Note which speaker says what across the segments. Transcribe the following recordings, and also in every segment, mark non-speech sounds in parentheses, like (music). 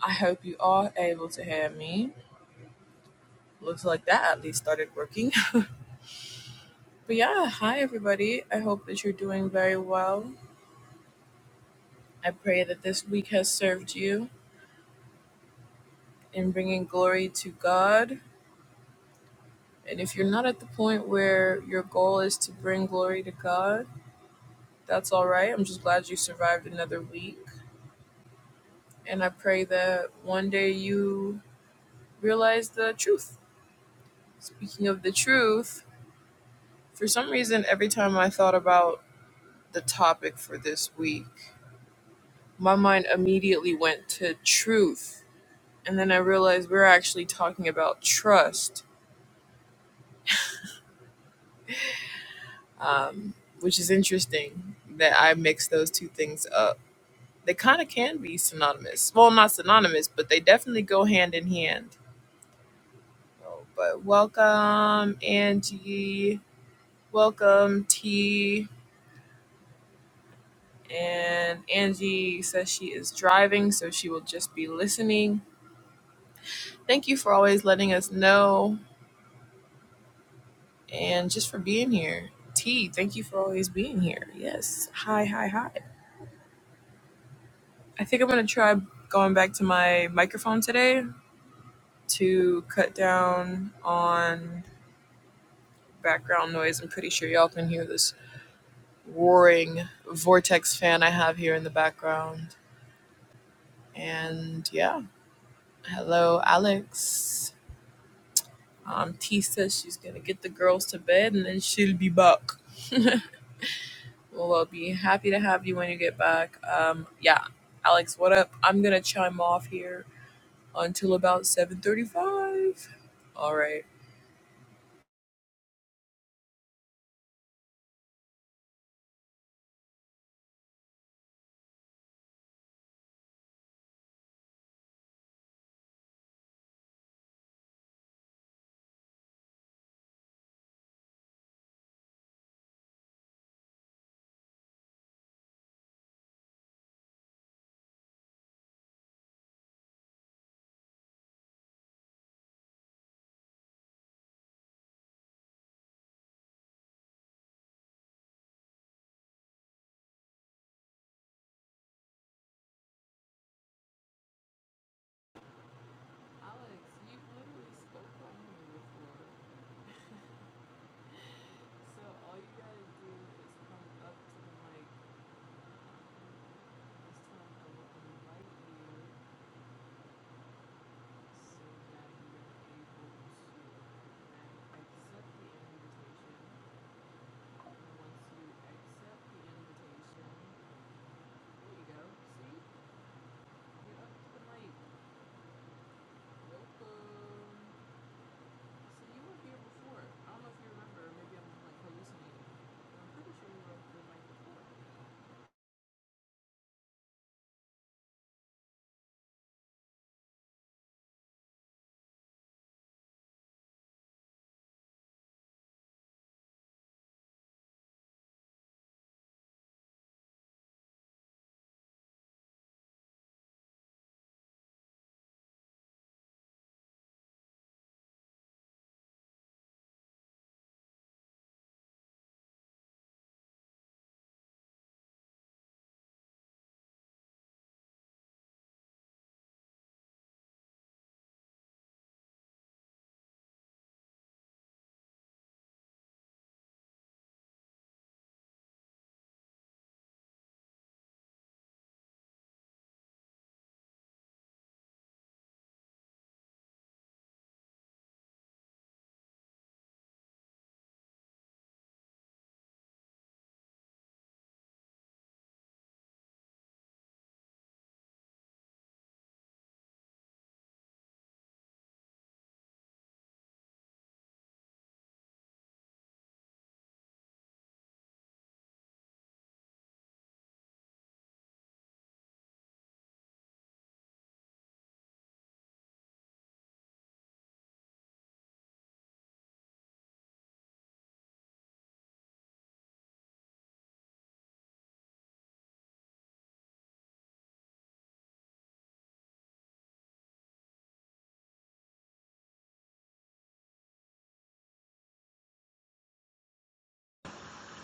Speaker 1: I hope you are able to hear me. Looks like that at least started working. (laughs) but yeah, hi everybody. I hope that you're doing very well. I pray that this week has served you in bringing glory to God. And if you're not at the point where your goal is to bring glory to God, that's all right. I'm just glad you survived another week. And I pray that one day you realize the truth. Speaking of the truth, for some reason, every time I thought about the topic for this week, my mind immediately went to truth. And then I realized we are actually talking about trust, um, which is interesting that I mix those two things up. They kind of can be synonymous. Well, not synonymous, but they definitely go hand in hand. Oh, But welcome, Angie. Welcome, T. And Angie says she is driving, so she will just be listening. Thank you for always letting us know and just for being here. T, thank you for always being here. Yes. Hi, hi, hi. I think I'm going to try going back to my microphone today to cut down on background noise. I'm pretty sure y'all can hear this roaring vortex fan I have here in the background. And yeah, hello, Alex. Um, T says she's going to get the girls to bed and then she'll be back. Well, I'll be happy to have you when you get back. Um, yeah, Alex, what up? I'm gonna chime off here until about 7:35. All right. Welcome. So you were here before. I don't know if you remember. Maybe I'm like hallucinating. I'm pretty sure you were up the night before.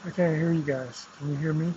Speaker 2: I can't hear you guys. Can you hear me?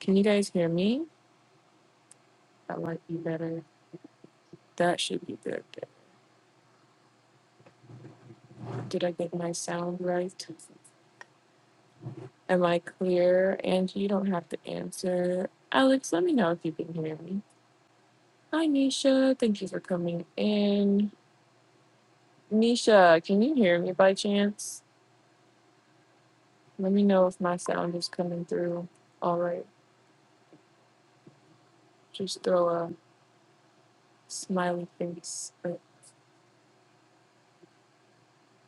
Speaker 1: Can you guys hear me? That might be better. That should be good. Did I get my sound right? Am I clear? And you don't have to answer. Alex, let me know if you can hear me. Hi, Nisha. Thank you for coming in. Nisha, can you hear me by chance? Let me know if my sound is coming through. All right. Just throw a smiley face, but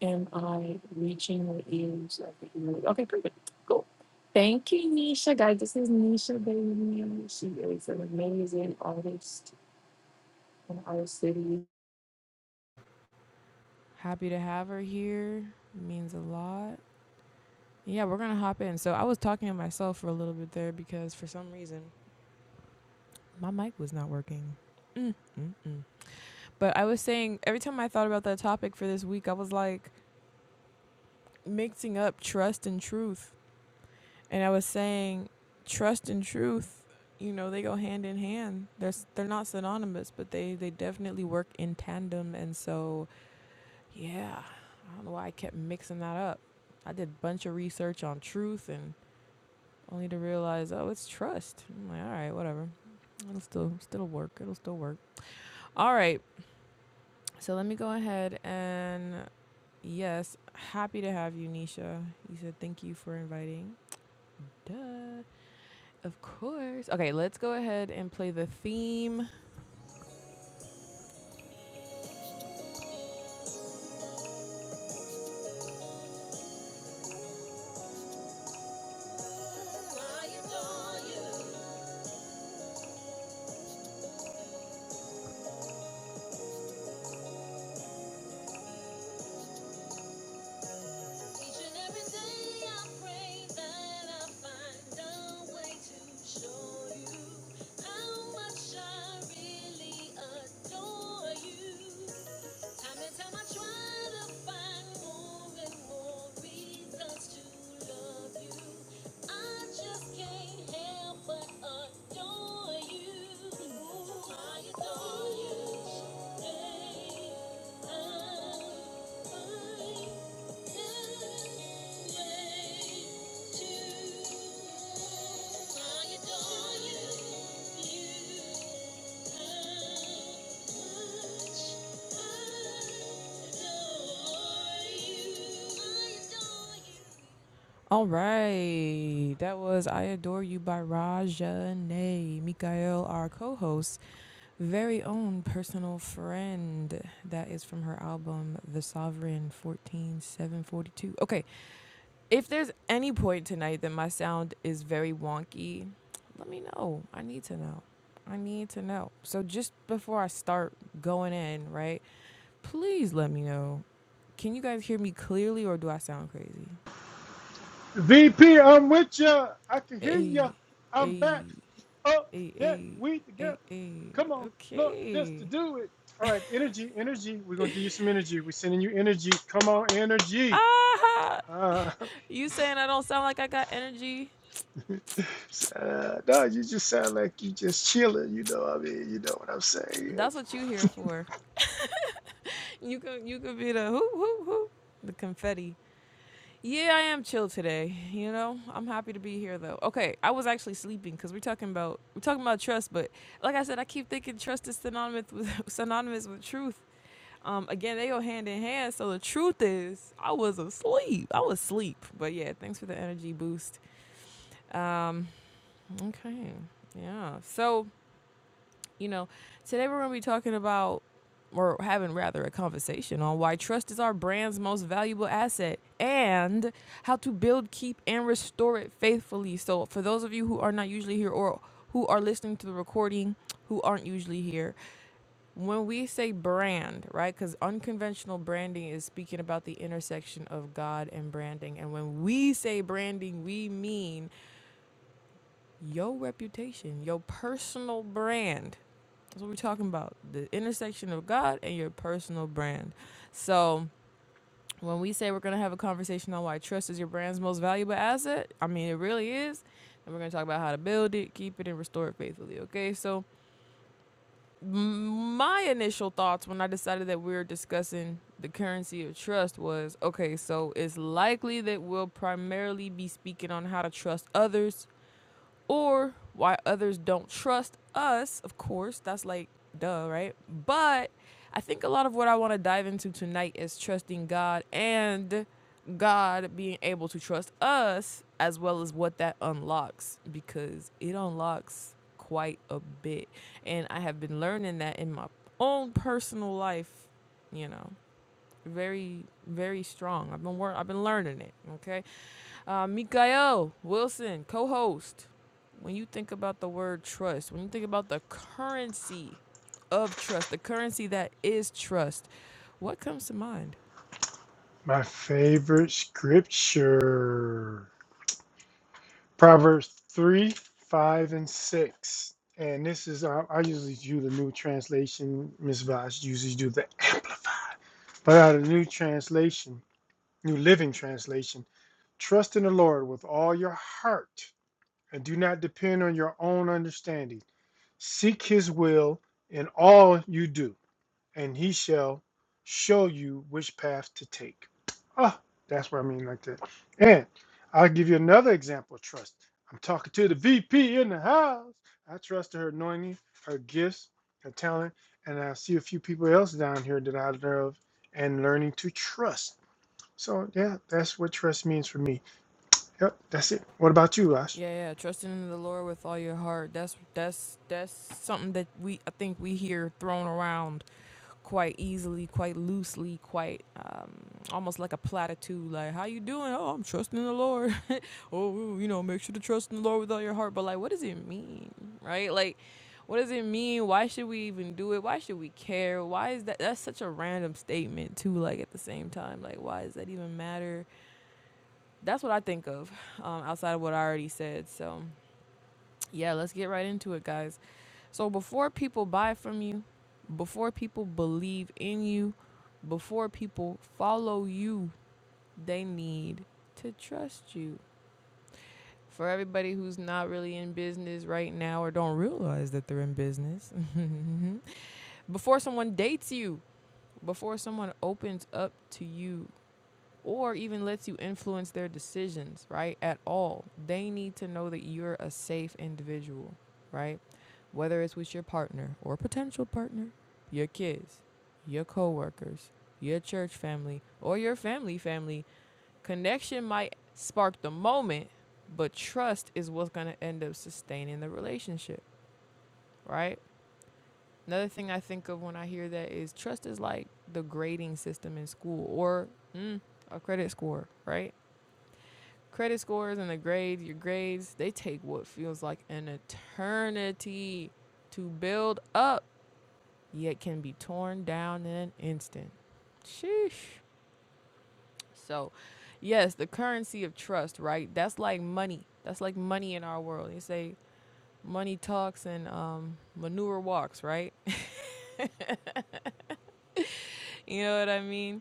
Speaker 1: am I reaching the ears of the community? Okay, perfect. Cool. Thank you, Nisha. Guys, this is Nisha Bailey. She is an amazing artist in our city. Happy to have her here. It means a lot. Yeah, we're gonna hop in. So I was talking to myself for a little bit there because for some reason my mic was not working. Mm-mm. But I was saying every time I thought about that topic for this week, I was like mixing up trust and truth. and I was saying trust and truth, you know, they go hand in hand. They're s- they're not synonymous, but they they definitely work in tandem. And so, yeah, I don't know why I kept mixing that up. I did a bunch of research on truth and only to realize, oh, it's trust. I'm like, all right, whatever. It'll still still work. It'll still work. All right. So let me go ahead and yes, happy to have you, Nisha. You said thank you for inviting. Duh. Of course. Okay, let's go ahead and play the theme. All right. That was I Adore You by Raja Nay, Mikael, our co host, very own personal friend. That is from her album, The Sovereign 14742. Okay, If there's any point tonight that my sound is very wonky, let me know. I need to know. I need to know. So just before I start going in, right? Please let me know. Can you guys hear me clearly or do I sound crazy?
Speaker 2: VP, I'm with ya. I can hear ya.
Speaker 1: Hey,
Speaker 2: I'm back
Speaker 1: hey,
Speaker 2: up
Speaker 1: hey,
Speaker 2: that
Speaker 1: hey,
Speaker 2: we
Speaker 1: hey,
Speaker 2: together.
Speaker 1: hey.
Speaker 2: Come on, look, just
Speaker 1: Okay.
Speaker 2: to do it. All right, energy, energy. We're gonna give you some energy. We're sending you energy. Come on, energy.
Speaker 1: Ah! (laughs)
Speaker 2: Uh,
Speaker 1: You saying I don't sound like I got energy?
Speaker 2: (laughs) uh, no, you just sound like you just chilling. You know, what I mean, you know what I'm saying.
Speaker 1: That's what you here for. You could you could be the hoop hoop hoop, the confetti. Yeah, I am chill today. You know, I'm happy to be here though. Okay, I was actually sleeping because we're talking about we're talking about trust, but like I said, I keep thinking trust is synonymous with (laughs) synonymous with truth. Um, again, they go hand in hand. So the truth is, I was asleep. I was asleep. But yeah, thanks for the energy boost. Um, okay, yeah. So you know, today we're going to be talking about, or having rather, a conversation on why trust is our brand's most valuable asset and how to build, keep, and restore it faithfully. So, for those of you who are not usually here or who are listening to the recording, who aren't usually here, when we say brand, right? Because unconventional branding is speaking about the intersection of God and branding. And when we say branding, we mean your reputation, your personal brand. That's what we're talking about. The intersection of God and your personal brand. So when we say we're gonna have a conversation on why trust is your brand's most valuable asset, I mean it really is. And we're gonna talk about how to build it, keep it, and restore it faithfully. Okay. So my initial thoughts when I decided that we were discussing the currency of trust was okay. So it's likely that we'll primarily be speaking on how to trust others or why others don't trust us, of course, that's like duh, right? But I think a lot of what I want to dive into tonight is trusting God and God being able to trust us as well as what that unlocks because it unlocks quite a bit. And I have been learning that in my own personal life, you know, very very strong. I've been wor- I've been learning it, okay? Uh, Mikael Wilson, co host. When you think about the word trust, when you think about the currency of trust, the currency that is trust, what comes to mind?
Speaker 2: My favorite scripture. Proverbs 3, 5, and 6. And this is, I, I usually do the new translation. Ms. Voss usually do the amplified. But out of the new translation, new living translation, trust in the Lord with all your heart and do not depend on your own understanding. Seek his will in all you do and he shall show you which path to take. Ah, that's what I mean like that. And I'll give you another example of trust. I'm talking to the VP in the house. I trust her anointing, her gifts, her talent, and I see a few people else down here that I love and learning to trust. So yeah, that's what trust means for me. Yep, that's it. What about you, Ash?
Speaker 1: Yeah, yeah, trusting in the Lord with all your heart. That's that's that's something that we I think we hear thrown around quite easily, quite loosely, quite um, almost like a platitude. Like, how you doing? Oh, I'm trusting the Lord. (laughs) oh, you know, make sure to trust in the Lord with all your heart. But like, what does it mean, right? Like, what does it mean? Why should we even do it? Why should we care? Why is that? That's such a random statement too. Like at the same time, like why does that even matter? That's what I think of um, outside of what I already said. So. Yeah, let's get right into it, guys. So, before people buy from you, before people believe in you, before people follow you, they need to trust you. For everybody who's not really in business right now or don't realize that they're in business, (laughs) before someone dates you, before someone opens up to you, or even lets you influence their decisions, right? At all. They need to know that you're a safe individual, right? Whether it's with your partner or potential partner, your kids, your coworkers, your church family, or your family family, connection might spark the moment, but trust is what's going to end up sustaining the relationship, right? Another thing I think of when I hear that is trust is like the grading system in school or mm, a credit score, right? credit scores and the grades, your grades, they take what feels like an eternity to build up, yet can be torn down in an instant. Sheesh. So, yes, the currency of trust, right? That's like money. That's like money in our world. They say money talks and um, manure walks, right? (laughs) you know what I mean?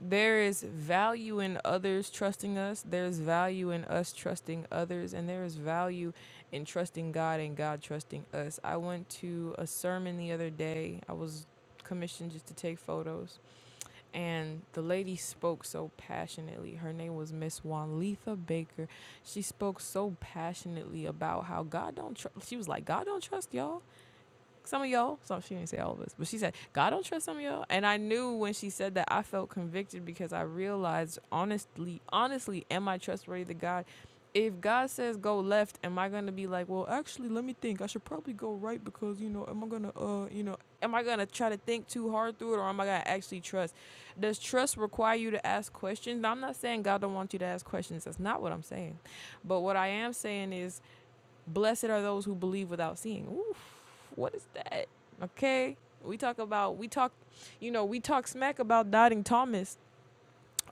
Speaker 1: there is value in others trusting us. There's value in us trusting others, and there is value in trusting God and God trusting us. I went to a sermon the other day. I was commissioned just to take photos, and the lady spoke so passionately. Her name was Miss Wanletha Baker. She spoke so passionately about how God don't. Tr- she was like, God don't trust y'all some of y'all. So she didn't say all of us, but she said, God don't trust some of y'all. And I knew when she said that, I felt convicted because I realized honestly, honestly, am I trustworthy to God? If God says go left, am I gonna be like, well, actually, let me think. I should probably go right because you know, am I gonna, uh, you know, am I gonna try to think too hard through it, or am I gonna actually trust? Does trust require you to ask questions? Now, I'm not saying God don't want you to ask questions. That's not what I'm saying. But what I am saying is Blessed are those who believe without seeing. Oof, what is that? Okay. We talk about, we talk, you know, we talk smack about doubting Thomas.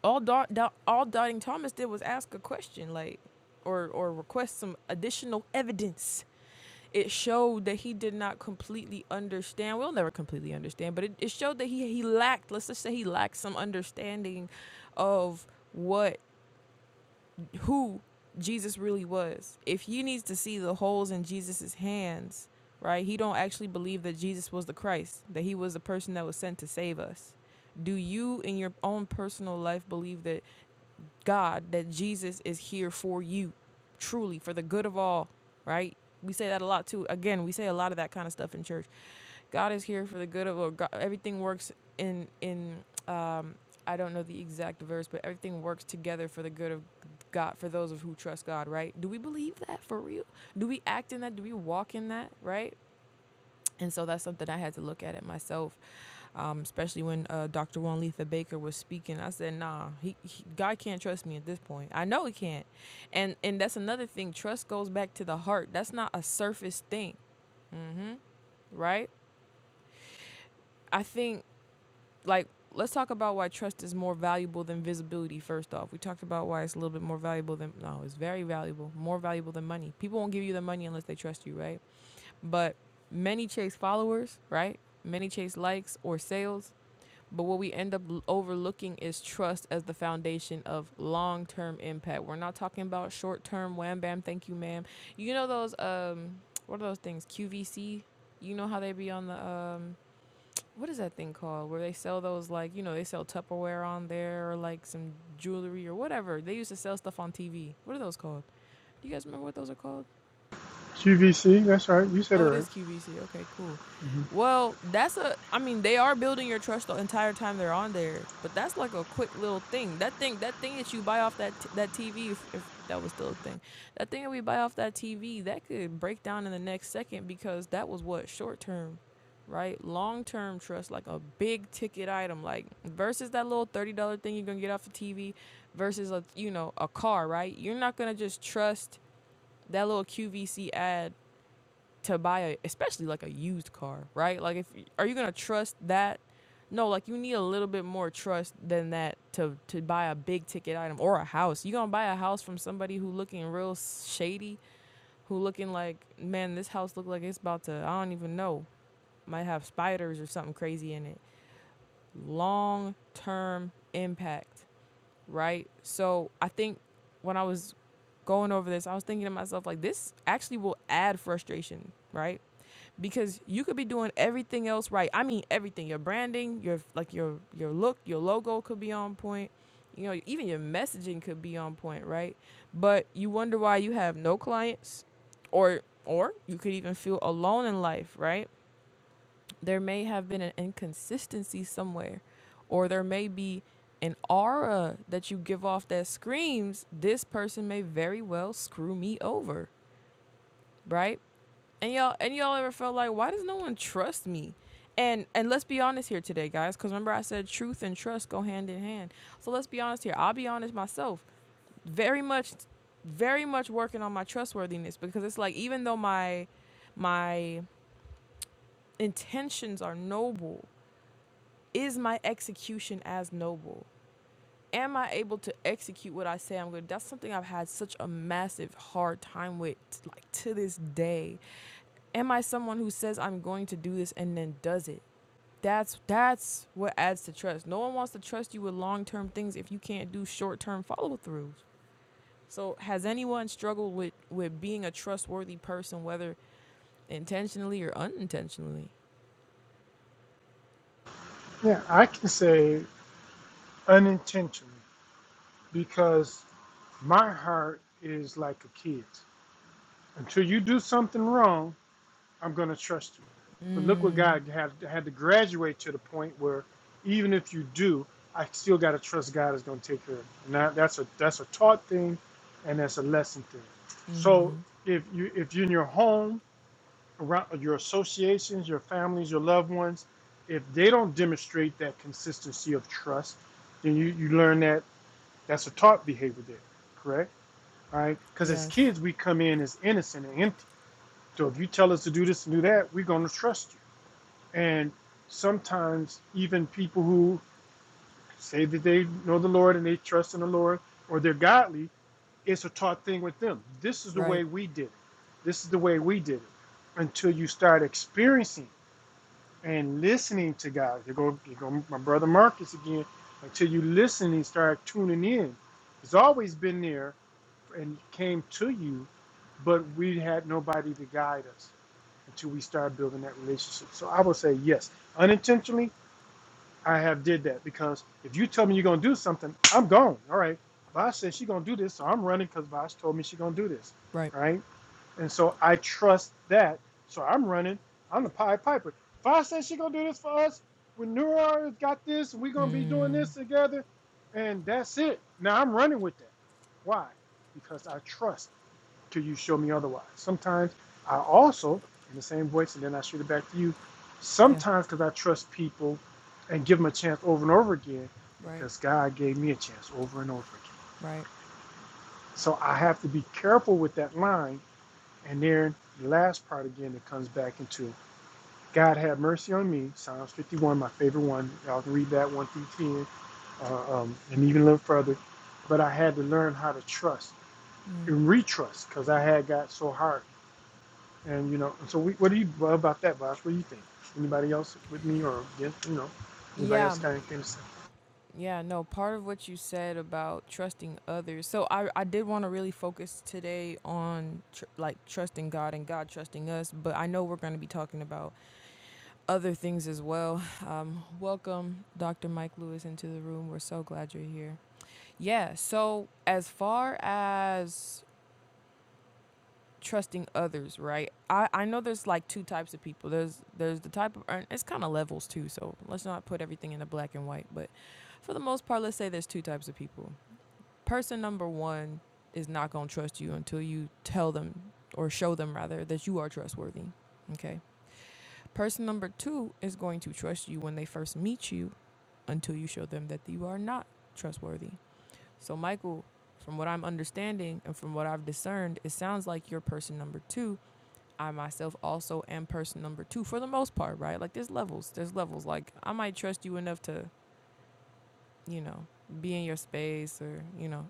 Speaker 1: All, Dau- Dau- all doubting Thomas did was ask a question, like, or, or request some additional evidence. It showed that he did not completely understand. We'll never completely understand, but it, it showed that he, he lacked, let's just say he lacked some understanding of what who Jesus really was. If he needs to see the holes in Jesus's hands, right? He don't actually believe that Jesus was the Christ, that he was the person that was sent to save us. Do you in your own personal life believe that God, that Jesus is here for you, truly, for the good of all, right? We say that a lot too. Again, we say a lot of that kind of stuff in church. God is here for the good of all. God, everything works in in um I don't know the exact verse, but everything works together for the good of God for those of who trust God, right? Do we believe that for real? Do we act in that? Do we walk in that, right? And so that's something I had to look at it myself, um, especially when uh, Dr. Juan Letha Baker was speaking. I said, "Nah, he, he, God can't trust me at this point. I know He can't." And and that's another thing. Trust goes back to the heart. That's not a surface thing, right? I think like let's talk about why trust is more valuable than visibility. First off, we talked about why it's a little bit more valuable than no, it's very valuable, more valuable than money. People won't give you the money unless they trust you, right? But many chase followers, right? Many chase likes or sales But what we end up overlooking is trust as the foundation of long term impact. We're not talking about short term wham bam, thank you, ma'am. You know those um what are those things? QVC? You know how they be on the um what is that thing called? Where they sell those like you know, they sell Tupperware on there or like some jewelry or whatever. They used to sell stuff on TV. What are those called? Do you guys remember what those are called?
Speaker 2: QVC, that's right. You said it
Speaker 1: Oh, it
Speaker 2: right.
Speaker 1: is QVC. Okay, cool.
Speaker 2: Mhm.
Speaker 1: Well, that's a. I mean, they are building your trust the entire time they're on there, but that's like a quick little thing. That thing, that thing that you buy off that t- that TV, if, if that was still a thing, that thing that we buy off that TV, that could break down in the next second because that was what short term, right? Long term trust, like a big ticket item, like versus that little thirty dollar thing you're gonna get off the TV, versus a you know a car, right? You're not gonna just trust that little QVC ad to buy a especially like a used car, right? Like if are you gonna trust that? No, like you need a little bit more trust than that to to buy a big ticket item or a house. You gonna buy a house from somebody who looking real shady, who looking like man, this house look like it's about to I don't even know, might have spiders or something crazy in it. Long term impact right? So I think when I was going over this, I was thinking to myself, like, this actually will add frustration, right? Because you could be doing everything else right. I mean, everything. Your branding, your like your your look, your logo could be on point. You know, even your messaging could be on point, right? But you wonder why you have no clients, or or you could even feel alone in life, right? there may have been an inconsistency somewhere, or there may be an aura that you give off that screams, this person may very well screw me over, right? And y'all and y'all ever felt like, why does no one trust me? And and let's be honest here today, guys, because remember I said truth and trust go hand in hand. So let's be honest here. I'll be honest myself. Very much very much working on my trustworthiness because it's like even though my my intentions are noble is my execution as noble? Am I able to execute what I say I'm going to? That's something I've had such a massive hard time with, like to this day. Am I someone who says I'm going to do this and then does it? That's that's what adds to trust. No one wants to trust you with long-term things if you can't do short-term follow-throughs. So, has anyone struggled with with being a trustworthy person, whether intentionally or unintentionally?
Speaker 2: Yeah, I can say unintentionally because My heart is like a kid's. Until you do something wrong, I'm going to trust you. But look what
Speaker 1: Mm,
Speaker 2: God had, had to graduate to the point where even if you do, I still got to trust God is going to take care of it. And that, that's a that's a taught thing, and that's a lesson thing.
Speaker 1: mm-hmm.
Speaker 2: So if you if you're in your home, around your associations, your families, your loved ones, if they don't demonstrate that consistency of trust, then you, you learn that that's a taught behavior there, correct? right? Because as
Speaker 1: Yes.
Speaker 2: kids, we come in as innocent and empty. So if you tell us to do this and do that, we're going to trust you. And sometimes even people who say that they know the Lord and they trust in the Lord or they're godly, it's a taught thing with them. This is the way
Speaker 1: Right.
Speaker 2: we did it. This is the way we did it. Until you start experiencing and listening to God. You go, you go, my brother Marcus again. Until you listen and start tuning in, it's always been there and came to you but we had nobody to guide us until we started building that relationship. So I would say yes, unintentionally, I have did that because if you tell me you're gonna do something, I'm gone. All right, Vash says she's gonna do this, so I'm running because Vash told me she's gonna do this,
Speaker 1: Right.
Speaker 2: right? And so I trust that, so I'm running. I'm the Pied Piper. Vash says she's gonna do this for us. When Nura got this, we're gonna be doing this together, and that's it. Now I'm running with that. Why? Because I trust till you show me otherwise. Sometimes I also, in the same voice, and then I shoot it back to you.
Speaker 1: Yeah.
Speaker 2: Sometimes because I trust people and give them a chance over and over again
Speaker 1: Right.
Speaker 2: because God gave me a chance over and over again.
Speaker 1: Right.
Speaker 2: So I have to be careful with that line. And then the last part again that comes back into God had mercy on me, Psalms 51, my favorite one. Y'all can read that 1 through 10 uh, um, and even a little further. But I had to learn how to trust and retrust because I had got so hard And you know, so we, what do you what about that, Boss? What do you think? Anybody else with me or against? You know, anybody
Speaker 1: Yeah.
Speaker 2: else kind of can say?
Speaker 1: Yeah. No, part of what you said about trusting others. So I, I did want to really focus today on tr- like trusting God and God trusting us, but I know we're going to be talking about other things as well. (laughs) Um, welcome, Dr. Mike Lewis, into the room. We're so glad you're here. Yeah. So as far as trusting others, right? I, I know there's like two types of people. There's there's the type of and it's kind of levels too. So let's not put everything in the black and white. But for the most part, let's say there's two types of people. Person number one is not gonna trust you until you tell them or show them rather that you are trustworthy. Okay. Person number two is going to trust you when they first meet you until you show them that you are not trustworthy. So Michael, from what I'm understanding and from what I've discerned, it sounds like you're person number two I myself also am person number two for the most part, right? Like there's levels, there's levels. Like I might trust you enough to, you know, be in your space or, you know,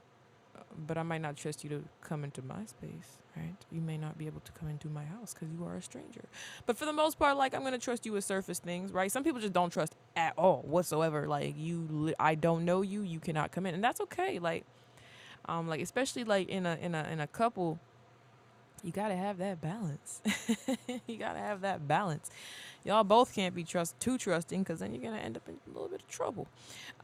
Speaker 1: but I might not trust you to come into my space, right? You may not be able to come into my house because you are a stranger. But for the most part, like I'm gonna trust you with surface things, right? Some people just don't trust at all whatsoever. Like you, li- I don't know you, you cannot come in, and that's okay. Like, um, like especially like in a in a in a couple you gotta have that balance. (laughs) you gotta have that balance. Y'all both can't be trust too trusting, because then you're gonna end up in a little bit of trouble.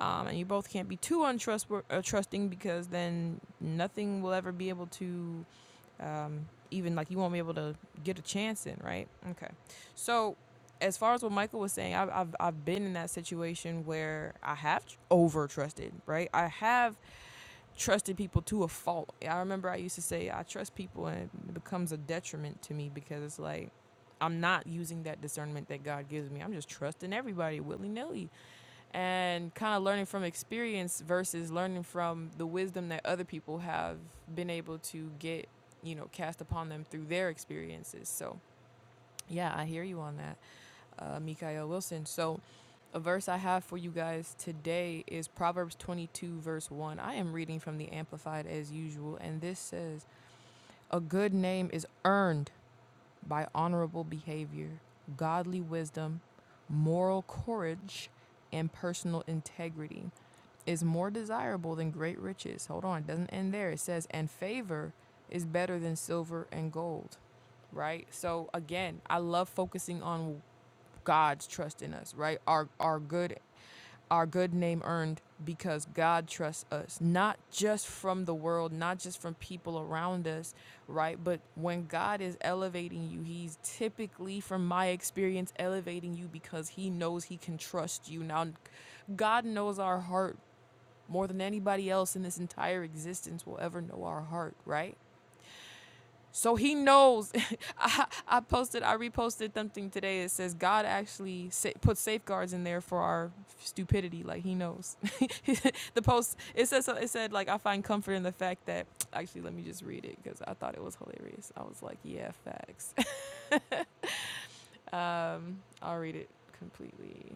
Speaker 1: Um, and you both can't be too untrustworthy, uh, trusting, because then nothing will ever be able to, um, even like you won't be able to get a chance in, right? Okay. So, as far as what Michael was saying, I've I've, I've been in that situation where I have over trusted, right? I have trusted people to a fault. I remember I used to say I trust people and it becomes a detriment to me because it's like I'm not using that discernment that God gives me. I'm just trusting everybody willy nilly. And kind of learning from experience versus learning from the wisdom that other people have been able to get, you know, cast upon them through their experiences. So yeah, I hear you on that, uh, Mikael Wilson. So, a verse I have for you guys today is Proverbs 22, verse 1. I am reading from the Amplified as usual, and this says, A good name is earned by honorable behavior, godly wisdom, moral courage, and personal integrity is more desirable than great riches. Hold on, it doesn't end there. It says, and favor is better than silver and gold, right? So again, I love focusing on God's trust in us, right? Our our good our good name earned because God trusts us, not just from the world, not just from people around us, right? But when God is elevating you, He's typically, from my experience, elevating you because He knows He can trust you. Now, God knows our heart more than anybody else in this entire existence will ever know our heart, right? So he knows. (laughs) I, I posted, I reposted something today. It says God actually sa- put safeguards in there for our stupidity. Like he knows. (laughs) the post it says so, it said like I find comfort in the fact that actually let me just read it because I thought it was hilarious. I was like, yeah, facts. (laughs) um, I'll read it completely.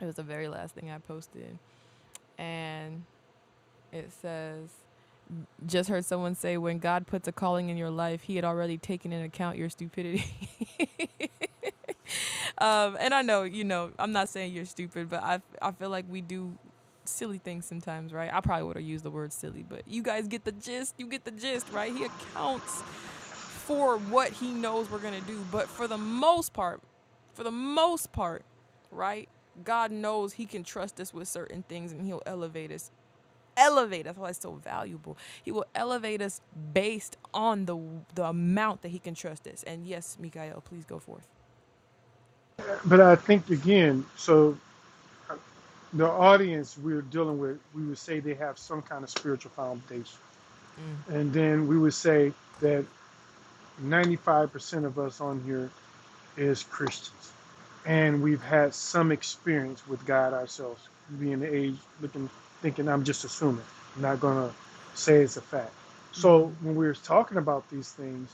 Speaker 1: It was the very last thing I posted, and it says just heard someone say when God puts a calling in your life, he had already taken into account your stupidity. (laughs) um, and I know, you know, I'm not saying you're stupid, but I, I feel like we do silly things sometimes, right? I probably would have used the word silly, but you guys get the gist. You get the gist, right? He accounts for what he knows we're going to do. But for the most part, for the most part, right? God knows he can trust us with certain things and he'll elevate us elevate. us. That's why it's so valuable. He will elevate us based on the the amount that he can trust us. And yes, Mikael, please go forth.
Speaker 2: But I think again, so the audience we're dealing with, we would say they have some kind of spiritual foundation, and then we would say that 95% of us on here as Christians. And we've had some experience with God ourselves, being the age looking thinking I'm just assuming, I'm not gonna say it's a fact. So when we're talking about these things,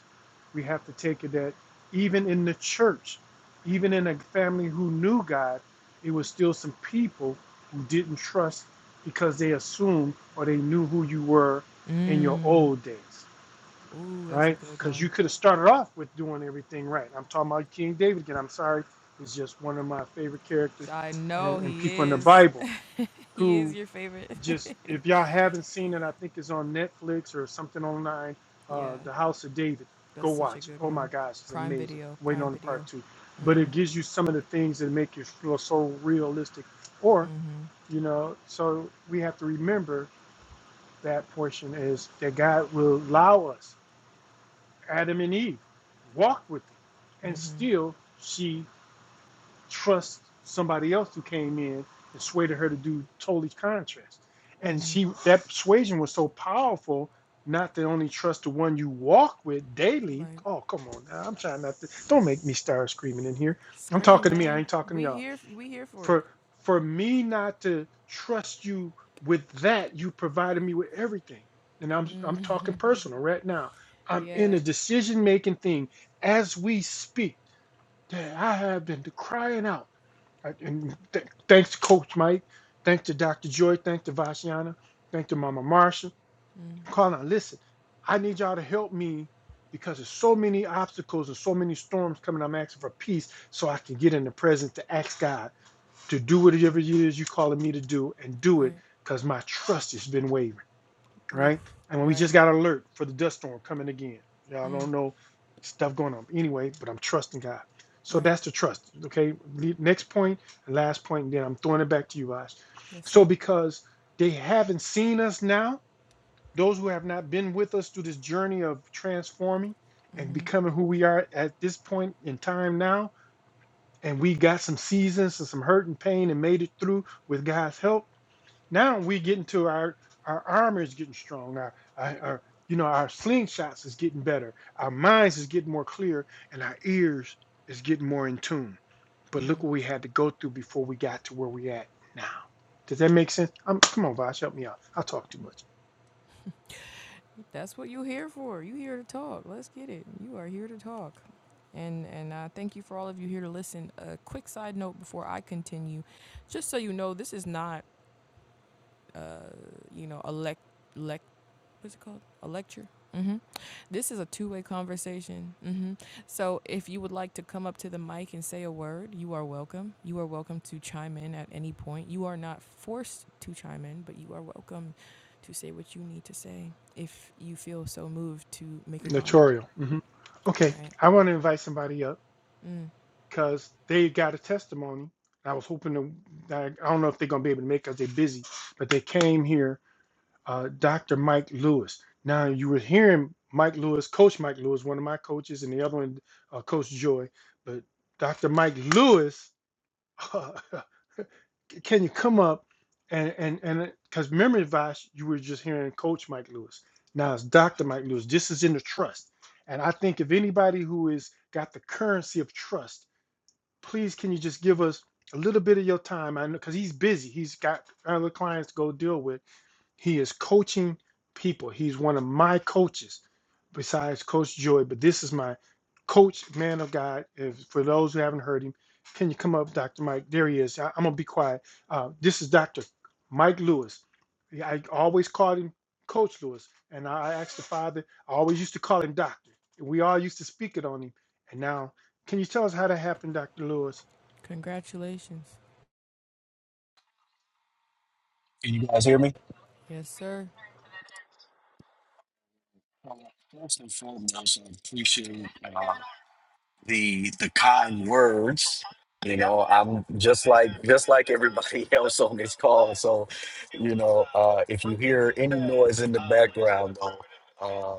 Speaker 2: we have to take it that even in the church, even in a family who knew God, it was still some people who didn't trust because they assumed or they knew who you were in your
Speaker 1: Mm.
Speaker 2: old days
Speaker 1: Ooh, that's a
Speaker 2: right?
Speaker 1: good
Speaker 2: Because you
Speaker 1: one.
Speaker 2: could have started off with doing everything right. I'm talking about King David again. I'm sorry, he's just one of my favorite characters
Speaker 1: I know
Speaker 2: and, and
Speaker 1: he
Speaker 2: people in the
Speaker 1: is.
Speaker 2: Bible
Speaker 1: (laughs) he
Speaker 2: who
Speaker 1: is your favorite.
Speaker 2: just, if y'all haven't seen it, I think it's on Netflix or something online.
Speaker 1: (laughs) yeah,
Speaker 2: Uh, the House of David. Go
Speaker 1: that's such a
Speaker 2: watch it.
Speaker 1: good
Speaker 2: Oh my
Speaker 1: one.
Speaker 2: gosh, it's
Speaker 1: Prime
Speaker 2: amazing.
Speaker 1: Video,
Speaker 2: Waiting
Speaker 1: Prime
Speaker 2: on the part
Speaker 1: Video.
Speaker 2: two, but it gives you some of the things that make you feel so realistic. Or you know, so we have to remember that portion is that God will allow us Adam and Eve walked with it. And still, she trusts somebody else who came in and swayed her to do totally contrast. And she that persuasion was so powerful, not to only trust the one you walk with daily.
Speaker 1: Right,
Speaker 2: Oh, come on now. I'm trying not to. Don't make me start screaming in here. I'm
Speaker 1: Scream,
Speaker 2: talking to me. I
Speaker 1: man.
Speaker 2: ain't talking to
Speaker 1: We
Speaker 2: y'all
Speaker 1: here. We here for it.
Speaker 2: for for me not to trust you with that you provided me with everything and i'm i'm talking personal right now i'm in
Speaker 1: Yeah.
Speaker 2: a decision making thing as we speak that i have been crying out I- and th- thanks to coach mike thanks to dr joy thanks to vashiana thanks to mama marsha calling listen i need y'all to help me because there's so many obstacles and so many storms coming i'm asking for peace so i can get in the presence to ask god to do whatever it is you're calling me to do and do it
Speaker 1: right,
Speaker 2: because my trust has been wavering,
Speaker 1: oof,
Speaker 2: right? And we
Speaker 1: right,
Speaker 2: just got alert for the dust storm coming again. Y'all
Speaker 1: Mm.
Speaker 2: don't know stuff going on. Anyway, but I'm trusting God. So
Speaker 1: right.
Speaker 2: that's the trust. Okay. Next point, last point, and then I'm throwing it back to you guys.
Speaker 1: Yes,
Speaker 2: So
Speaker 1: sir.
Speaker 2: because they haven't seen us now, those who have not been with us through this journey of transforming and becoming who we are at this point in time now, and we got some seasons and some hurt and pain and made it through with God's help. Now we getting to our our armor is getting strong. Our, our, our you know our slingshots is getting better. Our minds is getting more clear, and our ears is getting more in tune. But look what we had to go through before we got to where we at now. Does that make sense? Um come on, Vash, help me out. I'll talk too much.
Speaker 1: That's what you're here for. You are here to talk. Let's get it. You are here to talk. And and uh, thank you for all of you here to listen. A quick side note before I continue, just so you know, this is not uh, you know, elect, elect, what's it called? A lecture. hmm This is a two-way conversation. hmm So if you would like to come up to the mic and say a word, you are welcome. You are welcome to chime in at any point. You are not forced to chime in, but you are welcome to say what you need to say if you feel so moved to make a comment.
Speaker 2: Notorial. hmm
Speaker 1: All
Speaker 2: Okay,
Speaker 1: right.
Speaker 2: I want to invite somebody up.
Speaker 1: Mm.
Speaker 2: because they got a testimony. I was hoping to, I don't know if they're going to be able to make it because they're busy, but they came here, uh, Dr. Mike Lewis. Now, you were hearing Mike Lewis, Coach Mike Lewis, one of my coaches, and the other one, uh, Coach Joy. But Dr. Mike Lewis, (laughs) can you come up and, and, and, because memory advice, you were just hearing Coach Mike Lewis. Now it's Dr. Mike Lewis. This is in the trust. And I think if anybody who is got the currency of trust, please can you just give us a little bit of your time? I know because he's busy. He's got other clients to go deal with. He is coaching people. He's one of my coaches besides Coach Joy, but this is my coach, man of God. If, for those who haven't heard him, can you come up, Dr. Mike? There he is. I, am going to be quiet. Uh, this is Dr. Mike Lewis. Yeah, I always called him Coach Lewis, and I asked the father, I always used to call him Doctor. We all used to speak it on him. And now, can you tell us how that happened, Dr. Lewis?
Speaker 1: Congratulations.
Speaker 3: Can you guys hear me?
Speaker 1: Yes, sir.
Speaker 3: Well, First and foremost, I appreciate uh, the the kind words. You know, I'm just like just like everybody (laughs) else on this call. So, you know, uh, if you hear any noise in the background, though,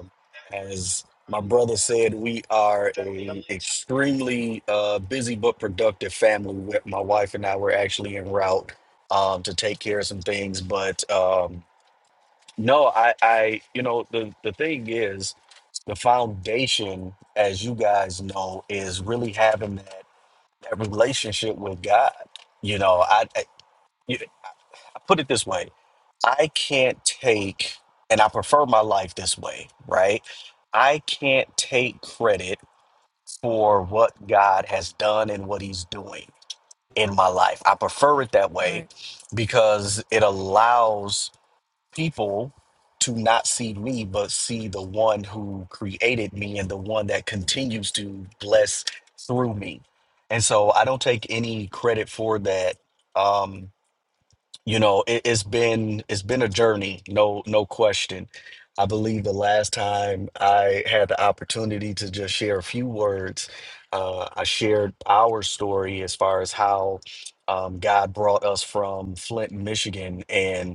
Speaker 3: um, as my brother said, we are a extremely uh, busy but productive family. We- My wife and I were actually en route um, to take care of some things, but. Um, No, I, I, you know, the the thing is, the foundation, as you guys know, is really having that that relationship with God. You know, I, I you- I put it this way: I can't take, and I prefer my life this way, right? I can't take credit for what God has done and what He's doing in my life. I prefer it that way
Speaker 1: Right.
Speaker 3: because it allows people to not see me, but see the one who created me and the one that continues to bless through me. And so I don't take any credit for that. Um, you know, it, it's been it's been a journey, no no question. I believe the last time I had the opportunity to just share a few words, uh, I shared our story as far as how um, God brought us from Flint, Michigan, and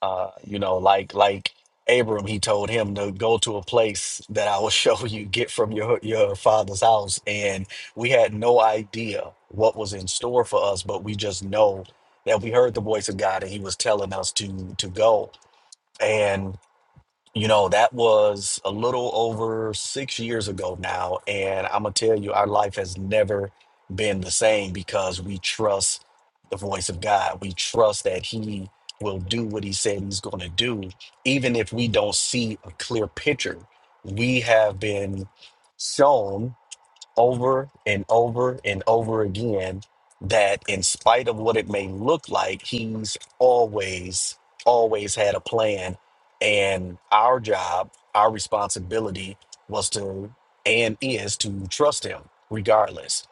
Speaker 3: Uh, you know, like like Abram, he told him to go to a place that I will (laughs) show you, get from your your father's house. And we had no idea what was in store for us, but we just know that we heard the voice of God and he was telling us to to go. You know, that was a little over six years ago now. And I'm going to tell you, our life has never been the same because we trust the voice of God. We trust that He will do what He said He's going to do, even if we don't see a clear picture. We have been shown over and over and over again that in spite of what it may look like, he's always, always had a plan. And our job, our responsibility was to and is to trust him regardless,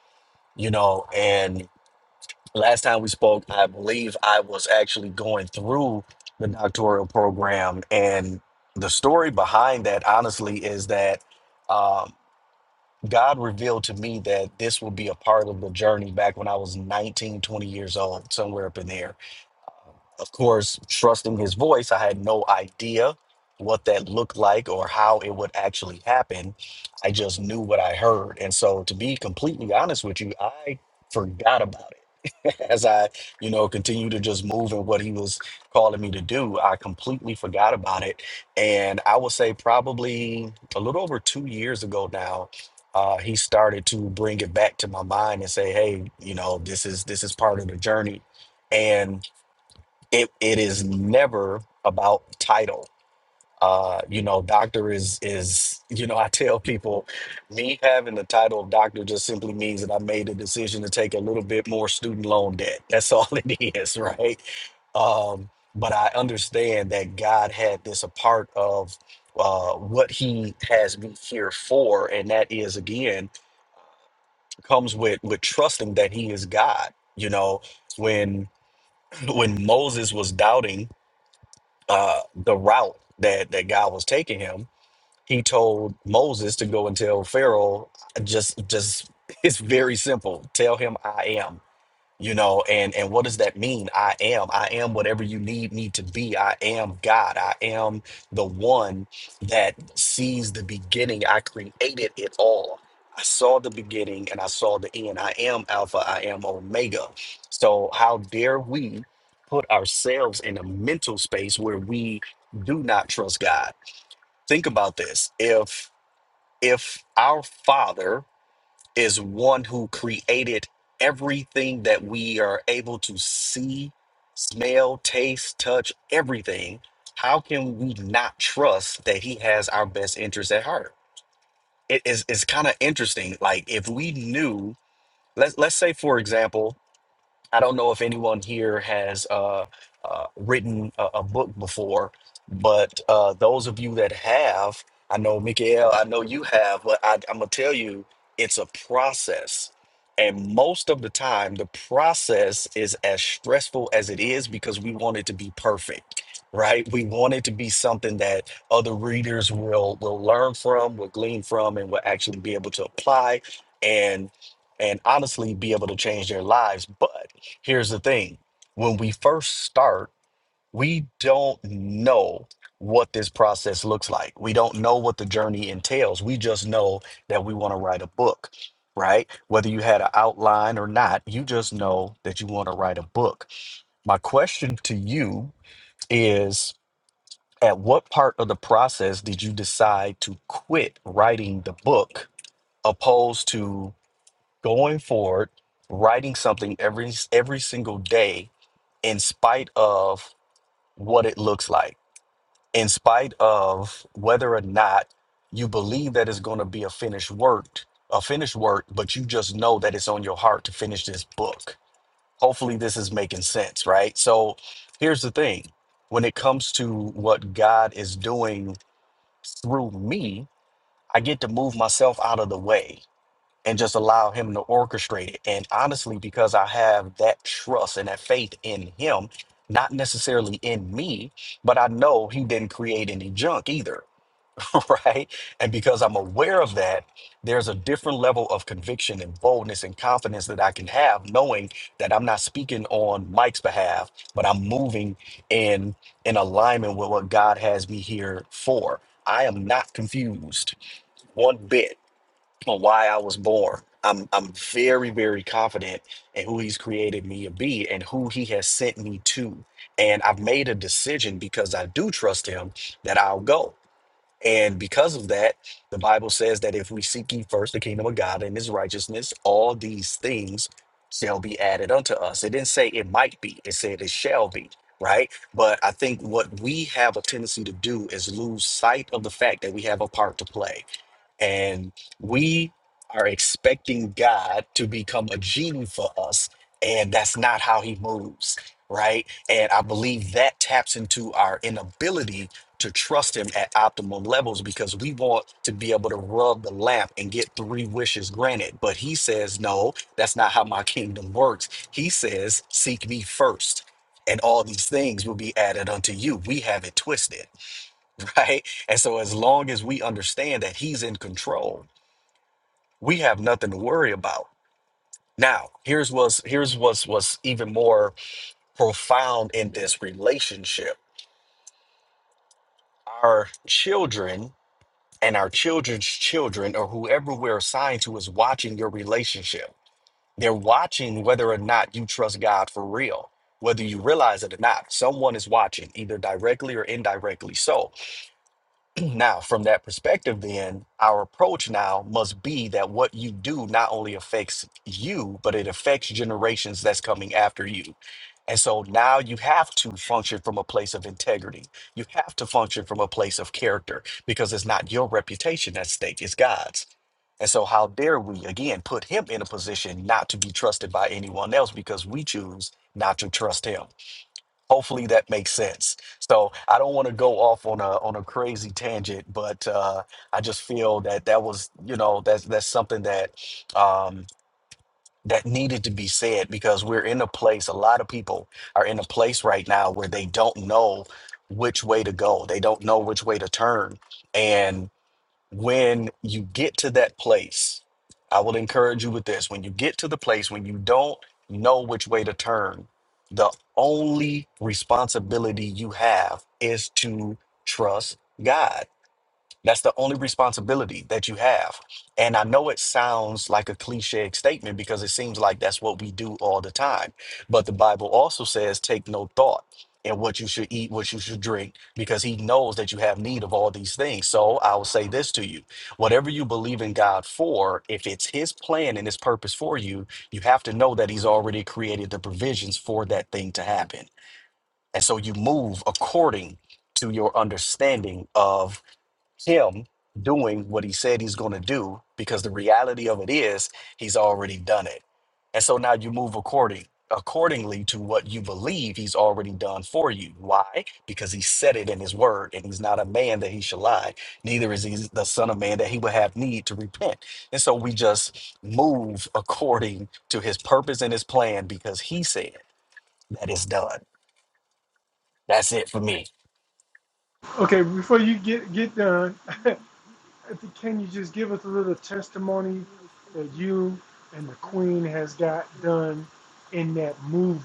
Speaker 3: you know. And last time we spoke, I believe I was actually going through the doctoral program. And the story behind that, honestly, is that. Um, God revealed to me that this would be a part of the journey back when I was 19, 20 years old, somewhere up in there. Of course, trusting his voice, I had no idea what that looked like or how it would actually happen. I just knew what I heard. And so, to be completely honest with you, I forgot about it (laughs) as I, you know, continue to just move in what he was calling me to do, I completely forgot about it. And I would say probably a little over two years ago now, uh, he started to bring it back to my mind and say, "Hey, you know, this is this is part of the journey," and it it is never about titles. Uh, you know, doctor is is you know, (laughs) I tell people, me having the title of doctor just simply means that I made the decision to take a little bit more student loan debt. That's all (laughs) it is, right? Um, but I understand that God had this a part of uh, what He has me here for, and that is again comes with with trusting that He is God. You know, when (clears throat) when Moses was doubting uh, the route that that God was taking him he told Moses to go and tell Pharaoh, just just (laughs) it's very simple. Tell him I am. You know, and and what does that mean? I am. I am whatever you need me to be. I am God. I am the one that sees the beginning. I created it all. I saw the beginning and I saw the end. I am Alpha. I am Omega. So how dare we put ourselves in a mental space where we do not trust God? Think about this. If if our father is one who created everything that we are able to see, smell, taste, touch, everything, how can we not trust that he has our best interest at heart? It is it's kind of interesting. Like if we knew, let's let's say for example, I don't know if anyone here has uh, uh, written a, a book before, but uh, those of you that have, I know Mikael, I know you have, but I, I'm gonna tell you, it's a process. And most of the time, the process is as stressful as it is because we want it to be perfect, right? We want it to be something that other readers will will learn from, will glean from, and will actually be able to apply and and honestly be able to change their lives. But Here's the thing when we first start, we don't know what this process looks like. We don't know what the journey entails. We just know that we want to write a book, right? Whether you had an outline or not, you just know that you want to write a book. My question to you is at what part of the process did you decide to quit writing the book opposed to going forward writing something every every single day in spite of what it looks like, in spite of whether or not you believe that it's going to be a finished work, a finished work, but you just know that it's on your heart to finish this book. Hopefully, this is making sense, right? So, here's the thing when it comes to what God is doing through me, I get to move myself out of the way and just allow him to orchestrate it. And honestly, because I have that trust and that faith in him, not necessarily in me, but I know he didn't create any junk either, (laughs) right? And because I'm aware of that, there's a different level of conviction and boldness and confidence that I can have, knowing that I'm not speaking on Mike's behalf, but I'm moving in in alignment with what God has me here for. I am not confused one bit on why I was born. I'm I'm very very confident in who he's created me to be and who he has sent me to. And I've made a decision because I do trust him that I'll go. And because of that, the Bible says that if we seek ye first the kingdom of God and his righteousness, all these things shall be added unto us. It didn't say it might be, it said it shall be, right? But I think what we have a tendency to do is lose sight of the fact that we have a part to play and we are expecting God to become a genie for us. And that's not how he moves, right? And I believe that taps into our inability to trust him at optimal levels because we want to be able to rub the lamp and get three wishes granted. But he says, no, that's not how my kingdom works. He says, seek me first. And all these things will be added unto you. We have it twisted, (laughs) right? And so, as long as we understand that He's in control, we have nothing to worry about. Now, here's what's here's what's what's even more profound in this relationship. Our children and our children's children, or whoever we're assigned to, is watching your relationship. They're watching whether or not you trust God for real, whether you realize it or not. Someone is watching, either directly or indirectly. So, Now, from that perspective, then our approach now must be that what you do not only affects you, but it affects generations that's coming after you. And so now you have to function from a place of integrity. You have to function from a place of character because it's not your reputation at stake, it's God's. And so, how dare we again put him in a position not to be trusted by anyone else because we choose not to trust him? hopefully that makes sense so i don't want to go off on a on a crazy tangent but uh i just feel that that was you know that's that's something that um that needed to be said because we're in a place a lot of people are in a place right now where they don't know which way to go they don't know which way to turn when you get to that place, I will encourage you with this. When you get to the place when you don't know which way to turn, the only responsibility you have is to trust God that's the only responsibility that you have. And I know it sounds like a cliche statement because it seems like that's what we do all the time. But the Bible also says, take no thought in what you should eat, what you should drink, because he knows that you have need of all these things. So I will say this to you whatever you believe in God for, if it's his plan and his purpose for you, you have to know that he's already created the provisions for that thing to happen. And so you move according to your understanding of him doing what he said he's going to do because the reality of it is he's already done it. And so now you move according accordingly to what you believe he's already done for you. Why? Because he said it in his word and he's not a man that he shall lie. Neither is he the son of man that he would have need to repent. And so we just move according to his purpose and his plan because he said that is done. That's it for me.
Speaker 2: Okay, before you get, get done, (laughs) If you- can you just give us a little testimony that you and the Queen has got done in that movie?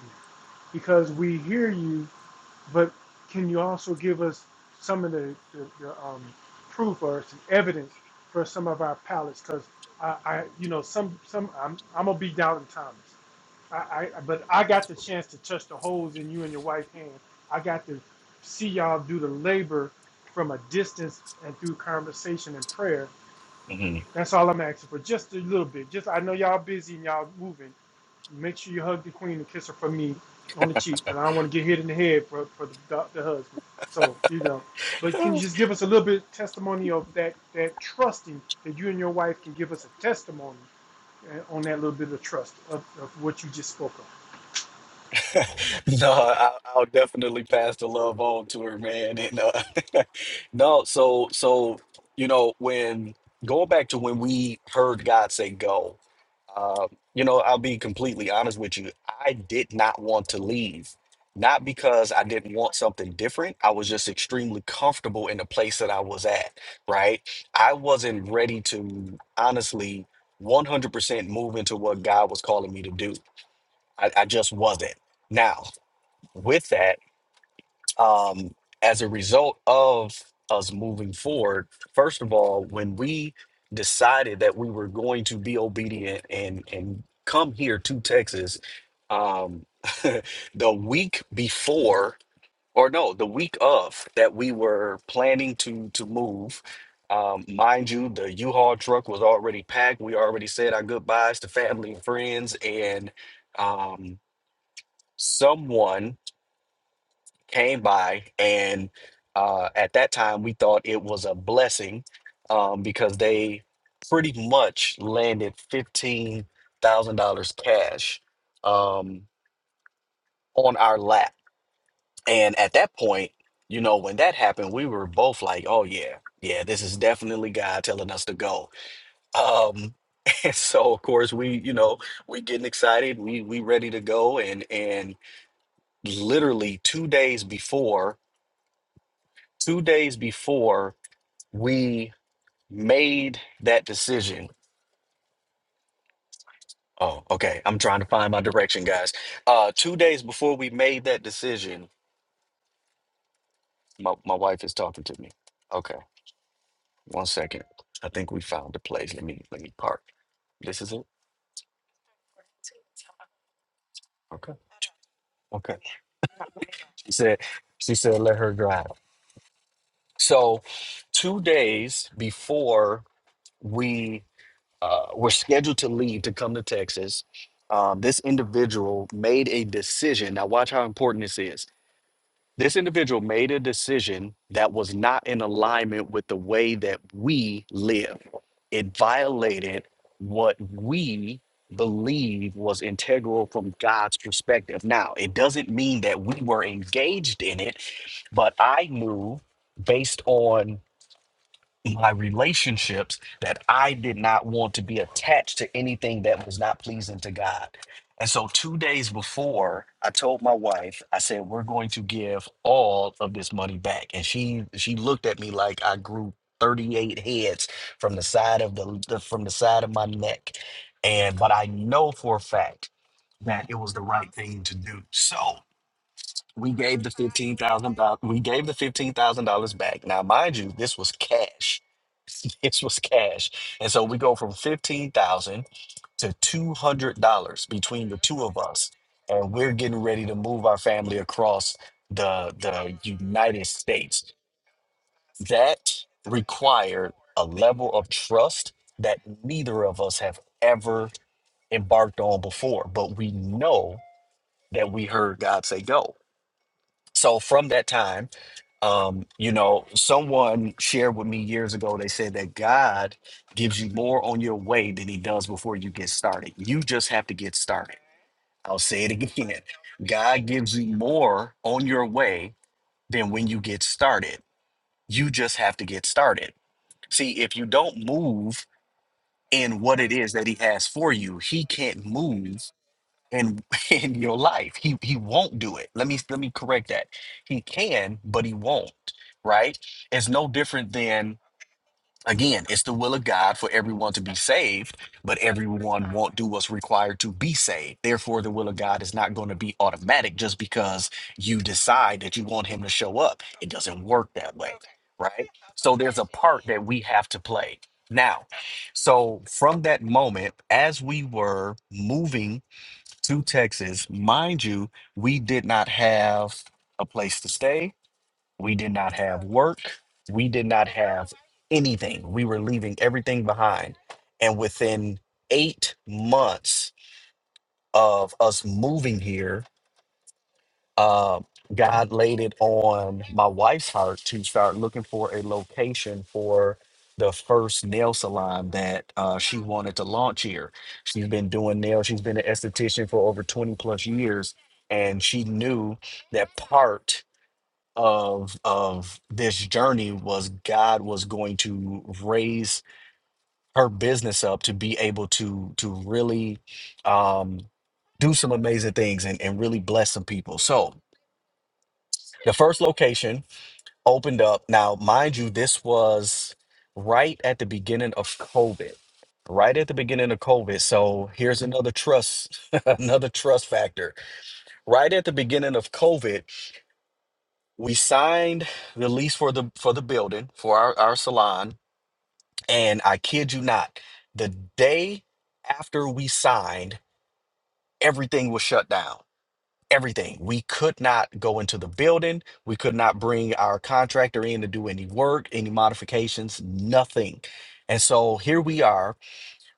Speaker 2: Because we hear you, but can you also give us some of the, the, the um, proof or some evidence for some of our palettes? Because I, I, you know, some some I'm I'm gonna be doubting Thomas. I, I but I got the chance to touch the holes in you and your wife's hand. I got to see y'all do the labor from a distance and through conversation and prayer. That's all I'm asking for, just a little bit. Just I know y'all busy and y'all moving. Make sure you hug the queen and kiss her for me on the cheek, cause I don't want to get hit in the head for for the, the, the husband. So you know, but can you just give us a little bit of testimony of that that trusting that you and your wife can give us a testimony uh, on that little bit of trust of, of what you just spoke of.
Speaker 3: (laughs) No, I, I'll definitely pass the love on to her, man. And uh, (laughs) no, so so you know when going back to when we heard God say go, uh, you know I'll be completely honest with you. I did not want to leave, not because I didn't want something different. I was just extremely comfortable in the place that I was at. Right, I wasn't ready to honestly 100% move into what God was calling me to do. I, I just wasn't now with that, um, as a result of us moving forward, first of all, when we decided that we were going to be obedient and and come here to Texas, um, (laughs) the week before, or no, the week of that we were planning to to move. Um, mind you, the U-Haul truck was already packed. We already said our goodbyes to family and friends, and um, someone came by and uh, at that time we thought it was a blessing um, because they pretty much landed $15,000 cash um, on our lap. And at that point, you know, when that happened, we were both like, oh, yeah, yeah, this is definitely God telling us to go. Um, (laughs) and so of course we, you know, we getting excited, we we ready to go and and literally 2 days before, 2 days before we made that decision. Oh, okay. I'm trying to find my direction, guys. Uh, two days before we made that decision, my, my wife is talking to me. Okay, one second. I think we found the place. Let me let me park. This is it. Okay. Okay. She said she said let her drive. So, two days before we uh, were scheduled to leave to come to Texas, um, this individual made a decision. Now, watch how important this is This individual made a decision that was not in alignment with the way that we live. It violated what we believe was integral from God's perspective. Now, it doesn't mean that we were engaged in it, but I knew based on my relationships that I did not want to be attached to anything that was not pleasing to God. And so, two days before, I told my wife, I said, "We're going to give all of this money back." And she she looked at me like I grew thirty eight heads from the side of the, the from the side of my neck. And but I know for a fact that it was the right thing to do. So we gave the fifteen thousand dollars. We gave the fifteen thousand dollars back. Now, mind you, this was cash. (laughs) This was cash, and so we go from fifteen thousand to two hundred dollars between the two of us, and we're getting ready to move our family across the the United States. That required a level of trust that neither of us have ever embarked on before, but we know that we heard God say go so from that time, um, you know, someone shared with me years ago, they said that God gives you more on your way than he does before you get started. You just have to get started. I'll say it (laughs) again. God gives you more on your way than when you get started. You just have to get started. See, if you don't move in what it is that he has for you, he can't move in (laughs) in your life. He he won't do it. Let me let me correct that. He can, but he won't. Right? It's no different than again, it's the will of God for everyone to be saved, but everyone won't do what's required to be saved. Therefore, the will of God is not going to be automatic just because you decide that you want him to show up. It doesn't work that way. Right? So there's a part that we have to play. Now, so from that moment, as we were moving to Texas. Mind you, we did not have a place to stay. We did not have work. We did not have anything. We were leaving everything behind. And within eight months of us moving here, uh, God laid it on my wife's heart to start looking for a location for the first nail salon that uh, she wanted to launch here. She's been doing nails, she's been an esthetician for over 20 plus years, and she knew that part of of this journey was God was going to raise her business up to be able to to really um do some amazing things and, and really bless some people. So the first location opened up. Now, mind you, this was right at the beginning of COVID. Right at the beginning of COVID. So here's another trust, (laughs) another trust factor. Right at the beginning of COVID, we signed the lease for the for the building for our, our salon. And I kid you not, the day after we signed, everything was shut down. everything. We could not go into the building. We could not bring our contractor in to do any work, any modifications, nothing. And so here we are.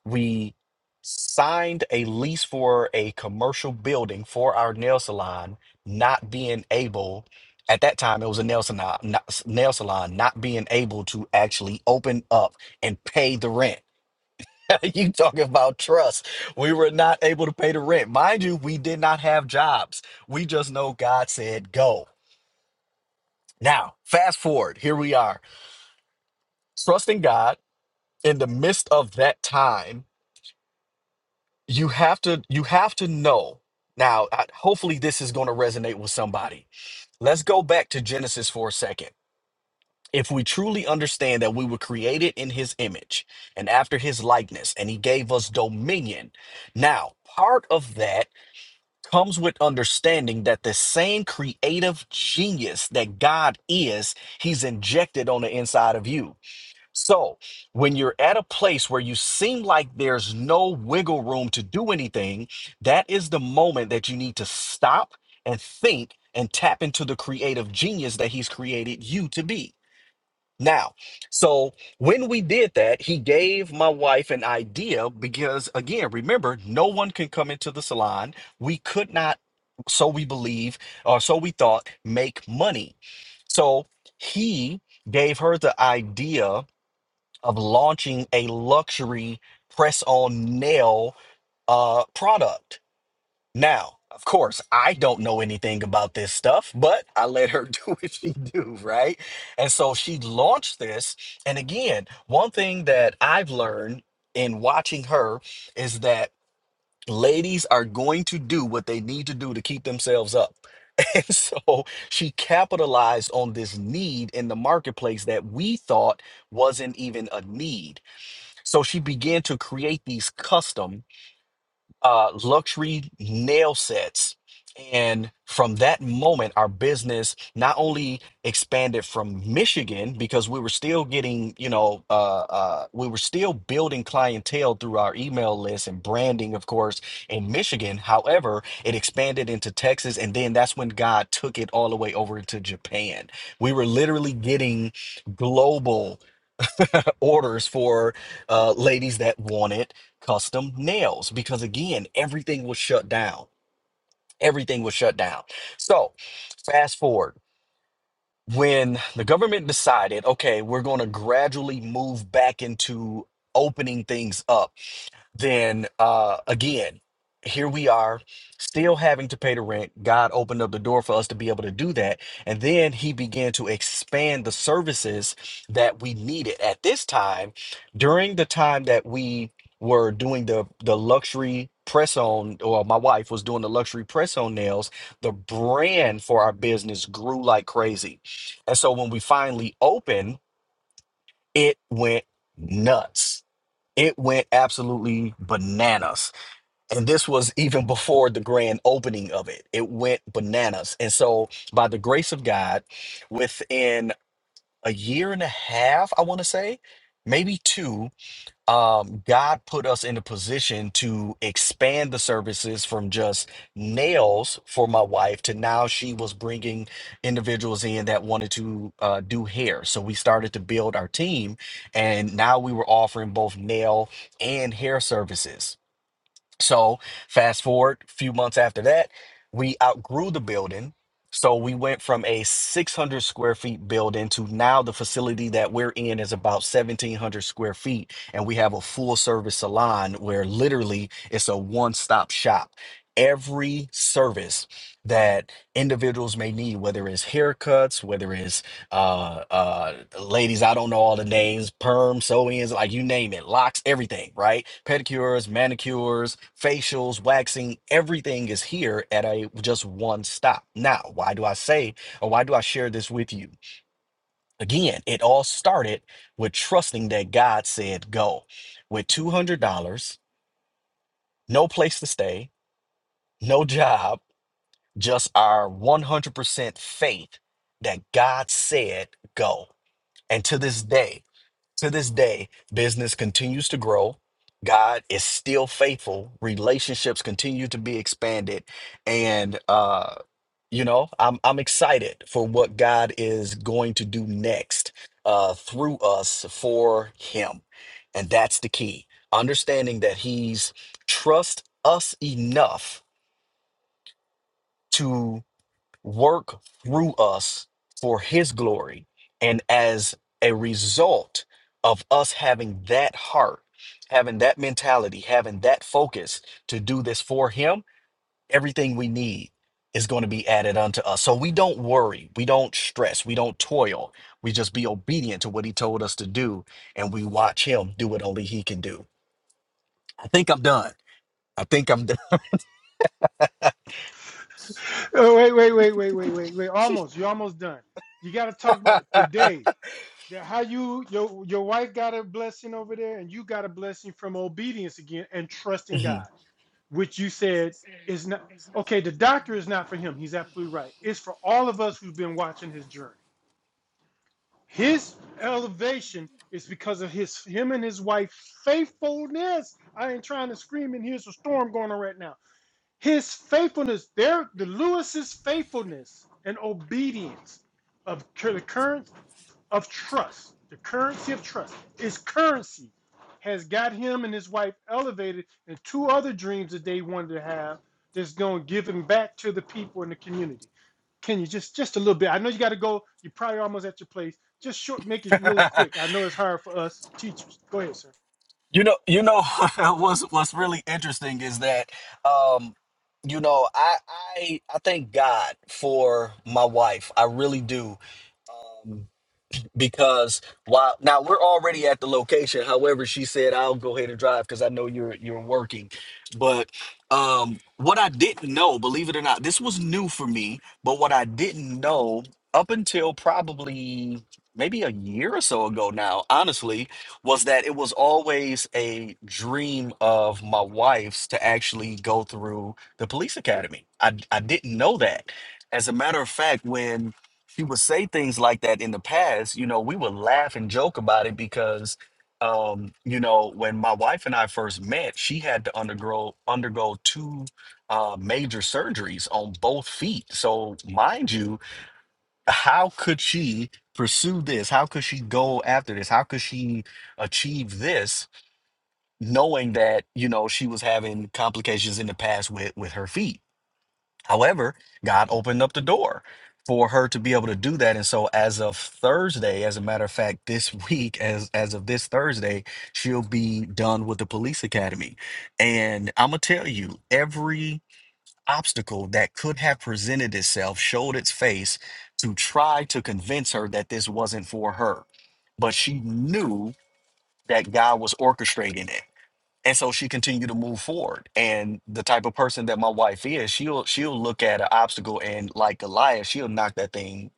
Speaker 3: We signed a lease for a commercial building for our nail salon, not being able. At that time, it was a nail salon, not, nail salon, not being able to actually open up and pay the rent. (laughs) you talking about trust. We were not able to pay the rent. Mind you, we did not have jobs. We just know God said go. Now, fast forward, here we are. Trusting God in the midst of that time, you have to you have to know. Now, I- hopefully this is going to resonate with somebody. Let's go back to Genesis for a second. If we truly understand that we were created in his image and after his likeness and he gave us dominion. Now, part of that comes with understanding that the same creative genius that God is, He's injected on the inside of you. So when you're at a place where you seem like there's no wiggle room to do anything, that is the moment that you need to stop and think and tap into the creative genius that He's created you to be. Now, so when we did that, he gave my wife an idea because, again, remember, no one can come into the salon. We could not, so we believe, or so we thought, make money. So he gave her the idea of launching a luxury press on nail uh, product. Now, of course, I don't know anything about this stuff, but I let her (laughs) do what she do, right? And so she launched this. And again, one thing that I've learned in watching her is that ladies are going to do what they need to do to keep themselves up. (laughs) And so she capitalized on this need in the marketplace that we thought wasn't even a need. So she began to create these custom uh, luxury nail sets. And from that moment, our business not only expanded from Michigan because we were still getting, you know, uh, uh, we were still building clientele through our email list and branding, of course, in Michigan. However, it expanded into Texas. And then that's when God took it all the way over to Japan. We were literally getting global orders for uh, ladies that wanted custom nails because again everything was shut down everything was shut down so fast forward when the government decided okay we're going to gradually move back into opening things up then uh again here we are still having to pay the rent god opened up the door for us to be able to do that and then he began to expand the services that we needed at this time during the time that we were doing the the luxury press on or my wife was doing the luxury press on nails the brand for our business grew like crazy and so when we finally opened it went nuts it went absolutely bananas and this was even before the grand opening of it it went bananas and so by the grace of god within a year and a half i want to say maybe two um, god put us in a position to expand the services from just nails for my wife to now she was bringing individuals in that wanted to uh, do hair so we started to build our team and now we were offering both nail and hair services so fast forward a few months after that, we outgrew the building. So we went from a 600 square feet building to now the facility that we're in is about 1700 square feet. And we have a full service salon where literally it's a one stop shop. Every service that individuals may need, whether it's haircuts, whether it's uh uh ladies i don't know all the names perm sew-ins like you name it locks everything right pedicures manicures facials waxing everything is here at a just one stop now why do i say or why do i share this with you again it all started with trusting that god said go with $200 no place to stay no job just our 100% faith that god said go and to this day To this day, business continues to grow. God is still faithful. Relationships continue to be expanded. And uh, you know, I'm I'm excited for what God is going to do next uh through us for him. And that's the key. Understanding that he's trust us enough to work through us for his glory. And as a result of us having that heart, having that mentality, having that focus to do this for him, everything we need is going to be added unto us. So we don't worry, we don't stress, we don't toil. We just be obedient to what he told us to do and we watch him do what only he can do. I think I'm done. I think I'm
Speaker 2: Oh, wait, wait, wait, wait, wait, wait, wait. Almost, you're almost done. You got to talk about
Speaker 3: done.
Speaker 2: today. that how you your your wife got a blessing over there and you got a blessing from obedience again and trusting God,
Speaker 3: (laughs)
Speaker 2: which you said is not okay, the doctor is not for him. He's absolutely right. It's for all of us who've been watching his journey. His elevation is because of his him and his wife's faithfulness. I ain't trying to scream and here's a storm going on right now. His faithfulness, there the Lewis's faithfulness and obedience of the current of trust, the currency of trust, his currency has got him and his wife elevated and two other dreams that they wanted to have that's going to give him back to the people in the community. Can you just just a little bit? I know you got to go. You're probably almost at your place. Just short, make it really
Speaker 3: Mhm. (laughs)
Speaker 2: quick. I know it's hard for us teachers. Go ahead, sir.
Speaker 3: You know, you know (laughs) what's what's really interesting is that um you know, I I I thank God for my wife. I really do. Um, because while now we're already at the location however she said i'll go ahead and drive because i know you're you're working but um what i didn't know believe it or not this was new for me but what i didn't know up until probably maybe a year or so ago now honestly was that it was always a dream of my wife's to actually go through the police academy i, I didn't know that as a matter of fact when she would say things like that in the past, you know, we would laugh and joke about it because um, you know, when my wife and I first met, she had to undergo undergo two uh major surgeries on both feet. So, mind you, how could she pursue this? How could she go after this? How could she achieve this knowing that, you know, she was having complications in the past with with her feet? However, God opened up the door for her to be able to do that. And so as of Thursday, as a matter of fact, this (laughs) week, as as of this Thursday, she'll be done with the police academy. And I'm gonna tell you, every obstacle that could have presented itself showed its face to try to convince her that this wasn't for her. But she knew that God was orchestrating it and so she continued to move forward and the type of person that my wife is she'll she'll look at an obstacle and like goliath she'll knock that thing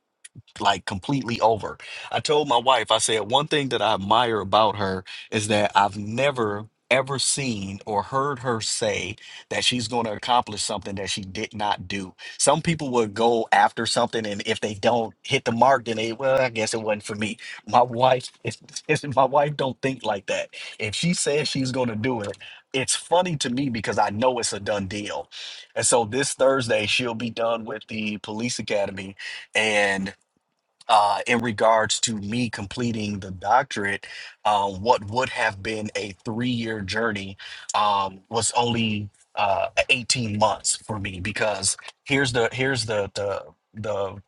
Speaker 3: like completely over. I told my wife, I said, one thing that I admire about her is that I've never ever seen or heard her say that she's going to accomplish something that she did not do. Some people would go after something and if they don't hit the mark then they well I guess it wasn't for me. My wife (laughs) my wife don't think like that. If she says she's going to do it, it's funny to me because I know it's a done deal. And so this Thursday she'll be done with the police academy and uh, in regards to me completing the doctorate, uh, what would have been a three year journey um, was only uh, 18 months for me because here's the here's the the, the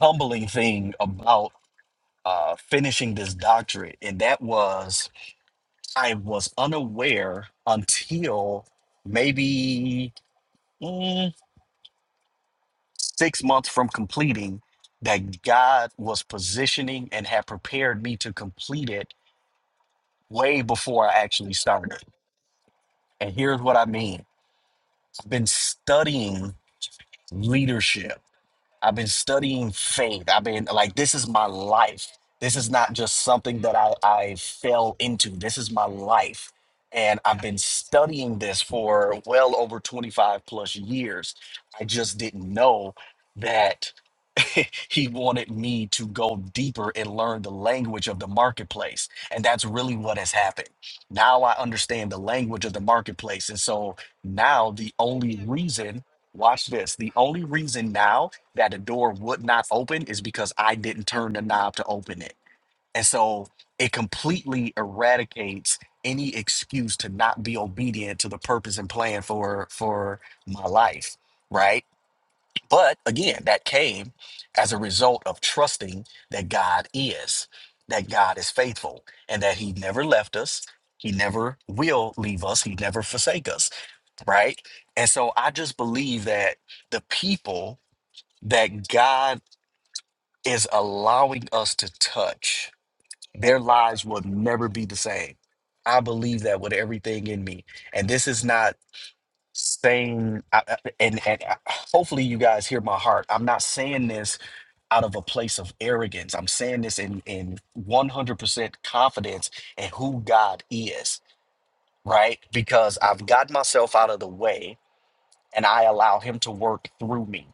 Speaker 3: humbling thing about uh, finishing this doctorate, and that was I was unaware until maybe mm, six months from completing that God was positioning and had prepared me to complete it way before I actually started. And here's what I mean I've been studying leadership I've been studying faith. I've been like, this is my life. This is not just something that I, I fell into. This is my life. And I've been studying this for well over 25 plus years. I just didn't know that (laughs) he wanted me to go deeper and learn the language of the marketplace. And that's really what has happened. Now I understand the language of the marketplace. And so now the only reason, watch this, the only reason now that the door would not open is because I didn't turn the knob to open it. And so it completely eradicates any excuse to not be obedient to the purpose and plan for for my life, right? But again, that came as a result of trusting that God is, that God is faithful and that he never left us. He never will leave us. He never forsake us, right? And so I just believe that the people that God is allowing us to touch. Their lives will never be the same. I believe that with everything in me. And this is not saying, I, I- and, and I- hopefully you guys hear my heart. I'm not saying this out of a place of arrogance. I'm saying this in, in 100% confidence in who God is, right? Because I've got myself out of the way and I allow Him to work through me.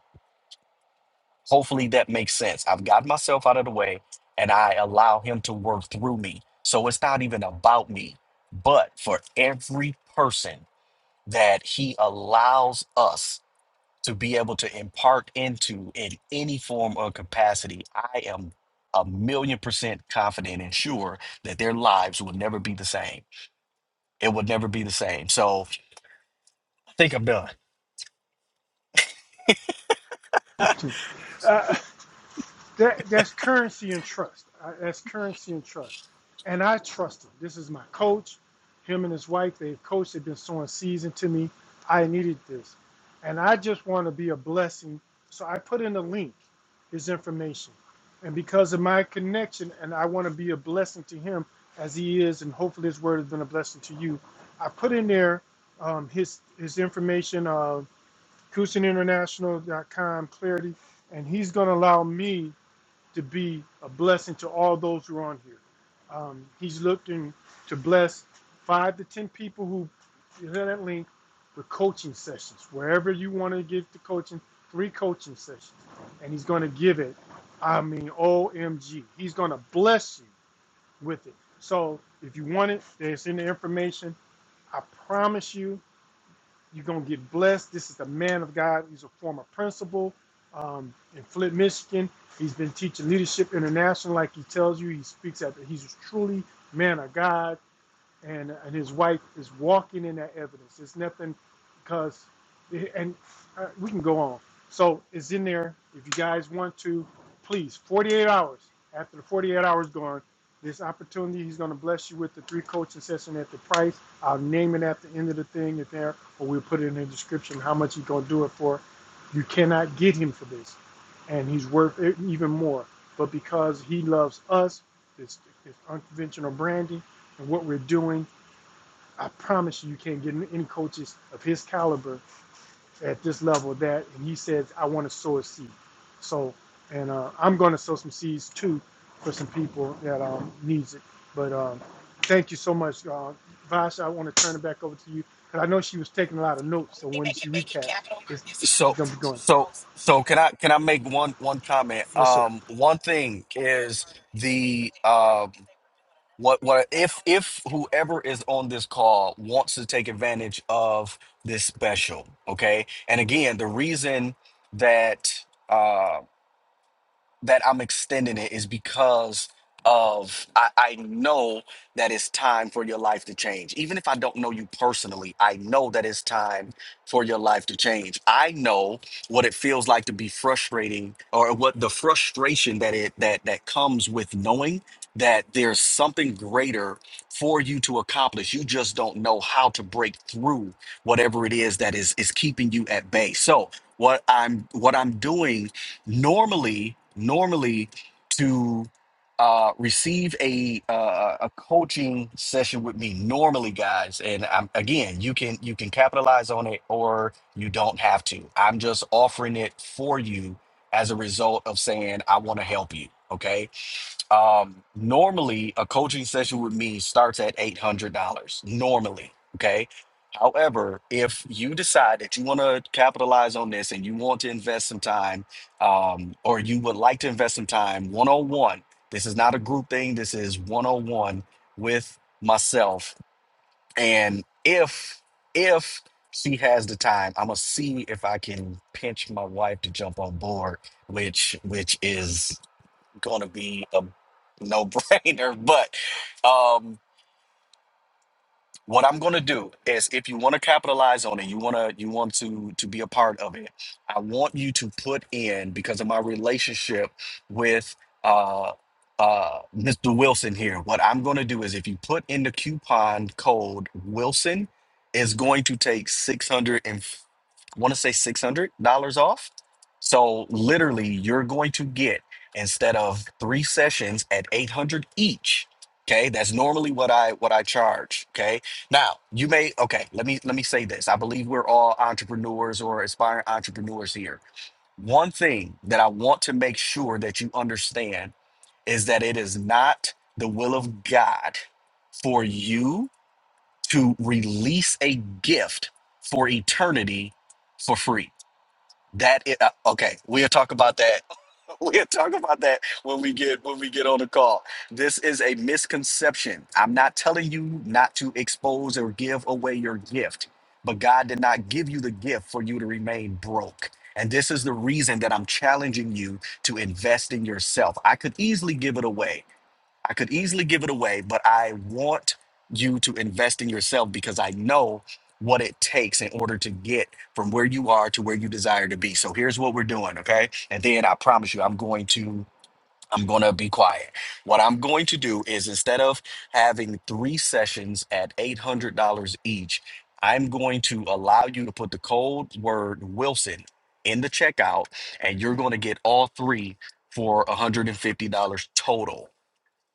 Speaker 3: Hopefully that makes sense. I've got myself out of the way and I allow him to work through me. So it's not even about me, but for every person that he allows us to be able to impart into in any form or capacity, I am a million percent confident and sure that their lives will never be the same. It will never be the same. So I think I'm done.
Speaker 2: That that's currency and trust. I, that's currency and trust. And I trust him. This is my coach. Him and his wife, they've coached. They've been sowing seeds into me. I needed this, and I just want to be a blessing. So I put in a link, his information, and because of my connection, and I want to be a blessing to him as he is, and hopefully his word has been a blessing to you. I put in there um, his his information, uh, Kusin International dot com Clarity, and he's going to allow me to be a blessing to all those who are on here. Um, he's looking to bless five to ten people who who is that link with coaching sessions. Wherever you want to give the coaching, three coaching sessions, and he's going to give it. I mean, OMG, he's going to bless you with it. So if you want it, it's in the information. I promise you, you're going to get blessed. This is a man of God. He's a former principal um, in Flint, Michigan. He's been teaching Leadership International, like he tells you. He speaks at, he's truly man of God and and his wife is walking in that evidence. It's nothing because, and uh, we can go on. So it's in there. If you guys want to, please. 48 hours after the 48 hours gone, this opportunity he's going to bless you with the three coaching session at the price. I'll name it at the end of the thing if there, or we'll put it in the description how much he's going to do it for. You cannot get him for this, and he's worth it even more. But because he loves us, this, this unconventional branding and what we're doing. I promise you, you can't get any coaches of his caliber at this level of that. And he says, I want to sow a seed. So, and uh, I'm going to sow some seeds too for some people that um, needs it. But um, thank you so much, uh, Vash. I want to turn it back over to you because I know she was taking a lot of notes. So when she recap, it's, it's
Speaker 3: So
Speaker 2: going to be going.
Speaker 3: so so can I can I make one one comment?
Speaker 2: Yes, sir.
Speaker 3: Um one thing is the um what what if if whoever is on this call wants to take advantage of this special, okay? And again, the reason that uh, that I'm extending it is because of I, I know that it's time for your life to change. Even if I don't know you personally, I know that it's time for your life to change. I know what it feels like to be frustrating or what the frustration that it that that comes with knowing that there's something greater for you to accomplish. You just don't know how to break through whatever it is that is is keeping you at bay. So what I'm what I'm doing Normally, normally to uh, receive a uh, a coaching session with me, normally, guys, and i again, you can you can capitalize on it or you don't have to. I'm just offering it for you as a result of saying I want to help you. Okay um, normally, a coaching session with me starts at $800, normally. Okay. However, if you decide that you want to capitalize on this and you want to invest some time, um, or you would like to invest some time one on one, this is not a group thing, this is one on one with myself. And if, if, she has the time. I'm gonna see if I can pinch my wife to jump on board, which which is going to be a no brainer. (laughs) But um, what I'm going to do is if you want to capitalize on it, you want to you want to to be a part of it. I want you to put in because of my relationship with uh uh Mr. Wilson here. What I'm going to do is if you put in the coupon code Wilson is going to take 600 and want to say $600 off. So literally you're going to get instead of 3 sessions at 800 each, okay? That's normally what I what I charge, okay? Now, you may okay, let me let me say this. I believe we're all entrepreneurs or aspiring entrepreneurs here. One thing that I want to make sure that you understand is that it is not the will of God for you to release a gift for eternity for free. That i- uh, okay, we'll talk about that (laughs) We'll talk about that when we get when we get on the call. This is a misconception. I'm not telling you not to expose or give away your gift, but God did not give you the gift for you to remain broke. And this is the reason that I'm challenging you to invest in yourself. I could easily give it away. I could easily give it away, but I want you to invest in yourself because I know what it takes in order to get from where you are to where you desire to be. So here's what we're doing, okay? And then I promise you I'm going to I'm going to be quiet. What I'm going to do is instead of having 3 sessions at $800 each, I'm going to allow you to put the code word Wilson in the checkout and you're going to get all 3 for $150 total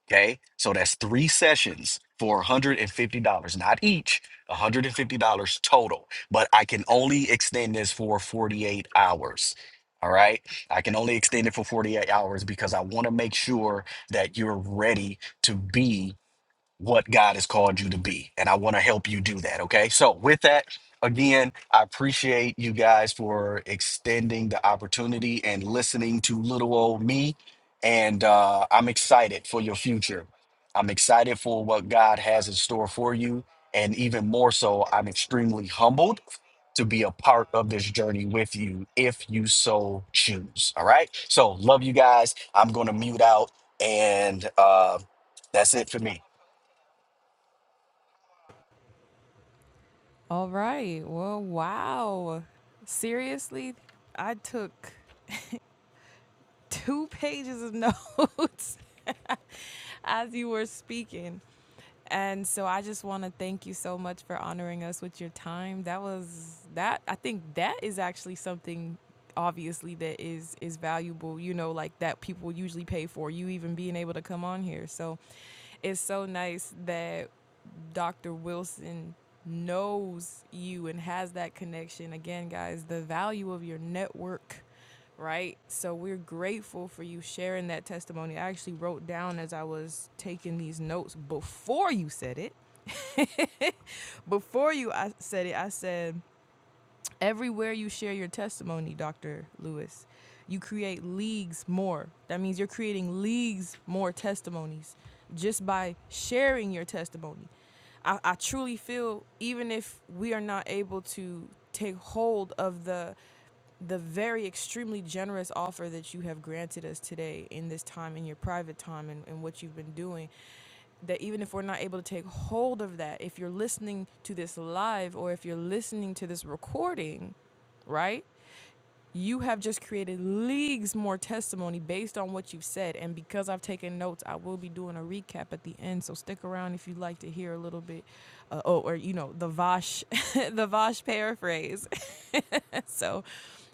Speaker 3: Okay. So that's three sessions for $150, not each, $150 total. But I can only extend this for 48 hours. All right. I can only extend it for 48 hours because I want to make sure that you're ready to be what God has called you to be. And I want to help you do that. Okay. So, with that, again, I appreciate you guys for extending the opportunity and listening to little old me. And uh, I'm excited for your future. I'm excited for what God has in store for you. And even more so, I'm extremely humbled to be a part of this journey with you if you so choose. All right. So, love you guys. I'm going to mute out. And uh, that's it for me.
Speaker 1: All right. Well, wow. Seriously, I took. two (laughs) pages of notes (laughs) as you were speaking. And so I just want to thank you so much for honoring us with your time. That was that I think that is actually something obviously that is is valuable, you know, like that people usually pay for you even being able to come on here. So it's so nice that Dr. Wilson knows you and has that connection. Again, guys, the value of your network right? So we're grateful for you sharing that testimony. I actually wrote down as I was taking these notes before you said it. (laughs) before you I said it, I said, everywhere you share your testimony, Dr. Lewis, you create leagues more. That means you're creating leagues more testimonies just by sharing your testimony. I, I truly feel even if we are not able to take hold of the the very extremely generous offer that you have granted us today in this time, in your private time, and, and what you've been doing. That even if we're not able to take hold of that, if you're listening to this live or if you're listening to this recording, right? you have just created leagues more testimony based on what you've said. And because I've taken notes, I will be doing a recap at the end. So stick around if you'd like to hear a little bit, uh, oh, or you know, the Vosh, (laughs) the Vosh paraphrase. (laughs) so,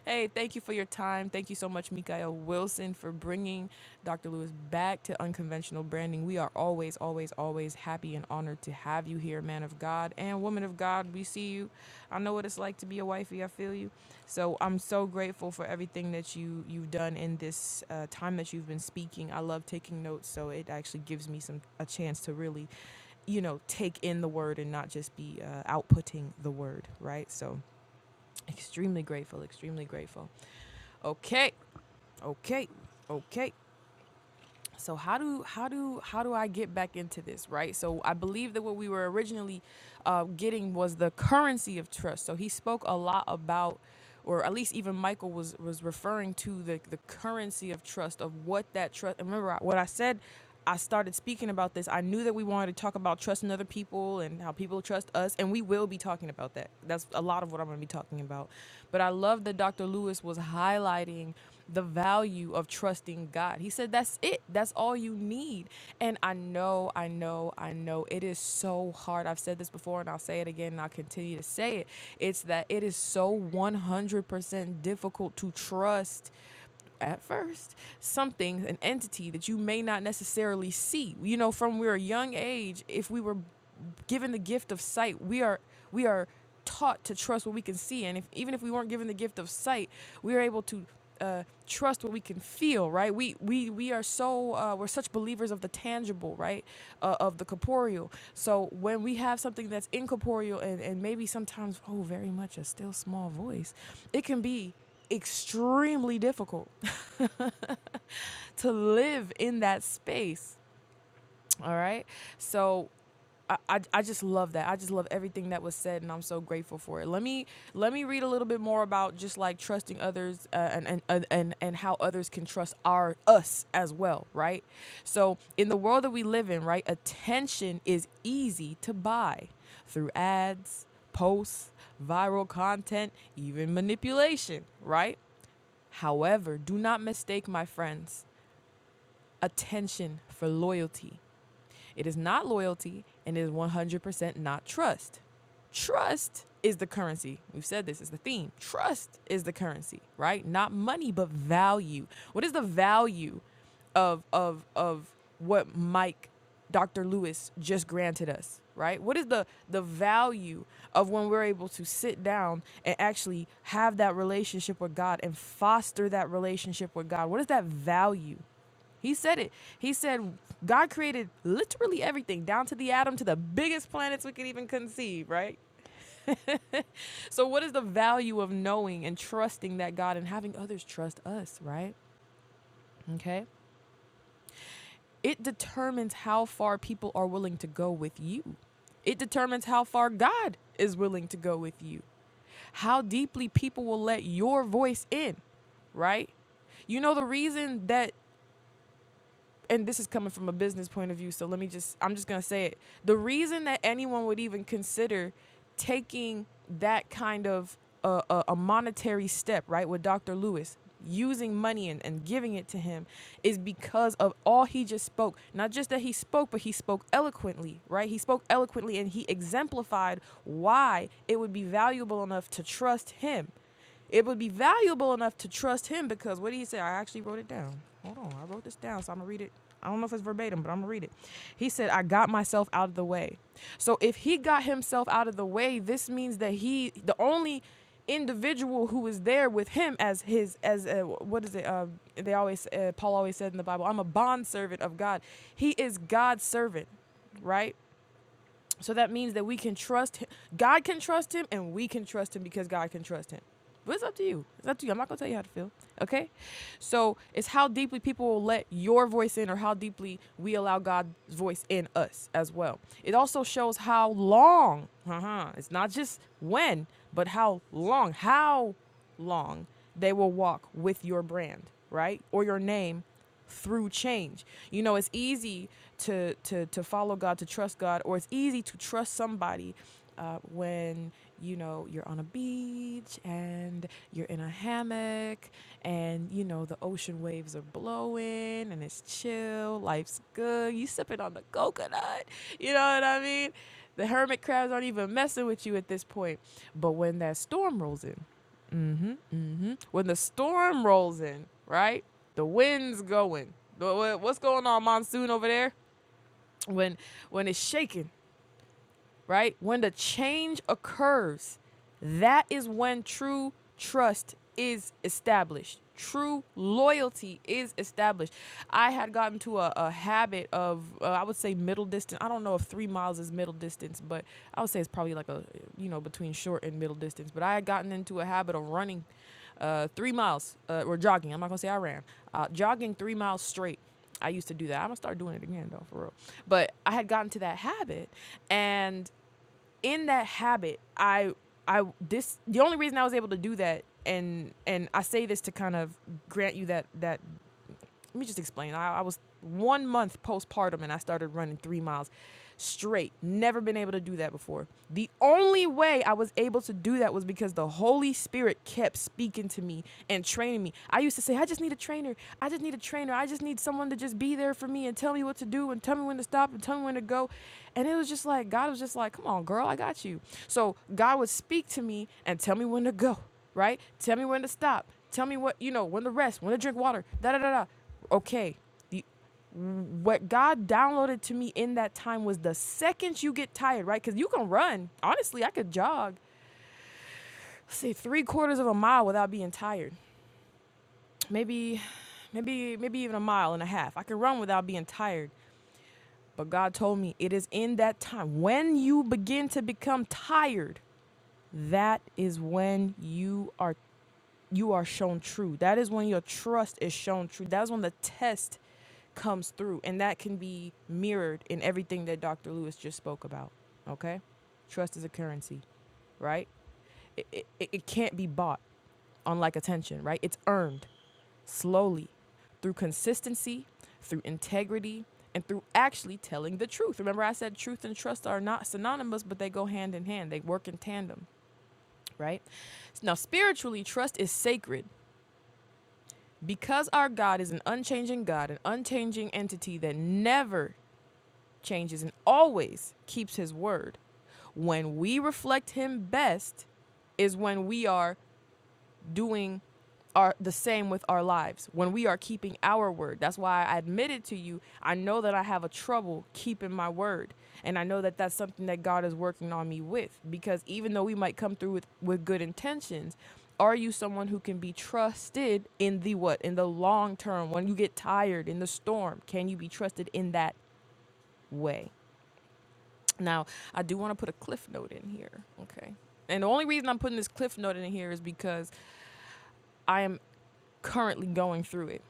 Speaker 1: hey, thank you for your time. Thank you so much, Mikael Wilson, for bringing Dr. Lewis back to unconventional branding. We are always, always, always happy and honored to have you here, man of God and woman of God. We see you. I know what it's like to be a wifey. I feel you. So I'm so grateful for everything that you you've done in this uh, time that you've been speaking. I love taking notes, so it actually gives me some a chance to really, you know, take in the word and not just be uh, outputting the word, right? So extremely grateful, extremely grateful. Okay, okay, okay so how do how do how do i get back into this right so i believe that what we were originally uh, getting was the currency of trust so he spoke a lot about or at least even michael was was referring to the the currency of trust of what that trust and remember I- what i said I started speaking about this, I knew that we wanted to talk about trusting other people and how people trust us, and we will be talking about that. That's a lot of what I'm going to be talking about. But I love that Dr. Lewis was highlighting the value of trusting God. He said, That's it, that's all you need. And I know, I know, I know it is so hard. I've said this before, and I'll say it again, and I'll continue to say it. It's that it is so 100% difficult to trust at first something an entity that you may not necessarily see you know from we're a young age if we were given the gift of sight we are we are taught to trust what we can see and if even if we weren't given the gift of sight we are able to uh, trust what we can feel right we we we are so uh, we're such believers of the tangible right uh, of the corporeal so when we have something that's incorporeal and and maybe sometimes oh very much a still small voice it can be extremely difficult (laughs) to live in that space. All right. So I, I, I just love that. I just love everything that was said, and I'm so grateful for it. Let me let me read a little bit more about just like trusting others uh, and, and and and and how others can trust our us as well, right? So in the world that we live in, right, attention is easy to buy through ads, posts, viral content, even manipulation, right? However, do not mistake, my friends, attention for loyalty. It is not loyalty and it is 100% not trust. Trust is the currency. We've said this is the theme. Trust is the currency, right? Not money, but value. What is the value of of of what Mike Dr. Lewis just granted us, right? What is the the value of when we're able to sit down and actually have that relationship with God and foster that relationship with God? What is that value? He said it. He said God created literally everything, down to the atom, to the biggest planets we could even conceive, right? (laughs) so, what is the value of knowing and trusting that God and having others trust us, right? Okay. It determines how far people are willing to go with you. It determines how far God is willing to go with you, how deeply people will let your voice in, right? You know, the reason that and this is coming from a business point of view, so let me just I'm just going to say it. The reason that anyone would even consider taking that kind of uh, a, a monetary step, right, with Dr. Lewis, using money and, and giving it to him is because of all he just spoke. Not just that he spoke, but he spoke eloquently, right? He spoke eloquently and he exemplified why it would be valuable enough to trust him. It would be valuable enough to trust him because what did he say? I actually wrote it down. Hold on, I wrote this down, so I'm gonna read it. I don't know if it's verbatim, but I'm gonna read it. He said, I got myself out of the way. So if he got himself out of the way, this means that he, the only individual who is there with him as his, as a, what is it? Uh, they always, uh, Paul always said in the Bible, I'm a bond servant of God. He is God's servant, right? So that means that we can trust him. God can trust him, and we can trust him because God can trust him. But it's up to you. It's up to you. I'm not gonna tell you how to feel. Okay? So it's how deeply people will let your voice in, or how deeply we allow God's voice in us as well. It also shows how long. Uh-huh, it's not just when, but how long. How long they will walk with your brand, right, or your name, through change. You know, it's easy to to to follow God, to trust God, or it's easy to trust somebody uh, when you know you're on a beach and you're in a hammock and you know the ocean waves are blowing and it's chill, life's good. You sipping on the coconut, you know what I mean? The hermit crabs aren't even messing with you at this point. But when that storm rolls in, Mhm, mhm. When the storm rolls in, right? The wind's going. The- wha- What's going on, monsoon over there? When when it's shaking, right? When the change occurs, that is when true trust is established. True loyalty is established. I had gotten to a, a habit of, uh, I would say, middle distance. I don't know if three miles is middle distance, but I would say it's probably like a, you know, between short and middle distance. But I had gotten into a habit of running uh, three miles uh, or jogging. I'm not going to say I ran. Uh, jogging three miles straight. I used to do that. I'm gonna start doing it again though, for real. But I had gotten to that habit, and in that habit, I I this the only reason I was able to do that and and I say this to kind of grant you that that let me just explain. I, I was one month postpartum and I started running three miles straight. Never been able to do that before. The only way I was able to do that was because the Holy Spirit kept speaking to me and training me. I used to say, I just need a trainer. I just need a trainer. I just need someone to just be there for me and tell me what to do and tell me when to stop and tell me when to go. And it was just like, God was just like, come on, girl, I got you. So God would speak to me and tell me when to go, right? Tell me when to stop. Tell me what, you know, when to rest, when to drink water, da da da da okay the, what god downloaded to me in that time was the second you get tired right because you can run honestly i could jog let's say three quarters of a mile without being tired maybe maybe maybe even a mile and a half i could run without being tired but god told me it is in that time when you begin to become tired that is when you are you are shown true. That is when your trust is shown true. That's when the test comes through. And that can be mirrored in everything that Dr. Lewis just spoke about. Okay? Trust is a currency, right? It, it, it can't be bought, unlike attention, right? It's earned slowly through consistency, through integrity, and through actually telling the truth. Remember, I said truth and trust are not synonymous, but they go hand in hand, they work in tandem, right? Now, spiritually, trust is sacred Because our God is an unchanging God, an unchanging entity that never changes and always keeps his word, when we reflect him best is when we are doing are the same with our lives when we are keeping our word that's why i admitted to you i know that i have a trouble keeping my word and i know that that's something that god is working on me with because even though we might come through with with good intentions are you someone who can be trusted in the what in the long term when you get tired in the storm can you be trusted in that way now i do want to put a cliff note in here okay and the only reason i'm putting this cliff note in here is because i am currently going through it.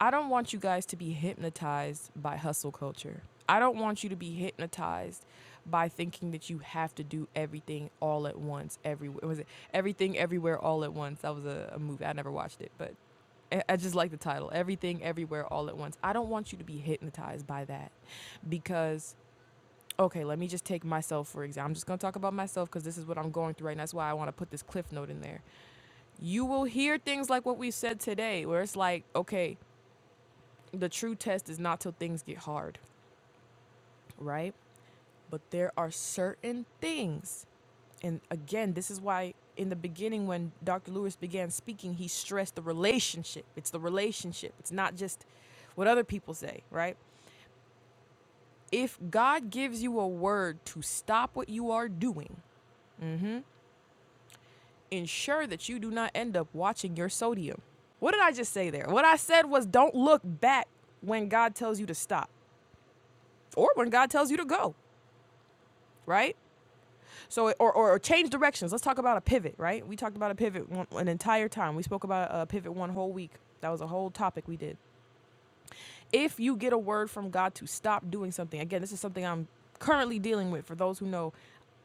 Speaker 1: I don't want you guys to be hypnotized by hustle culture. I don't want you to be hypnotized by thinking that you have to do everything all at once, everywhere. Was it everything everywhere all at once? That was a, a movie. I never watched it, but I- I just like the title. Everything everywhere all at once. I don't want you to be hypnotized by that because okay, let me just take myself for example. I'm just going to talk about myself cuz this is what I'm going through right now. That's why I want to put this cliff note in there. you will hear things like what we said today, where it's like, okay, the true test is not till things get hard, right? But there are certain things. And again, this is why in the beginning, when Dr. Lewis began speaking, he stressed the relationship. It's the relationship, it's not just what other people say, right? If God gives you a word to stop what you are doing ensure that you do not end up watching your sodium. What did I just say there? What I said was don't look back when God tells you to stop or when God tells you to go, right? So, or, or, or change directions. Let's talk about a pivot, right? We talked about a pivot one, an entire time. We spoke about a pivot one whole week. That was a whole topic we did. if you get a word from God to stop doing something, again, this is something I'm currently dealing with. For those who know,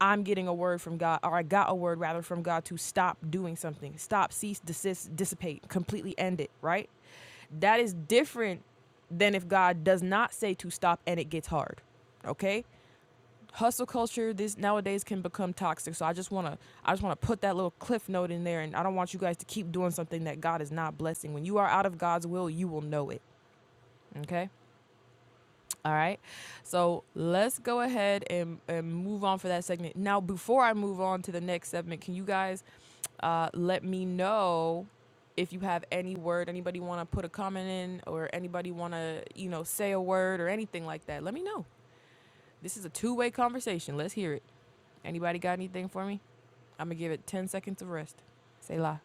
Speaker 1: I'm getting a word from God, or I got a word rather from God to stop doing something, stop, cease, desist, dissipate, completely end it, right? That is different than if God does not say to stop and it gets hard, okay? Hustle culture this nowadays can become toxic. So I just want to I just want to put that little cliff note in there and I don't want you guys to keep doing something that God is not blessing. When you are out of God's will, you will know it, okay? All right. So let's go ahead and, and move on for that segment. Now, before I move on to the next segment, can you guys uh, let me know if you have any word, anybody want to put a comment in or anybody want to, you know, say a word or anything like that? Let me know. This is a two way conversation. Let's hear it. Anybody got anything for me? I'm going to give it 10 seconds of rest. Say la.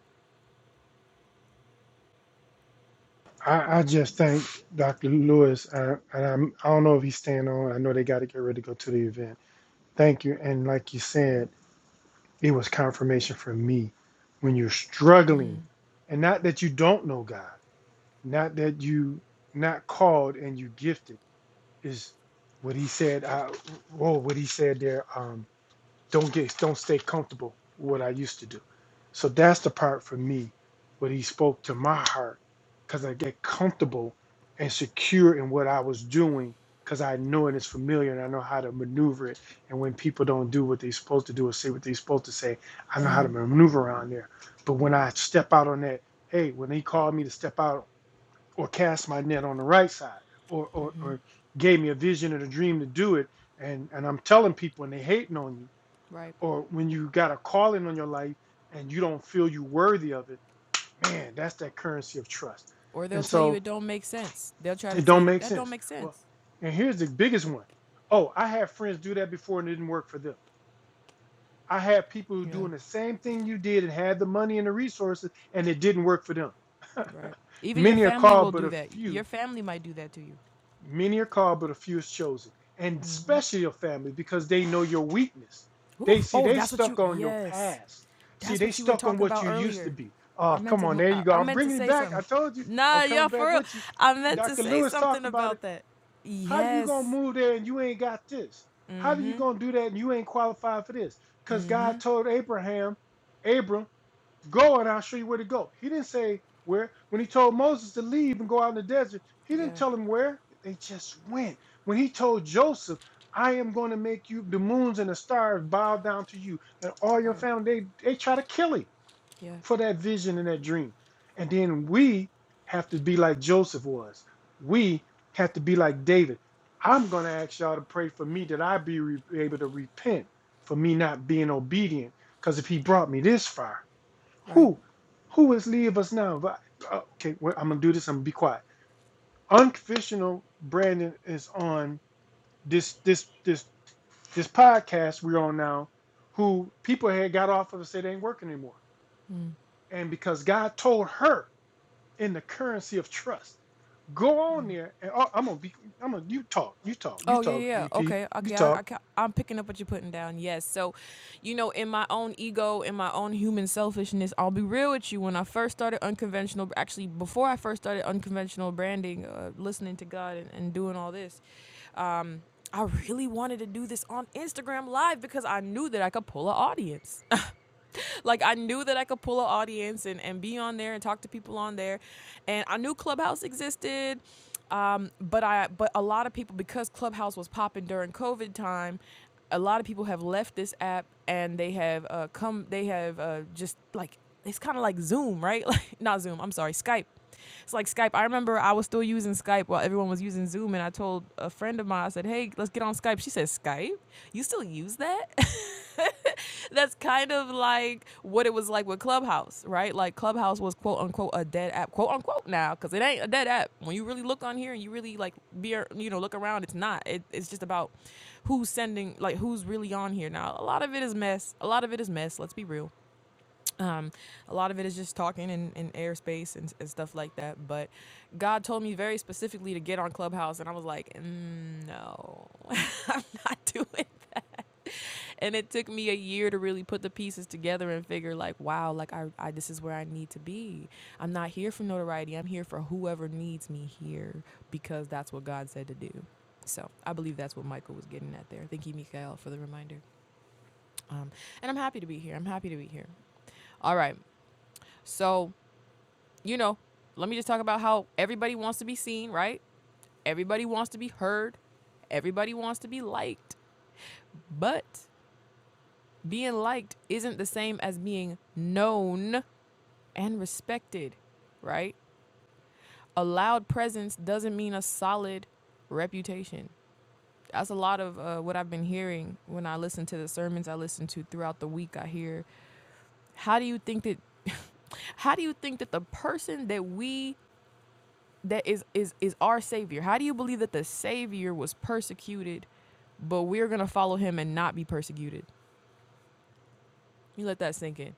Speaker 2: I, I just thank Dr. Lewis, I, and I'm, I don't know if he's staying on. I know they got to get ready to go to the event. Thank you. And like you said, It was confirmation for me when you're struggling,
Speaker 1: Mm,
Speaker 2: and not that you don't know God, not that you not called and you gifted is what he said. I, whoa, what he said there. Um, don't get don't stay comfortable with what I used to do. So that's the part for me where he spoke to my heart because I get comfortable and secure in what I was doing because I know it is familiar and I know how to maneuver it. And when people don't do what they're supposed to do or say what they're supposed to say, I know how to maneuver around there. But when I step out on that, hey, when he called me to step out or cast my net on the right side or or, or gave me a vision and a dream to do it, and, and I'm telling people and they hating on you
Speaker 1: right.
Speaker 2: or when you got a calling on your life and you don't feel you worthy of it, man, that's that currency of trust.
Speaker 1: Or they'll
Speaker 2: And
Speaker 1: tell you
Speaker 2: so
Speaker 1: it don't make sense. They'll try to
Speaker 2: it
Speaker 1: say
Speaker 2: don't
Speaker 1: that
Speaker 2: make
Speaker 1: that don't
Speaker 2: sense.
Speaker 1: make
Speaker 2: Well,
Speaker 1: sense.
Speaker 2: and here's the biggest one. Oh, I had friends do that before and it didn't work for them. I had people who
Speaker 1: Yeah.
Speaker 2: doing the same thing you did and had the money and the resources and it didn't work for them.
Speaker 1: Right. Even your
Speaker 2: Many are
Speaker 1: family
Speaker 2: called,
Speaker 1: will
Speaker 2: but
Speaker 1: do
Speaker 2: a
Speaker 1: that.
Speaker 2: few.
Speaker 1: Your family might do that to you.
Speaker 2: Many are called, but a few is chosen. And especially your family, because they know your weakness. They
Speaker 1: Oof.
Speaker 2: see
Speaker 1: Oh,
Speaker 2: they
Speaker 1: that's what you.
Speaker 2: stuck on your
Speaker 1: Yes,
Speaker 2: past. See,
Speaker 1: that's
Speaker 2: they
Speaker 1: what you were
Speaker 2: stuck on
Speaker 1: talking
Speaker 2: what
Speaker 1: about
Speaker 2: you used to
Speaker 1: earlier.
Speaker 2: be. Oh,
Speaker 1: I meant
Speaker 2: come
Speaker 1: to.
Speaker 2: on,
Speaker 1: mo-
Speaker 2: there
Speaker 1: I,
Speaker 2: you go.
Speaker 1: I
Speaker 2: I'm
Speaker 1: meant to
Speaker 2: bringing it
Speaker 1: say
Speaker 2: back. I
Speaker 1: something.
Speaker 2: told you, I'm
Speaker 1: Nah, yeah,
Speaker 2: coming
Speaker 1: for
Speaker 2: back
Speaker 1: real.
Speaker 2: with you.
Speaker 1: I meant to
Speaker 2: Dr.
Speaker 1: say
Speaker 2: Lewis
Speaker 1: something
Speaker 2: talked about it.
Speaker 1: about that.
Speaker 2: How do you gonna
Speaker 1: Yes.
Speaker 2: move there and you ain't got this? How do you
Speaker 1: Mm-hmm.
Speaker 2: gonna do that and you ain't qualified for this? Because God told Abraham, Abram, Go and I'll show you where to go. He didn't say where. When he told Moses to leave and go out in the desert, he
Speaker 1: Yeah.
Speaker 2: didn't tell him where. They just went. When he told Joseph, I am going to make you the moons and the stars bow down to you and all your
Speaker 1: Right.
Speaker 2: family, they, they try to kill him
Speaker 1: Yeah.
Speaker 2: for that vision and that dream. And then we have to be like Joseph was. We have to be like David. I'm going to ask y'all to pray for me that I be re- able to repent for me not being obedient. Because if he brought me this far,
Speaker 1: Right.
Speaker 2: who? Who is leave us now? But- uh, Okay, well, I'm gonna do this. I'm gonna be quiet. Unconfessional Brandon is on this this this this podcast we're on now. Who people had got off of and said it ain't working anymore. And because God told her in the currency of trust, go on there and oh, I'm gonna be. I'm gonna you talk, you talk, you
Speaker 1: Oh yeah, yeah.
Speaker 2: talk,
Speaker 1: yeah.
Speaker 2: VP,
Speaker 1: Okay,
Speaker 2: you
Speaker 1: okay.
Speaker 2: talk.
Speaker 1: I, I, ca- I'm picking up what you're putting down. Yes. So, you know, in my own ego, in my own human selfishness, I'll be real with you. When I first started unconventional, actually, before I first started unconventional branding, uh, listening to God and, and doing all this, um, I really wanted to do this on Instagram Live because I knew that I could pull an audience. (laughs) like I knew that I could pull an audience and, and be on there and talk to people on there. And I knew Clubhouse existed. Um, but I but a lot of people because Clubhouse was popping during COVID time, a lot of people have left this app and they have uh, come they have uh, just like it's kind of like Zoom, right? (laughs) Like not Zoom, I'm sorry, Skype. It's like Skype. I remember I was still using Skype while everyone was using Zoom, and I told a friend of mine, I said, "Hey, let's get on Skype." She said, "Skype? You still use that?" (laughs) (laughs) that's kind of like what it was like with Clubhouse, right? Like Clubhouse was quote unquote a dead app, quote unquote now, because it ain't a dead app. When you really look on here and you really like be, ar- you know, look around, it's not. It, it's just about who's sending, like who's really on here now. A lot of it is mess. A lot of it is mess. Let's be real. Um, a lot of it is just talking in, in airspace and, and stuff like that. But God told me very specifically to get on Clubhouse, and I was like, "Mm, no, (laughs) I'm not doing (laughs) that. And it took me a year to really put the pieces together and figure like, wow, like I, I this is where I need to be. I'm not here for notoriety. I'm here for whoever needs me here because that's what God said to do. So I believe that's what Michael was getting at there. Thank you, Mikael, for the reminder. Um, and I'm happy to be here. I'm happy to be here. All right. So, you know, let me just talk about how everybody wants to be seen, right? Everybody wants to be heard. Everybody wants to be liked. But being liked isn't the same as being known and respected, right? A loud presence doesn't mean a solid reputation. That's a lot of uh, what I've been hearing when I listen to the sermons I listen to throughout the week. I hear, how do you think that, (laughs) how do you think that the person that we that is is is our savior. How do you believe that the savior was persecuted, but we're gonna follow him and not be persecuted? You let that sink in.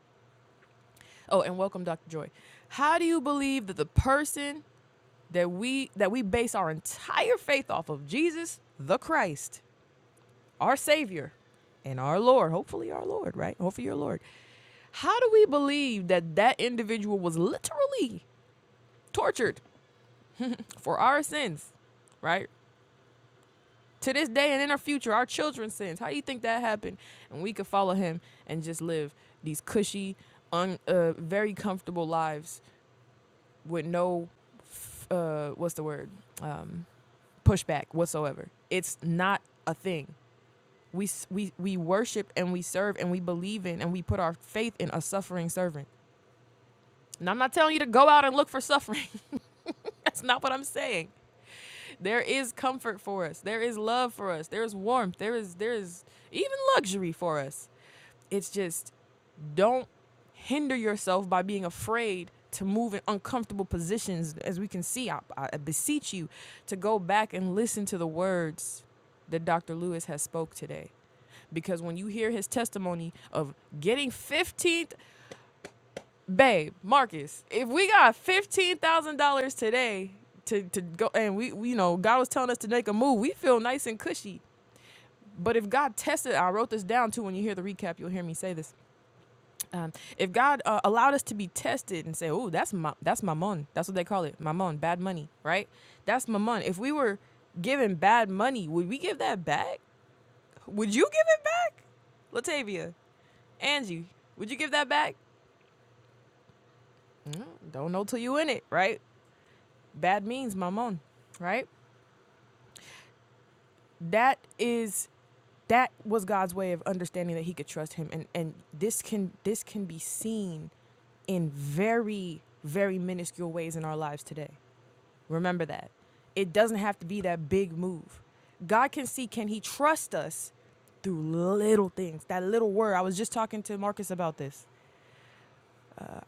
Speaker 1: Oh, and welcome, Dr. Joy. How do you believe that the person that we that we base our entire faith off of, Jesus the Christ, our savior, and our Lord, hopefully our Lord, right? Hopefully your Lord. How do we believe that that individual was literally tortured for our sins, right? to this day and in our future, our children's sins. How do you think that happened? And we could follow him and just live these cushy, un, uh, very comfortable lives with no, uh, what's the word, um, pushback whatsoever. It's not a thing. We, we, we worship and we serve and we believe in and we put our faith in a suffering servant. And I'm not telling you to go out and look for suffering. (laughs) That's not what I'm saying. There is comfort for us. There is love for us. There is warmth. There is there is even luxury for us It's just don't hinder yourself by being afraid to move in uncomfortable positions. As we can see, I, I beseech you to go back and listen to the words that Dr. Lewis has spoke today. Because when you hear his testimony of getting 15th, babe, Marcus, if we got $15,000 today to, to go, and we, we, you know, God was telling us to make a move, we feel nice and cushy. But if God tested, I wrote this down too. When you hear the recap, you'll hear me say this um, if God uh, allowed us to be tested and say, "Oh, that's ma- that's mammon," that's what they call it, mammon, bad money, right? That's mammon. If we were given bad money, would we give that back? Would you give it back, Latavia, Angie? Would you give that back? Mm, don't know till you in it, right? Bad means mammon, right? That is that was God's way of understanding that He could trust Him, and and this can this can be seen in very very minuscule ways in our lives today Remember that. It doesn't have to be that big move. God can see, can He trust us through little things? That little word. I was just talking to Marcus about this.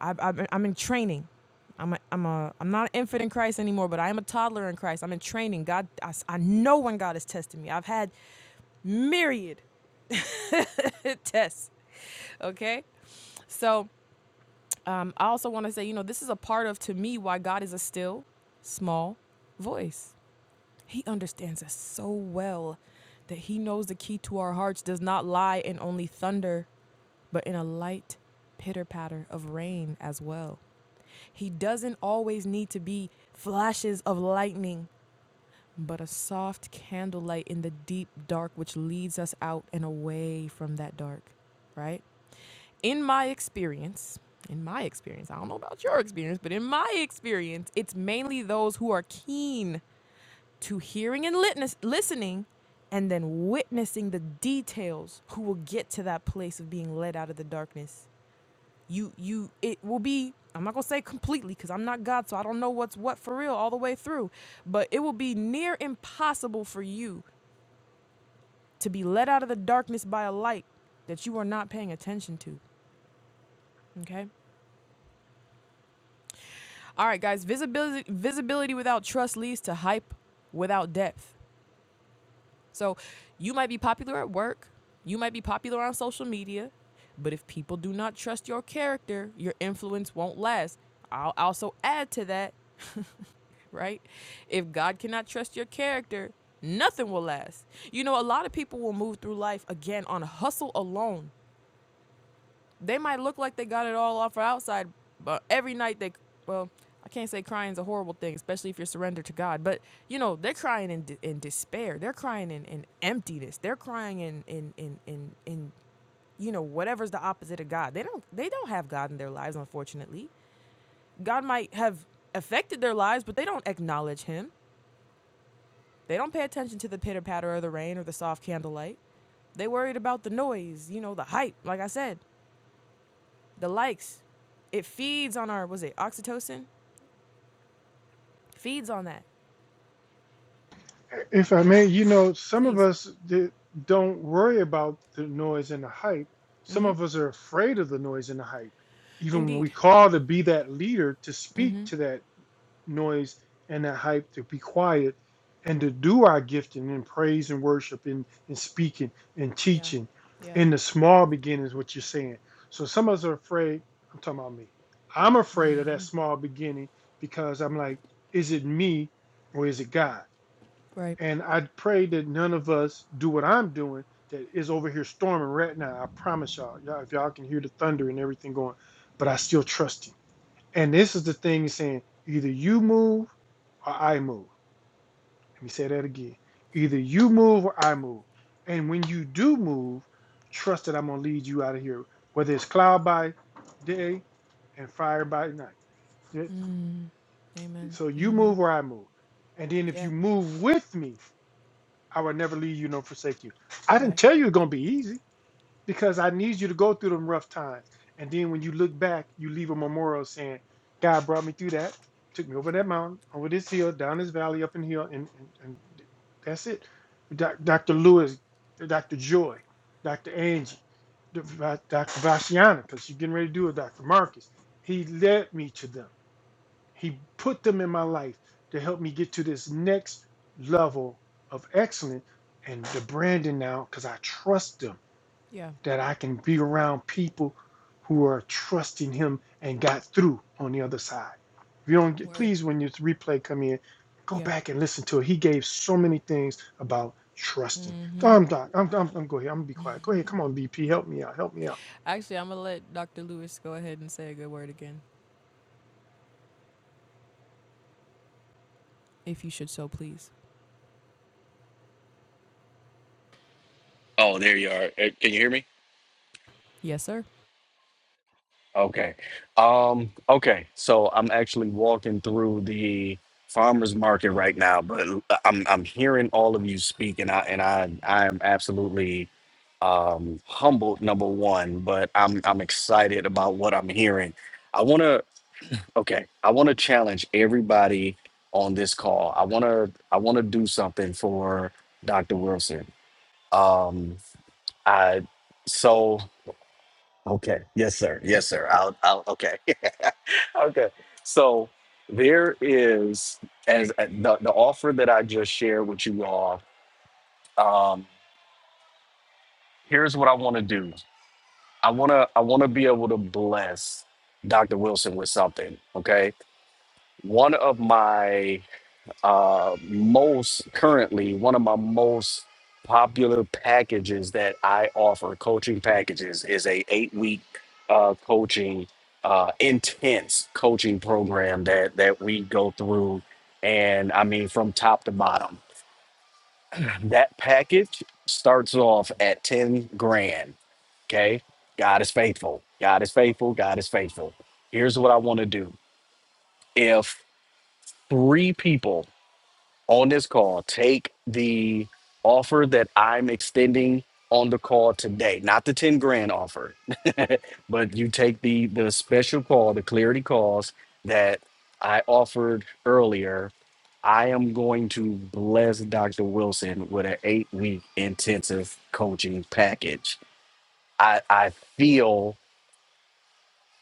Speaker 1: I, I, I'm in training. I'm a, I'm a, I'm not an infant in Christ anymore, but I am a toddler in Christ. I'm in training. God, I, s- I know when God is testing me. I've had myriad (laughs) tests. Okay. So um, I also want to say, you know, this is a part of, to me, why God is a still, small voice. He understands us so well that he knows the key to our hearts does not lie in only thunder, but in a light pitter patter of rain as well. He doesn't always need to be flashes of lightning, but a soft candlelight in the deep dark which leads us out and away from that dark, right? In my experience, in my experience, I don't know about your experience, but in my experience, it's mainly those who are keen to hearing and litness, listening and then witnessing the details who will get to that place of being led out of the darkness you you it will be i'm not going to say completely cuz i'm not god so i don't know what's what for real all the way through but it will be near impossible for you to be led out of the darkness by a light that you are not paying attention to okay all right guys visibility visibility without trust leads to hype without depth So you might be popular at work, you might be popular on social media, but if people do not trust your character, your influence won't last. I'll also add to that, (laughs) right? If God cannot trust your character, nothing will last. You know, a lot of people will move through life again on hustle alone they might look like they got it all off or outside, but every night they, well, I can't say crying is a horrible thing, especially if you're surrendered to God. But you know, they're crying in in despair. They're crying in, in emptiness. They're crying in in in in in you know whatever's the opposite of God. They don't they don't have God in their lives, unfortunately. God might have affected their lives, but they don't acknowledge Him. They don't pay attention to the pitter patter of the rain or the soft candlelight. They worried about the noise, you know, the hype. Like I said, the likes. It feeds on our was it oxytocin? Feeds on that.
Speaker 2: If I may, you know, some of
Speaker 1: Please.
Speaker 2: us d- don't worry about the noise and the hype. Some of us are afraid of the noise and the hype. Even when we
Speaker 1: Indeed.
Speaker 2: call to be that leader, to speak to that noise and that hype, to be quiet and to do our gifting in praise and worship and, and speaking and
Speaker 1: Yeah.
Speaker 2: teaching
Speaker 1: Yeah.
Speaker 2: in the small beginnings, what you're saying. So some of us are afraid. I'm talking about me. I'm afraid of that small beginning because I'm like, is it me or is it God?
Speaker 1: Right.
Speaker 2: And I pray that none of us do what I'm doing that is over here storming right now. I promise y'all, y'all, if y'all can hear the thunder and everything going, but I still trust him. And this is the thing he's saying either you move or I move. Let me say that again. Either you move or I move. And when you do move, trust that I'm going to lead you out of here, whether it's cloud by day and fire by night. Yeah,
Speaker 1: Amen.
Speaker 2: So you move or I move. And then if
Speaker 1: Yeah.
Speaker 2: you move with me, I will never leave you nor forsake you. I didn't
Speaker 1: Right.
Speaker 2: tell you it's gonna be easy because I need you to go through them rough times. And then when you look back, you leave a memorial saying, God brought me through that, took me over that mountain, over this hill, down this valley, up in here, and, and, and that's it. Doc, Dr. Lewis, Dr. Joy, Dr. Angie, Dr. Vashiana, because you're getting ready to do it, Dr. Marcus. He led me to them. He put them in my life to help me get to this next level of excellence and the branding now because I trust them
Speaker 1: Yeah.
Speaker 2: that I can be around people who are trusting him and got through on the other side. If you don't get,
Speaker 1: Word.
Speaker 2: please, when your replay come in, go
Speaker 1: Yeah.
Speaker 2: back and listen to it. He gave so many things about trusting.
Speaker 1: Mm-hmm.
Speaker 2: I'm Doc. I'm, I'm, I'm go ahead. I'm gonna be quiet. Go ahead. Come on, BP. Help me out. Help me out.
Speaker 1: Actually, I'm gonna let Dr. Lewis go ahead and say a good word again, if you should so please.
Speaker 3: Oh, there you are. Uh, Can you hear me?
Speaker 1: Yes, sir.
Speaker 3: Okay. Um, okay. So I'm actually walking through the farmers market right now, but I'm I'm hearing all of you speak and I and I I am absolutely um humbled number one, but I'm I'm excited about what I'm hearing. I want to okay, I want to challenge everybody on this call. I want to I want to do something for Dr. Wilson. Um I so Okay. Yes, sir. Yes, sir. I'll, I'll okay. (laughs) okay. So there is as uh, the, the offer that I just shared with you all. Um, here's what I want to do. I wanna I wanna be able to bless Dr. Wilson with something. Okay. One of my uh, most currently one of my most popular packages that I offer, coaching packages, is a eight week uh, coaching, uh, intense coaching program that that we go through, and I mean from top to bottom. That package starts off at ten grand. Okay, God is faithful. God is faithful. God is faithful. Here's what I want to do. If three people on this call, take the offer that I'm extending on the call today, not the 10 grand offer, (laughs) but you take the the special call, the clarity calls that I offered earlier. I am going to bless Dr. Wilson with an eight week intensive coaching package. I, I feel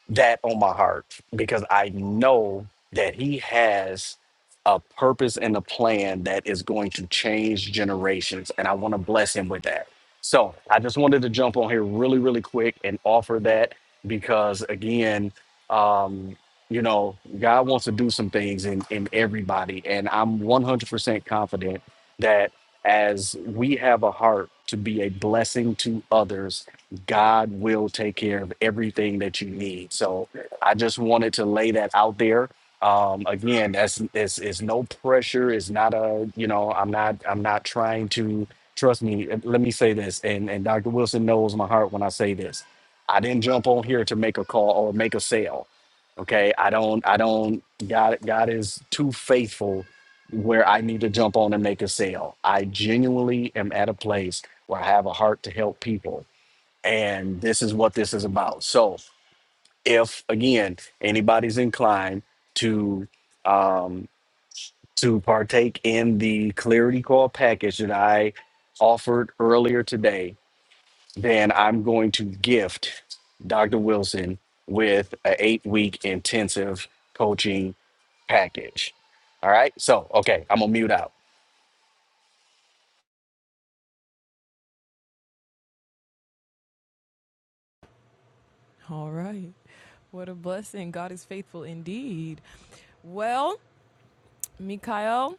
Speaker 3: that on my heart because I know that he has a purpose and a plan that is going to change generations. And I want to bless him with that. So I just wanted to jump on here really, really quick and offer that because, again, um, you know, God wants to do some things in, in everybody. And I'm 100% confident that as we have a heart to be a blessing to others, God will take care of everything that you need. So I just wanted to lay that out there. Um, again, that's it's, it's no pressure. It's not a you know I'm not I'm not trying to trust me. uh, Let me say this, and and Dr. Wilson knows my heart when I say this. I didn't jump on here to make a call or make a sale. Okay, I don't I don't God God is too faithful where I need to jump on and make a sale. I genuinely am at a place where I have a heart to help people and this is what this is about. So, if again anybody's inclined to um, to partake in the Clarity Call package that I offered earlier today, then I'm going to gift Dr. Wilson with an eight week intensive coaching package. All right. So, okay, I'm gonna mute out.
Speaker 1: All right. What a blessing. God is faithful indeed. Well, Mikhail,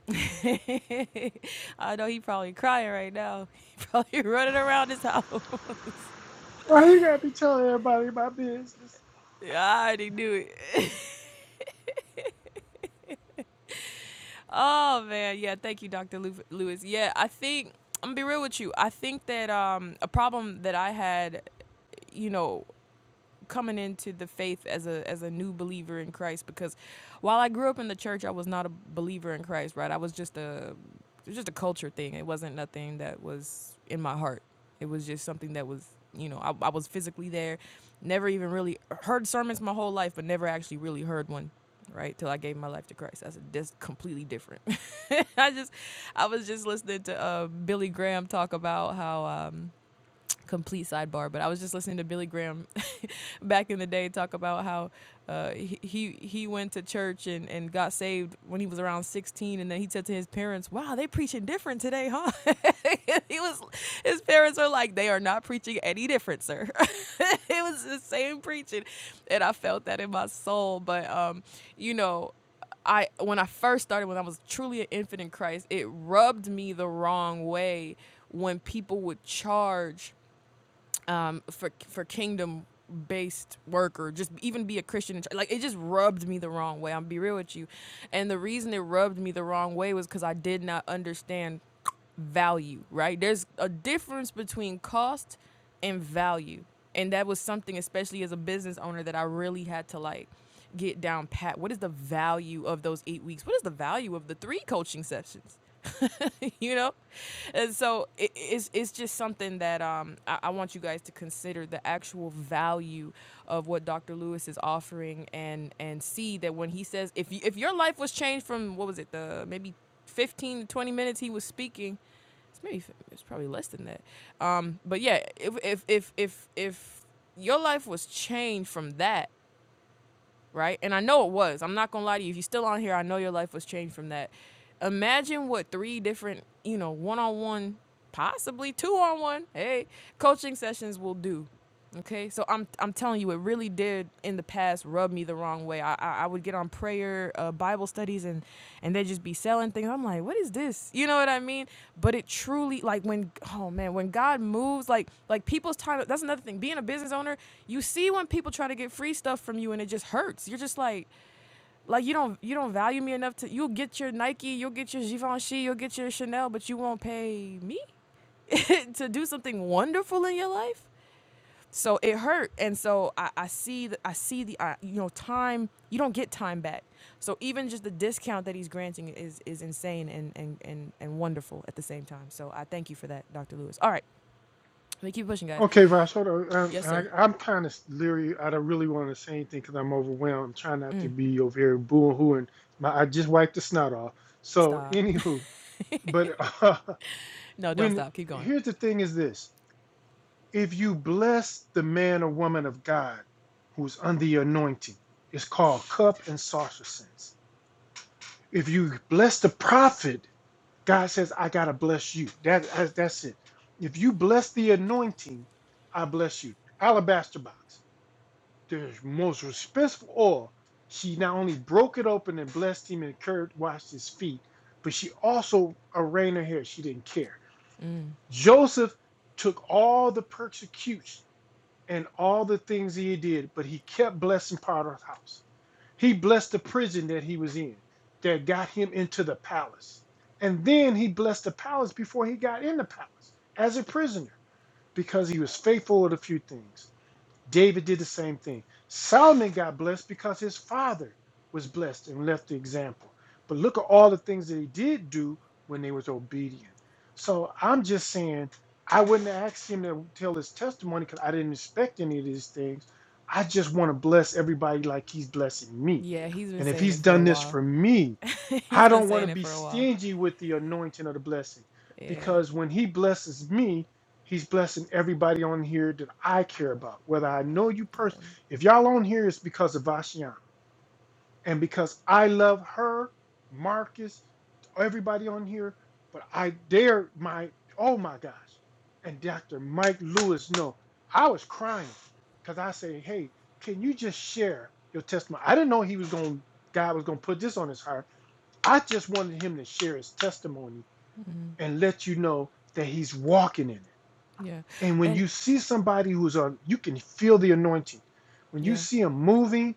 Speaker 1: (laughs) I know he probably crying right now. (laughs) He probably running around his house. (laughs)
Speaker 2: Why you gotta be telling everybody my business?
Speaker 1: Yeah, I already knew it. (laughs) oh man, yeah. Thank you, Dr. Lew- Lewis. Yeah, I think I'm gonna be real with you. I think that um, a problem that I had, you know, coming into the faith as a as a new believer in Christ because while I grew up in the church, I was not a believer in Christ, right? I was just a it was just a culture thing. It wasn't nothing that was in my heart. It was just something that was, you know, I, I was physically there. Never even really heard sermons my whole life, but never actually really heard one, right? Till I gave my life to Christ. That's, that's completely different. (laughs) I just, I was just listening to uh, Billy Graham talk about how um, complete sidebar, but I was just listening to Billy Graham (laughs) back in the day talk about how uh, he he- went to church and, and got saved when he was around 16, and then he said to his parents, "Wow, they preaching different today, huh?" (laughs) he was his parents are like, "They are not preaching any different, sir." (laughs) it was the same preaching, and I felt that in my soul. But um, you know, I when I first started, when I was truly an infant in Christ, it rubbed me the wrong way when people would charge um, for for kingdom based work or just even be a Christian. in church. Like it just rubbed me the wrong way. I'm be real with you, and the reason it rubbed me the wrong way was because I did not understand value. Right? There's a difference between cost and value and that was something especially as a business owner that i really had to like get down pat what is the value of those eight weeks what is the value of the three coaching sessions (laughs) you know and so it, it's, it's just something that um, I, I want you guys to consider the actual value of what dr lewis is offering and and see that when he says if, you, if your life was changed from what was it the maybe 15 to 20 minutes he was speaking it's maybe it's probably less than that. Um, but yeah, if if if if if your life was changed from that, right? And I know it was. I'm not gonna lie to you. If you're still on here, I know your life was changed from that. Imagine what three different, you know, one-on-one, possibly two-on-one, hey, coaching sessions will do. Okay, so I'm I'm telling you, it really did in the past rub me the wrong way. I, I would get on prayer, uh, Bible studies, and and they just be selling things. I'm like, what is this? You know what I mean? But it truly, like when, oh man, when God moves, like like people's time. That's another thing. Being a business owner, you see when people try to get free stuff from you, and it just hurts. You're just like, like you don't you don't value me enough to. You'll get your Nike, you'll get your Givenchy, you'll get your Chanel, but you won't pay me (laughs) to do something wonderful in your life so it hurt and so i, I see the, i see the I, you know time you don't get time back so even just the discount that he's granting is is insane and and and, and wonderful at the same time so i thank you for that dr lewis all right let me keep pushing guys
Speaker 2: Okay, Ross, hold on. Um,
Speaker 1: yes
Speaker 2: I,
Speaker 1: sir
Speaker 2: I'm kind of leery. I don't really want to say anything because I'm overwhelmed. I'm trying not to be over here booing hooing. My, I just wiped the snot off. So,
Speaker 1: stop
Speaker 2: anywho, but (laughs) uh,
Speaker 1: (laughs) no don't
Speaker 2: when
Speaker 1: stop keep going
Speaker 2: here's the thing is this if you bless the man or woman of God who's under your anointing, it's called cup and saucer sense. If you bless the prophet, God says, I got to bless you. That, that's that's it. If you bless the anointing, I bless you. Alabaster box. the most respectful oil. She not only broke it open and blessed him and cured, washed his feet, but she also arranged her hair. She didn't care.
Speaker 1: mm.
Speaker 2: Joseph took all the persecution and all the things he did, but he kept blessing Potter's house. He blessed the prison that he was in that got him into the palace. And then he blessed the palace before he got in the palace as a prisoner because he was faithful with a few things. David did the same thing. Solomon got blessed because his father was blessed and left the example. But look at all the things that he did do when they was obedient. So I'm just saying I wouldn't ask him to tell his testimony because I didn't expect any of these things. I just want to bless everybody like he's blessing me.
Speaker 1: yeah he's been
Speaker 2: And if
Speaker 1: saying
Speaker 2: he's
Speaker 1: it for
Speaker 2: done
Speaker 1: a
Speaker 2: this
Speaker 1: while
Speaker 2: for me,
Speaker 1: (laughs)
Speaker 2: I
Speaker 1: he's been
Speaker 2: don't want to
Speaker 1: saying it
Speaker 2: be
Speaker 1: for a while
Speaker 2: stingy with the anointing of the blessing
Speaker 1: yeah
Speaker 2: because when he blesses me, He's blessing everybody on here that I care about, whether I know you
Speaker 1: yeah
Speaker 2: personally. If y'all on here, it's because of Vashian and because I love her, Marcus, everybody on here. But I dare my, oh my gosh. And Dr. Mike Lewis, no, I was crying because I say, hey, can you just share your testimony? I didn't know he was going, God was going to put this on his heart. I just wanted him to share his testimony
Speaker 1: hmm
Speaker 2: and let you know that he's walking in it
Speaker 1: yeah
Speaker 2: and when
Speaker 1: and
Speaker 2: you see somebody who's on, you can feel the anointing. When you
Speaker 1: yeah
Speaker 2: see them moving,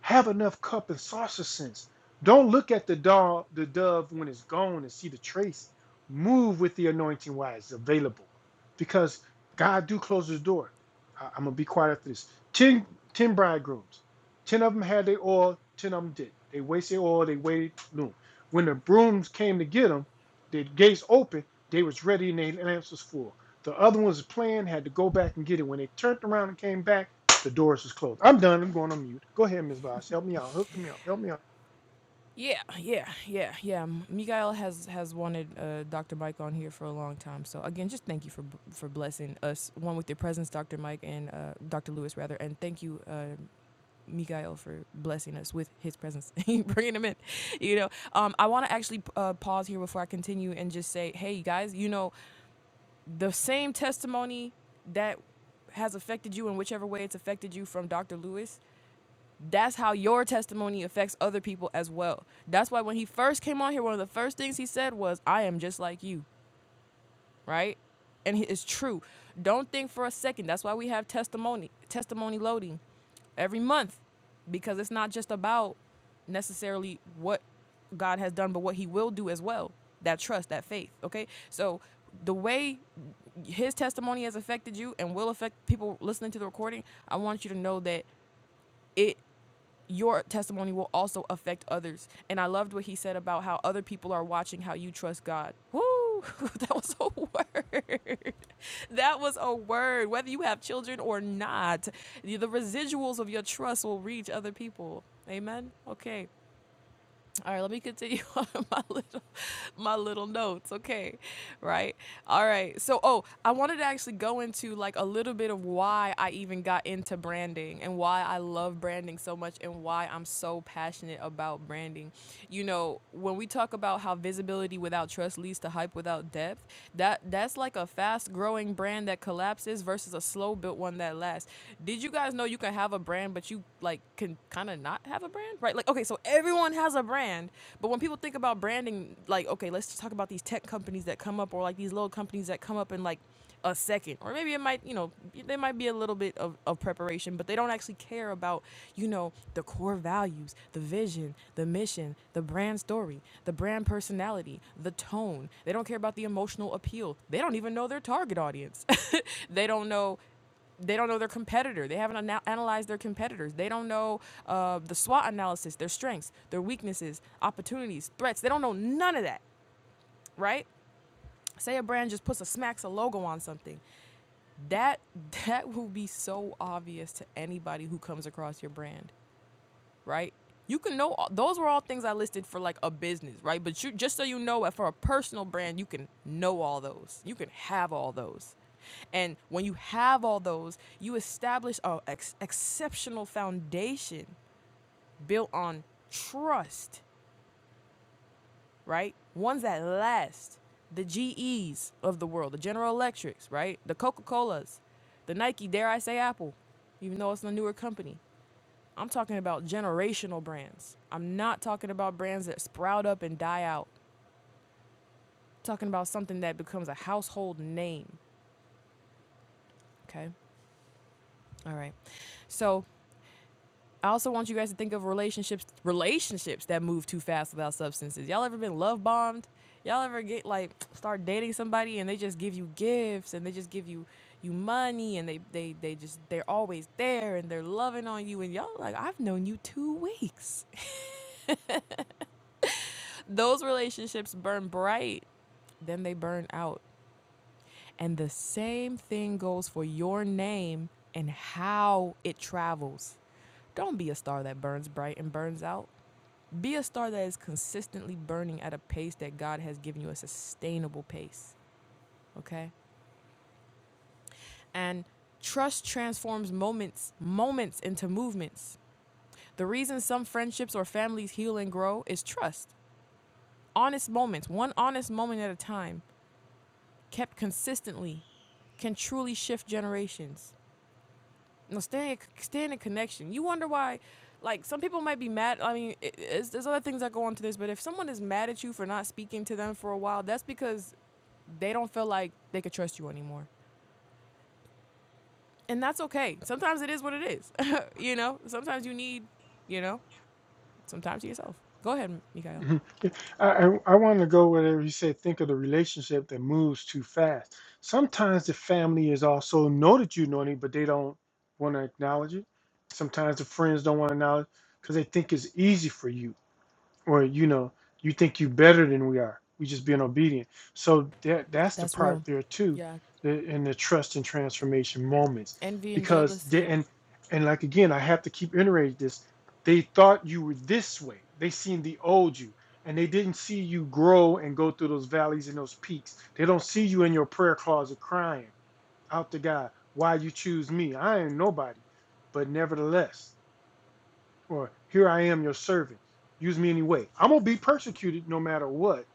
Speaker 2: have enough cup and saucer sense. Don't look at the dove, the dove when it's gone and see the trace. Move with the anointing while it's available, because God do close His door. I, am gonna be quiet after this. Ten, ten bridegrooms, ten of them had their oil, ten of them didn't. They wasted oil. They waited noon. When the brooms came to get them, the gates open. They was ready and their lamps was full. The other ones playing, had to go back and get it. When they turned around and came back the doors is closed. I'm done. I'm going on mute. Go ahead, Ms. Voss. Help me out. Hook me out. Help me out.
Speaker 1: Yeah, yeah, yeah, yeah. M- Miguel has has wanted uh, Dr. Mike on here for a long time. So again, just thank you for b- for blessing us one with your presence, Dr. Mike and uh, Dr. Lewis rather, and thank you, uh, Miguel, for blessing us with his presence, (laughs) bringing him in. You know, um, I want to actually uh, pause here before I continue and just say, hey guys, you know, the same testimony that has affected you in whichever way it's affected you from Dr. Lewis that's how your testimony affects other people as well. That's why when he first came on here, one of the first things he said was, I am just like you, right? And it's true. Don't think for a second. That's why we have testimony, testimony loading every month, because it's not just about necessarily what God has done, but what he will do as well. That trust, that faith, okay? So the way his testimony has affected you and will affect people listening to the recording, I want you to know that it your testimony will also affect others. And I loved what he said about how other people are watching how you trust God. Woo! (laughs) That was a word. (laughs) That was a word. Whether you have children or not, the residuals of your trust will reach other people. Amen. Okay. All right, let me continue (laughs) on my little my little notes. Okay. Right. All right. So oh, I wanted to actually go into like a little bit of why I even got into branding and why I love branding so much and why I'm so passionate about branding. You know, when we talk about how visibility without trust leads to hype without depth, that that's like a fact fast growing brand that collapses versus a slow built one that lasts. Did you guys know you can have a brand but you like can kind of not have a brand? Right? Like okay, so everyone has a brand, but when people think about branding like okay, let's just talk about these tech companies that come up or like these little companies that come up and like a second or maybe it might you know there might be a little bit of, of preparation but they don't actually care about you know the core values the vision the mission the brand story the brand personality the tone they don't care about the emotional appeal they don't even know their target audience (laughs) they don't know they don't know their competitor. They haven't ana- analyzed their competitors. They don't know uh, the SWOT analysis, their strengths, their weaknesses, opportunities, threats. They don't know none of that, right? Say a brand just puts a smacks a logo on something that that will be so obvious to anybody who comes across your brand right you can know those were all things i listed for like a business right but you just so you know for a personal brand you can know all those you can have all those and when you have all those you establish a ex- exceptional foundation built on trust right? Ones that last. The GEs of the world, the General Electrics, right? The Coca Colas, the Nike, dare I say Apple, even though it's a newer company. I'm talking about generational brands. I'm not talking about brands that sprout up and die out. I'm talking about something that becomes a household name, okay? All right. So I also want you guys to think of relationships relationships that move too fast without substances. Y'all ever been love bombed? Y'all ever get like start dating somebody and they just give you gifts and they just give you you money and they they they just they're always there and they're loving on you and y'all like I've known you 2 weeks. (laughs) Those relationships burn bright, then they burn out. And the same thing goes for your name and how it travels. Don't be a star that burns bright and burns out. Be a star that is consistently burning at a pace that God has given you a sustainable pace, okay? And trust transforms moments moments into movements. The reason some friendships or families heal and grow is trust. Honest moments, one honest moment at a time, kept consistently, can truly shift generations. No, stay stay in a connection. You wonder why, like some people might be mad. I mean, it, it's, there's other things that go into this, but if someone is mad at you for not speaking to them for a while, that's because they don't feel like they could trust you anymore. And that's okay. Sometimes it is what it is. (laughs) you know, sometimes you need, you know, sometimes to yourself. Go ahead,
Speaker 2: (laughs)
Speaker 1: Mikael.
Speaker 2: Mhm. I, I, I want to go where you said think of the relationship that moves too fast. Sometimes the family is also know that you know it, but they don't want to acknowledge it. Sometimes the friends don't want to acknowledge because they think it's easy for you or you know you think you better than we are we just being obedient so that that's the
Speaker 1: That's
Speaker 2: part
Speaker 1: real.
Speaker 2: there too
Speaker 1: Yeah.
Speaker 2: the, in the trust and transformation moments
Speaker 1: Envy and
Speaker 2: because they,
Speaker 1: jealousy.
Speaker 2: and and like again i have to keep iterating this they thought you were this way they seen the old you and they didn't see you grow and go through those valleys and those peaks they don't see you in your prayer closet crying out to god why you choose me i ain't nobody but nevertheless or here I am your servant. Use me anyway. I'm gonna be persecuted no matter what,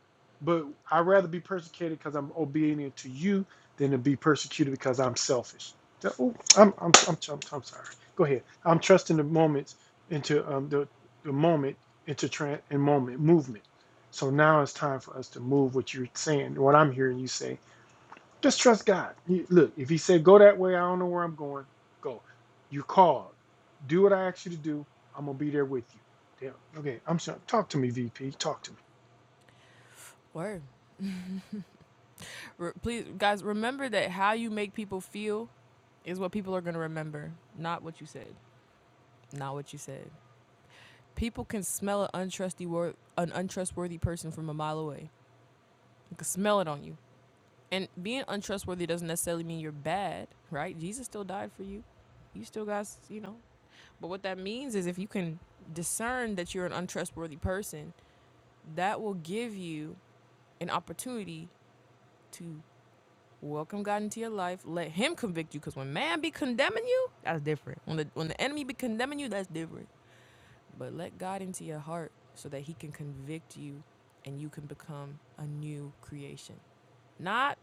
Speaker 2: but I'd rather be persecuted because I'm obedient to you than to be persecuted because I'm selfish. Oh, I'm, I'm, I'm, I'm, I'm sorry. Go ahead. I'm trusting the moments into um, the, the moment into tran and moment movement. So now it's time for us to move what you're saying, what I'm hearing you say just trust God. You- Look, if He said, go that way, I don't know where I'm going, go. You called. Do what I asked you to do. I'm going to be there with you. Damn. Okay, I'm sorry. Talk to me, VP. Talk to me.
Speaker 1: Word. Re- please, guys, remember that how you make people feel is what people are going to remember, not what you said. Not what you said. People can smell an untrusty an untrustworthy person from a mile away. You can smell it on you. And being untrustworthy doesn't necessarily mean you're bad, right? Jesus still died for you. You still got, you know. But what that means is if you can discern that you're an untrustworthy person, that will give you an opportunity to welcome God into your life, let him convict you cuz when man be condemning you, that's different. When the when the enemy be condemning you, that's different. But let God into your heart so that he can convict you and you can become a new creation. Not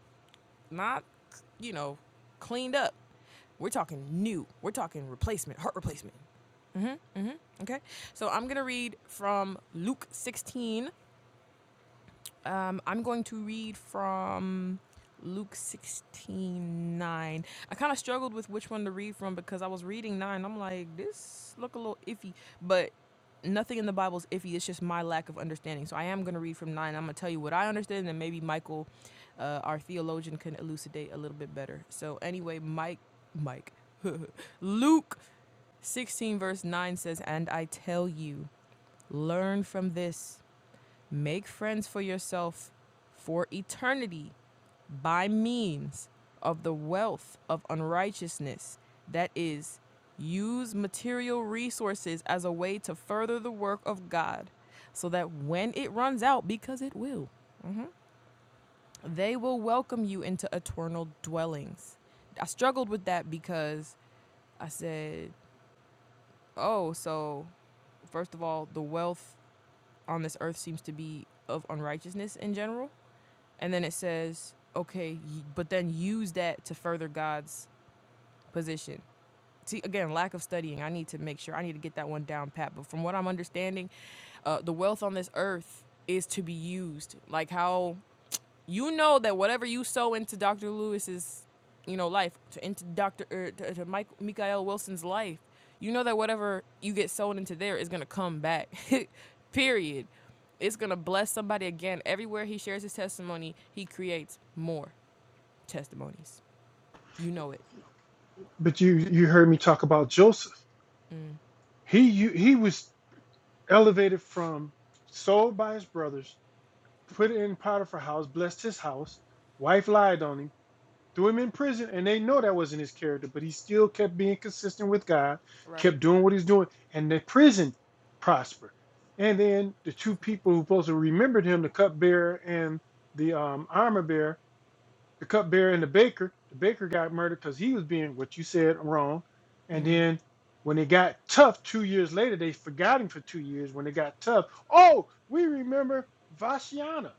Speaker 1: not you know, cleaned up We're talking new. We're talking replacement, heart replacement. hmm hmm Okay. So I'm going to read from Luke 16, um, I'm going to read from Luke 16 9. I kind of struggled with which one to read from because I was reading 9. I'm like, this look a little iffy, but nothing in the Bible is iffy. It's just my lack of understanding. So I am going to read from 9. I'm going to tell you what I understand, and maybe Michael, uh, our theologian, can elucidate a little bit better. So anyway, Mike, Mike, (laughs) Luke 16 verse 9 says, And I tell you, learn from this. Make friends for yourself for eternity by means of the wealth of unrighteousness. That is, use material resources as a way to further the work of God so that when it runs out, because it will, they will welcome you into eternal dwellings. I struggled with that because I said, oh, so first of all, the wealth on this earth seems to be of unrighteousness in general. And then it says, okay, but then use that to further God's position. See, again, lack of studying. I need to make sure, I need to get that one down pat. But from what I'm understanding, uh, the wealth on this earth is to be used. Like how you know that whatever you sow into Dr. Lewis's, you know, life, to into Dr. Er, to, to Mike, Mikael Wilson's life, you know that whatever you get sown into there is gonna come back. (laughs) Period. It's gonna bless somebody again. Everywhere he shares his testimony, he creates more testimonies. You know it.
Speaker 2: But you you heard me talk about Joseph. He you, he was elevated from sold by his brothers, put in Potiphar's house, blessed his house. Wife lied on him threw him in prison, and they know that wasn't his character, but he still kept being consistent with God,
Speaker 1: Right.
Speaker 2: kept doing what he's doing, and the prison prospered. And then the two people who supposed to remembered him, the cupbearer and the um, armor bearer, the cupbearer and the baker, the baker got murdered because he was being what you said wrong. And then when it got tough two years later, they forgot him for two years. When it got tough, oh, we remember Vashiana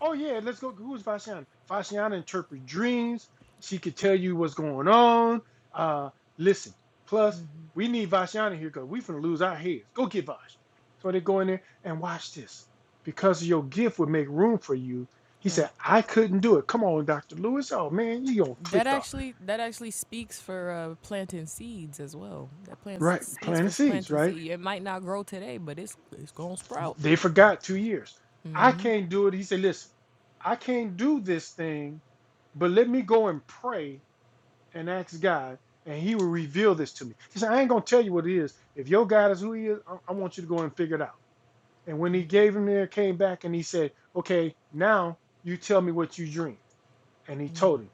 Speaker 2: Oh yeah, let's go. Who's Vashiana? Vashiana interprets dreams. She could tell you what's going on. Uh, listen. Plus, we need Vashiana here because we finna lose our heads. Go get Vash. So they go in there and watch this. Because your gift would make room for you. He
Speaker 1: Right.
Speaker 2: said, I couldn't do it. Come on, Dr. Lewis. Oh man, you gonna
Speaker 1: That
Speaker 2: clicked off.
Speaker 1: actually that actually speaks for uh, planting seeds as well. That plant
Speaker 2: Right,
Speaker 1: speaks
Speaker 2: planting
Speaker 1: for
Speaker 2: seeds,
Speaker 1: planting
Speaker 2: right?
Speaker 1: seed. It might not grow today, but it's it's gonna sprout.
Speaker 2: They forgot two years. I can't do it. He said, Listen, I can't do this thing, but let me go and pray and ask God, and He will reveal this to me. He said, I ain't gonna tell you what it is. If your God is who He is, I, I want you to go and figure it out. And when He gave him there, came back, and He said, Okay, now you tell me what you dream. And He told him,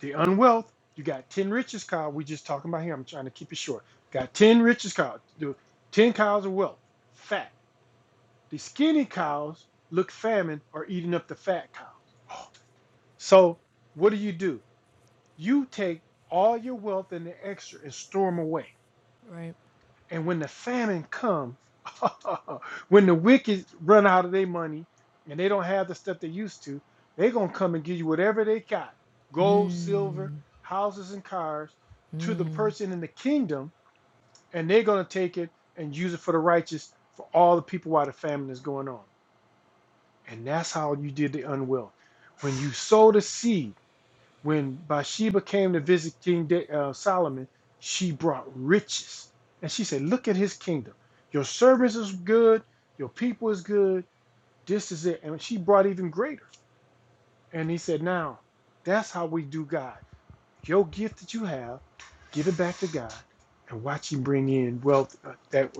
Speaker 2: the unwealth. You got ten riches, Kyle. We just talking about him. I'm trying to keep it short. Got ten riches, Kyle. The ten cows of wealth, fat. The skinny cows look famine are eating up the fat cows. So what do you do? You take all your wealth and the extra and store them away
Speaker 1: Right.
Speaker 2: And when the famine comes, (laughs) when the wicked run out of their money and they don't have the stuff they used to, they're going to come and give you whatever they got gold,
Speaker 1: Mm.
Speaker 2: silver, houses, and cars to the
Speaker 1: Mm,
Speaker 2: person in the kingdom. And they're going to take it and use it for the righteous for all the people while the famine is going on. And that's how you did the unwealth. When you sow the seed, when Bathsheba came to visit King Da- uh, Solomon, she brought riches. And she said, Look at his kingdom. Your servants is good. Your people is good. This is it. And she brought even greater. And he said, Now, that's how we do God. Your gift that you have, give it back to God and watch him bring in wealth uh, that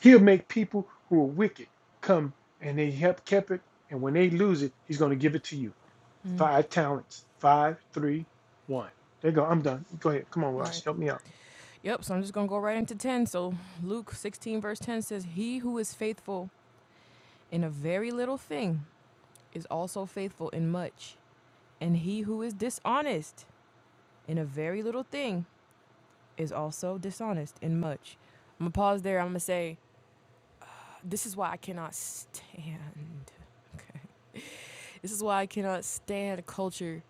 Speaker 2: he'll make people who are wicked come and they help keep it. And when they lose it, he's going to give it to you. Five talents. Five, three, one. There you go. I'm done. Go ahead. Come on, Ross.
Speaker 1: right.
Speaker 2: Help me out.
Speaker 1: Yep. So I'm just going to go right into 10. So Luke 16, verse 10 says, He who is faithful in a very little thing is also faithful in much. And he who is dishonest in a very little thing is also dishonest in much. I'm going to pause there. I'm going to say, This is why I cannot stand. Okay. This is why I cannot stand culture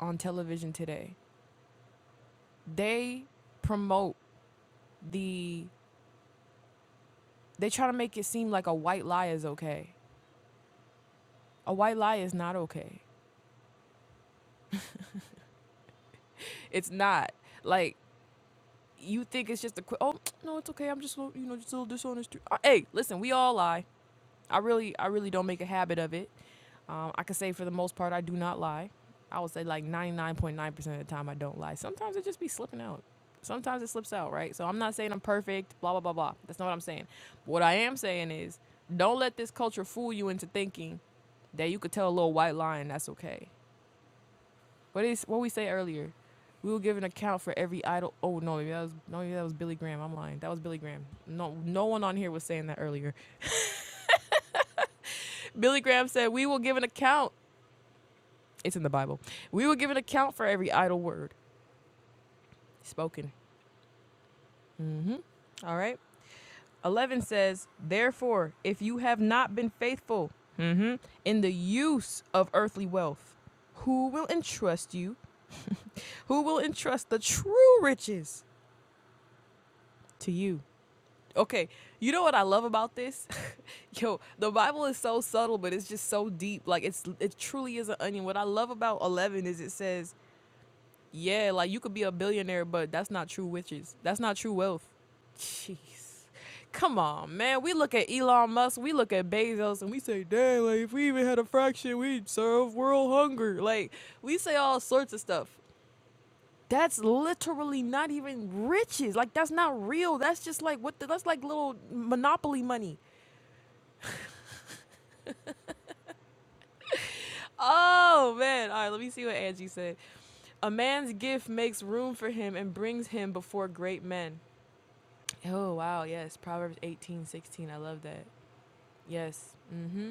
Speaker 1: on television today. They promote the, they try to make it seem like a white lie is okay A white lie is not okay. It's not like you think it's just a quick. Oh no, it's okay. I'm just a little, you know just a little dishonest. Uh, Hey, listen, we all lie. I really I really don't make a habit of it. Um, I can say for the most part I do not lie. I would say like 99.9% of the time I don't lie. Sometimes it just be slipping out. Sometimes it slips out, right? So I'm not saying I'm perfect, blah blah blah blah. That's not what I'm saying. What I am saying is don't let this culture fool you into thinking that you could tell a little white lie and that's okay. What is what we say earlier? We will give an account for every idol. Oh no, maybe that was no, maybe that was Billy Graham. I'm lying. That was Billy Graham. No, no one on here was saying that earlier. (laughs) Billy Graham said, "We will give an account." It's in the Bible. We will give an account for every idle word spoken. All right. Eleven says, "Therefore, if you have not been faithful mhm, in the use of earthly wealth, who will entrust you? Who will entrust the true riches to you?" Okay, you know what I love about this? (laughs) Yo, the Bible is so subtle, but it's just so deep. Like it's it truly is an onion. What I love about 11 is it says, "Yeah, like you could be a billionaire, but that's not true riches. That's not true wealth." Jeez. Come on, man. We look at Elon Musk, we look at Bezos, and we say, dang, like, if we even had a fraction, we'd serve world hunger. Like, we say all sorts of stuff. That's literally not even riches. Like that's not real. That's just like what the, that's like little monopoly money. Oh man. All right, let me see what Angie said. A man's gift makes room for him and brings him before great men. Oh wow, yes. Proverbs 18 16. I love that. Yes. Mm-hmm.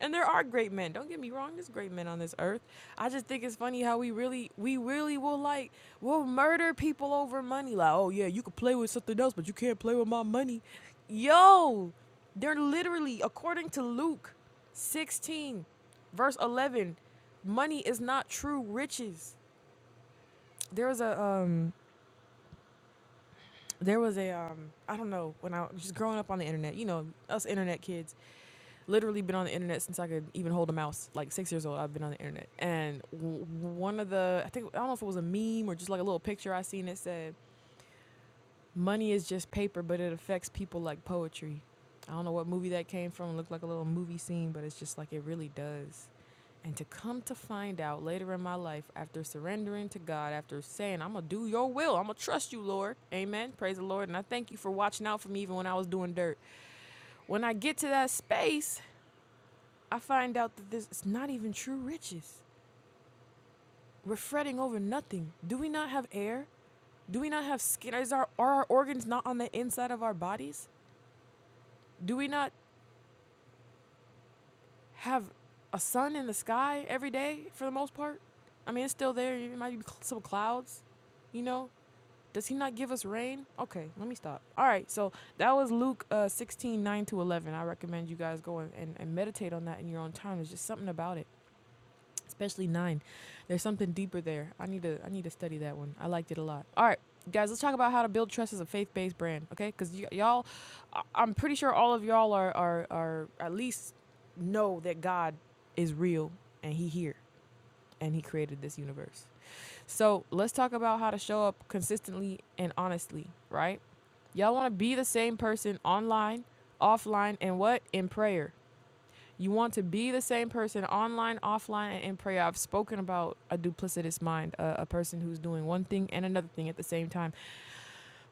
Speaker 1: And there are great men. Don't get me wrong, there's great men on this earth. I just think it's funny how we really we really will like we'll murder people over money. Like, oh yeah, you could play with something else, but you can't play with my money. Yo, they're literally, according to Luke 16, verse 11, money is not true riches. There was a um there was a um I don't know when I was just growing up on the internet, you know, us internet kids. literally been on the internet since I could even hold a mouse. Like six years old, I've been on the internet. And w- one of the, I think, I don't know if it was a meme or just like a little picture I seen that said, money is just paper, but it affects people like poetry. I don't know what movie that came from. It looked like a little movie scene, but it's just like it really does. And to come to find out later in my life, after surrendering to God, after saying, I'm going to do your will, I'm going to trust you, Lord. Amen. Praise the Lord. And I thank you for watching out for me even when I was doing dirt. When I get to that space, I find out that this is not even true riches. We're fretting over nothing. Do we not have air? Do we not have skin? Is our, are our organs not on the inside of our bodies? Do we not have a sun in the sky every day for the most part? I mean, it's still there. It might be some clouds, you know? Does he not give us rain? Okay, let me stop. All right, so that was Luke uh, 16, nine to 11. I recommend you guys go and, and, and meditate on that in your own time. There's just something about it. especially nine. There's something deeper there. I need to I need to study that one. I liked it a lot. All right, guys, let's talk about how to build trust as a faith-based brand, okay? Because y- y'all, I- I'm pretty sure all of y'all are are are at least know that God is real and He here and He created this universe. So let's talk about how to show up consistently and honestly, right? Y'all want to be the same person online, offline, and what in prayer. You want to be the same person online, offline, and in prayer. I've spoken about a duplicitous mind, a, a person who's doing one thing and another thing at the same time.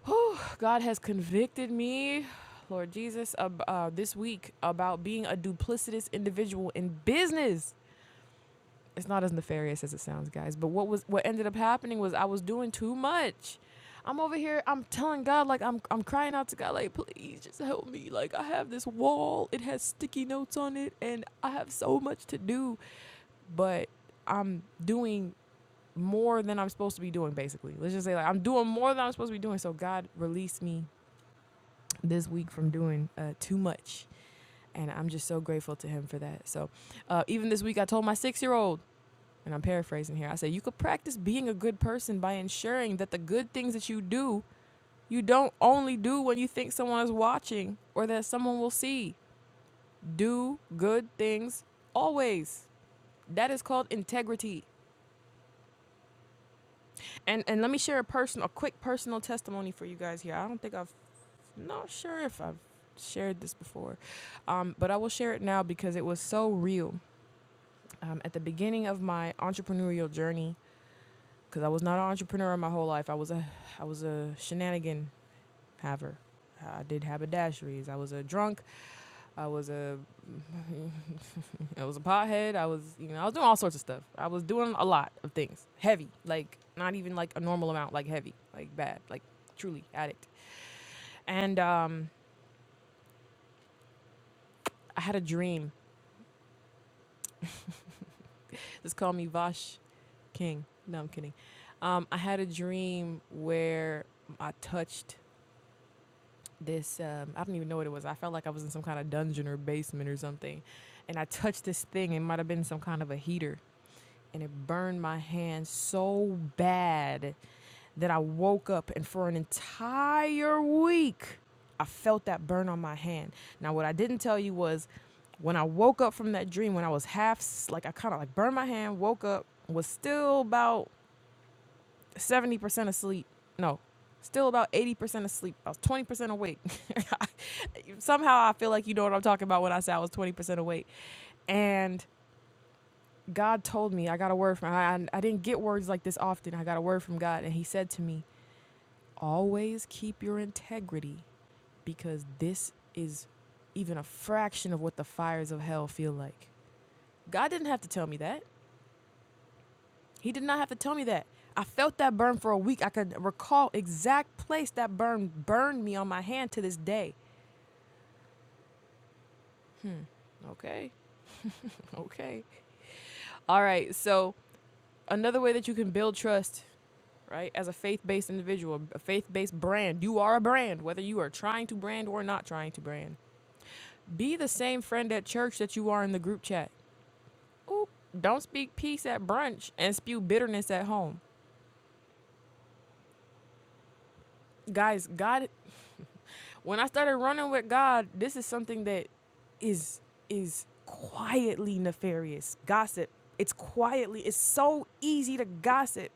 Speaker 1: Whew, God has convicted me, Lord Jesus, ab- uh, this week about being a duplicitous individual in business it's not as nefarious as it sounds, guys. But what was what ended up happening was I was doing too much. I'm over here. I'm telling God, like I'm I'm crying out to God, like please just help me. Like I have this wall. It has sticky notes on it, and I have so much to do. But I'm doing more than I'm supposed to be doing. Basically, let's just say like I'm doing more than I'm supposed to be doing. So God released me this week from doing uh, too much, and I'm just so grateful to Him for that. So uh, even this week, I told my six year old and I'm paraphrasing here. I said, you could practice being a good person by ensuring that the good things that you do, you don't only do when you think someone is watching or that someone will see. Do good things always. That is called integrity. And and let me share a personal, a quick personal testimony for you guys here. I don't think I've, not sure if I've shared this before, um, but I will share it now because it was so real. Um, at the beginning of my entrepreneurial journey, because I was not an entrepreneur my whole life. I was a I was a shenanigan haver. I did haberdasheries. I was a drunk. I was a (laughs) I was a pothead. I was you know I was doing all sorts of stuff. I was doing a lot of things. Heavy, like not even like a normal amount, like heavy, like bad, like truly addict. And um, I had a dream. Just call me Vash King. No, I'm kidding. Um, I had a dream where I touched this um, I don't even know what it was. I felt like I was in some kind of dungeon or basement or something, and I touched this thing. It might have been some kind of a heater, and it burned my hand so bad that I woke up and for an entire week I felt that burn on my hand. Now, what I didn't tell you was when I woke up from that dream, when I was half like I kind of like burned my hand, woke up, was still about seventy percent asleep. No, still about eighty percent asleep. I was twenty percent awake. (laughs) Somehow I feel like you know what I'm talking about when I say I was twenty percent awake. And God told me I got a word from I, I didn't get words like this often. I got a word from God, and He said to me, "Always keep your integrity, because this is even a fraction of what the fires of hell feel like." God didn't have to tell me that. He did not have to tell me that. I felt that burn for a week. I could recall exact place that burn burned me on my hand to this day. Okay. Okay. All right. So, another way that you can build trust, right? As a faith-based individual, a faith-based brand. You are a brand whether you are trying to brand or not trying to brand. Be the same friend at church that you are in the group chat. Oop, don't speak peace at brunch and spew bitterness at home. Guys, God When I started running with God, this is something that is is quietly nefarious. Gossip. It's quietly. It's so easy to gossip.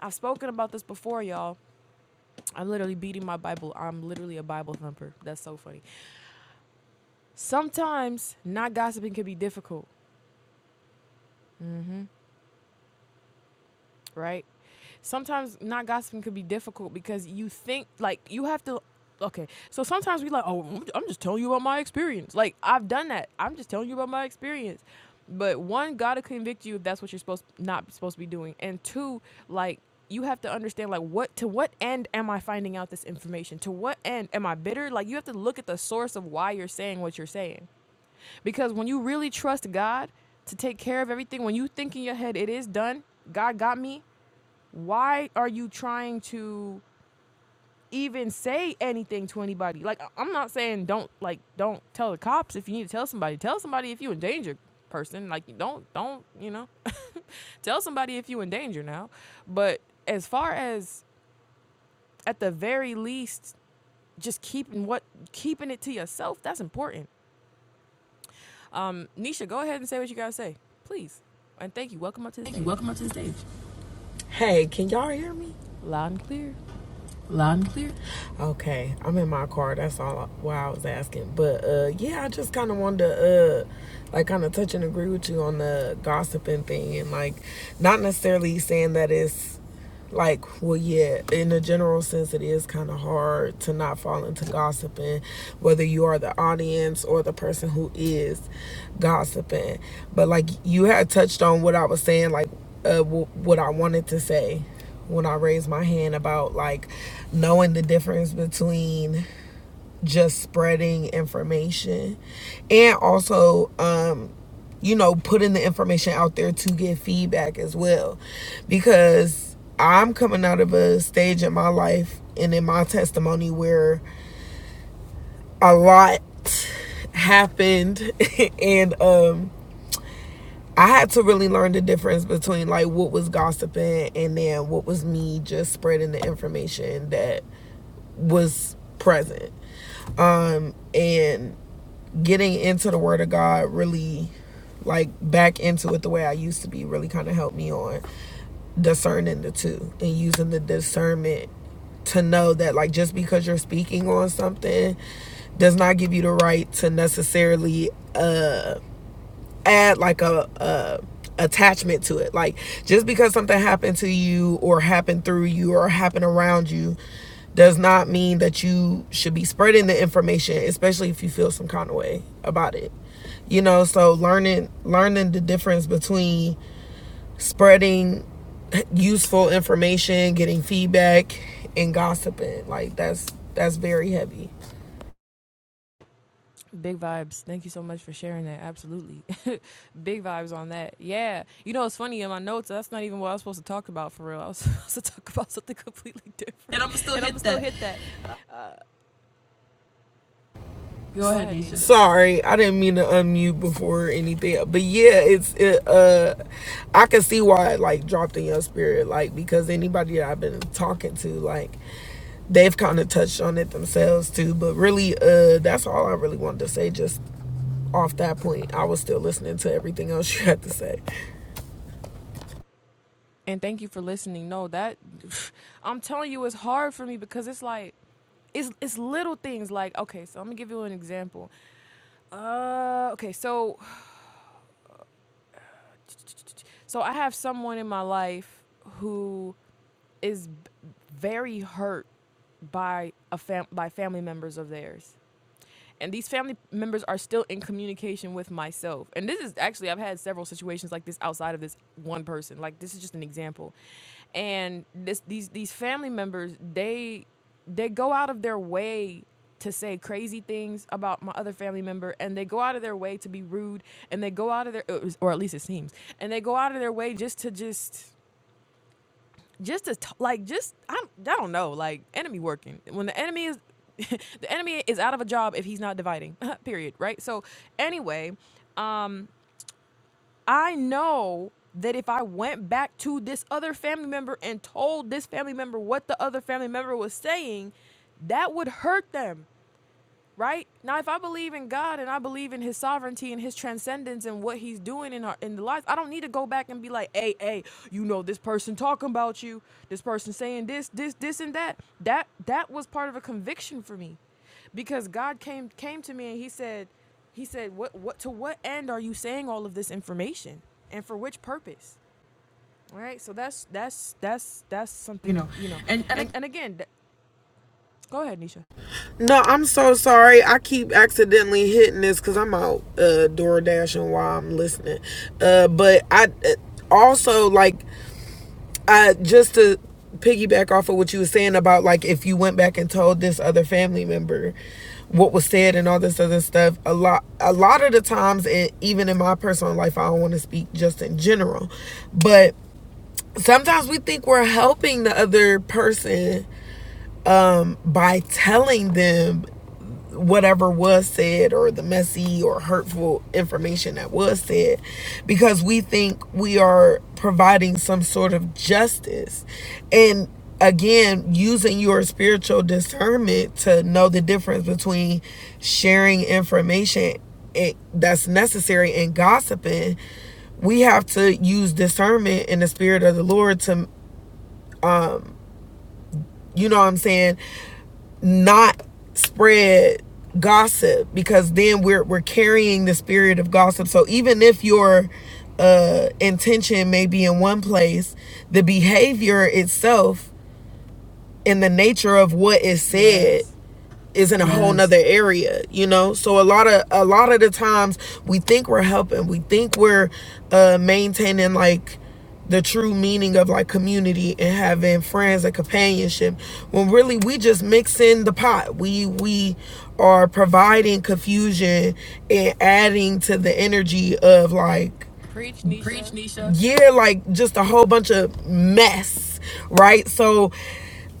Speaker 1: I've spoken about this before, y'all. I'm literally beating my Bible. I'm literally a Bible thumper. That's so funny. Sometimes not gossiping can be difficult. right? Sometimes not gossiping could be difficult because you think like you have to. Okay, so sometimes we like, oh, I'm- I'm just telling you about my experience. Like I've done that. I'm just telling you about my experience. But one, gotta convict you if that's what you're supposed not supposed to be doing, and two, like you have to understand like what to what end am I finding out this information? To what end am I bitter? Like you have to look at the source of why you're saying what you're saying. Because when you really trust God to take care of everything, when you think in your head it is done, God got me, why are you trying to even say anything to anybody? Like I- am not saying don't like don't tell the cops if you need to tell somebody. Tell somebody if you in danger, person. Like don't don't, you know. (laughs) tell somebody if you in danger now. But as far as at the very least just keeping what keeping it to yourself, that's important. Um Nisha, go ahead and say what you got to say. Please. And thank you. Welcome up to the
Speaker 4: Thank you.
Speaker 1: stage.
Speaker 4: Welcome up to the stage. Hey, can y'all hear me?
Speaker 1: Loud and clear.
Speaker 4: Loud and clear. Okay, I'm in my car. That's all why I was asking. But uh, yeah, I just kind of wanted to uh, like kind of touch and agree with you on the gossiping thing, and like not necessarily saying that it's like well yeah in a general sense it is kind of hard to not fall into gossiping whether you are the audience or the person who is gossiping but like you had touched on what i was saying like uh, w- what i wanted to say when I raised my hand about like knowing the difference between just spreading information and also um you know putting the information out there to get feedback as well because I'm coming out of a stage in my life and in my testimony where a lot happened (laughs) and um I had to really learn the difference between like what was gossiping and then what was me just spreading the information that was present. Um and getting into the word of God really like back into it the way I used to be really kind of helped me on discerning the two and using the discernment to know that like just because you're speaking on something does not give you the right to necessarily uh add like a, a attachment to it. Like just because something happened to you or happened through you or happened around you does not mean that you should be spreading the information, especially if you feel some kind of way about it. You know, so learning learning the difference between spreading useful information, getting feedback and gossiping. Like that's that's very heavy.
Speaker 1: Big vibes. Thank you so much for sharing that. Absolutely. (laughs) Big vibes on that. Yeah. You know, it's funny in my notes, that's not even what I was supposed to talk about for real. I was (laughs) supposed to talk about something (laughs) completely different.
Speaker 4: And I'm gonna still
Speaker 1: And I'm going to
Speaker 4: hit
Speaker 1: still
Speaker 4: that.
Speaker 1: hit that. Uh,
Speaker 4: Go
Speaker 1: go
Speaker 4: ahead,
Speaker 1: ahead,
Speaker 4: Nisha.
Speaker 1: Nisha.
Speaker 4: Sorry, I didn't mean to unmute before or anything. But yeah, it's it, uh I can see why it like dropped in your spirit, like because anybody that I've been talking to, like they've kind of touched on it themselves too. But really, uh that's all I really wanted to say just off that point. I was still listening to everything else (laughs) you had to say.
Speaker 1: And thank you for listening. No, that, (sighs) I'm telling you, it's hard for me because it's like, it's, it's little things like okay so i'm gonna give you an example uh okay so (sighs) so i have someone in my life who is very hurt by a fam- by family members of theirs and these family members are still in communication with myself and this is actually i've had several situations like this outside of this one person like this is just an example and this these these family members they they go out of their way to say crazy things about my other family member and they go out of their way to be rude and they go out of their or at least it seems and they go out of their way just to just just to t- like just I'm, I don't know like enemy working when the enemy is (laughs) the enemy is out of a job if he's not dividing (laughs) period right so anyway um I know that if I went back to this other family member and told this family member what the other family member was saying that would hurt them right? Now, if I believe in God and I believe in His sovereignty and His transcendence and what He's doing in our in the lives, I don't need to go back and be like, "Hey, hey, you know this person talking about you, this person saying this, this, this, and that." That that was part of a conviction for me, because God came came to me and He said, He said, "What what to what end are you saying all of this information, and for which purpose?" All Right? So that's that's that's that's
Speaker 4: You
Speaker 1: something
Speaker 4: know,
Speaker 1: you know,
Speaker 4: and and
Speaker 1: and and again, th- go ahead, Nisha.
Speaker 4: No, I'm so sorry. I keep accidentally hitting this because I'm out uh, door while I'm listening. Uh, but I uh, also like I just to piggyback off of what you were saying about like if you went back and told this other family member what was said and all this other stuff. A lot, a lot of the times, and even in my personal life, I don't want to speak just in general, but sometimes we think we're helping the other person by telling them whatever was said or the messy or hurtful information that was said because we think we are providing some sort of justice and again using your spiritual discernment to know the difference between sharing information eh, that's necessary and gossiping we have to use discernment in the spirit of the lord to you know what i'm saying not spread gossip because then we're we're carrying the spirit of gossip. So even if your uh intention may be in one place, the behavior itself and the nature of what is said
Speaker 1: Yes,
Speaker 4: is in a yes. whole nother area you know so a lot of a lot of the times we think we're helping we think we're uh maintaining like the true meaning of like community and having friends and companionship when really we just mix in the pot we we are providing confusion and adding to the energy of like
Speaker 1: preach,
Speaker 4: preach,
Speaker 1: Nisha.
Speaker 4: Nisha. yeah like just a whole bunch of mess right so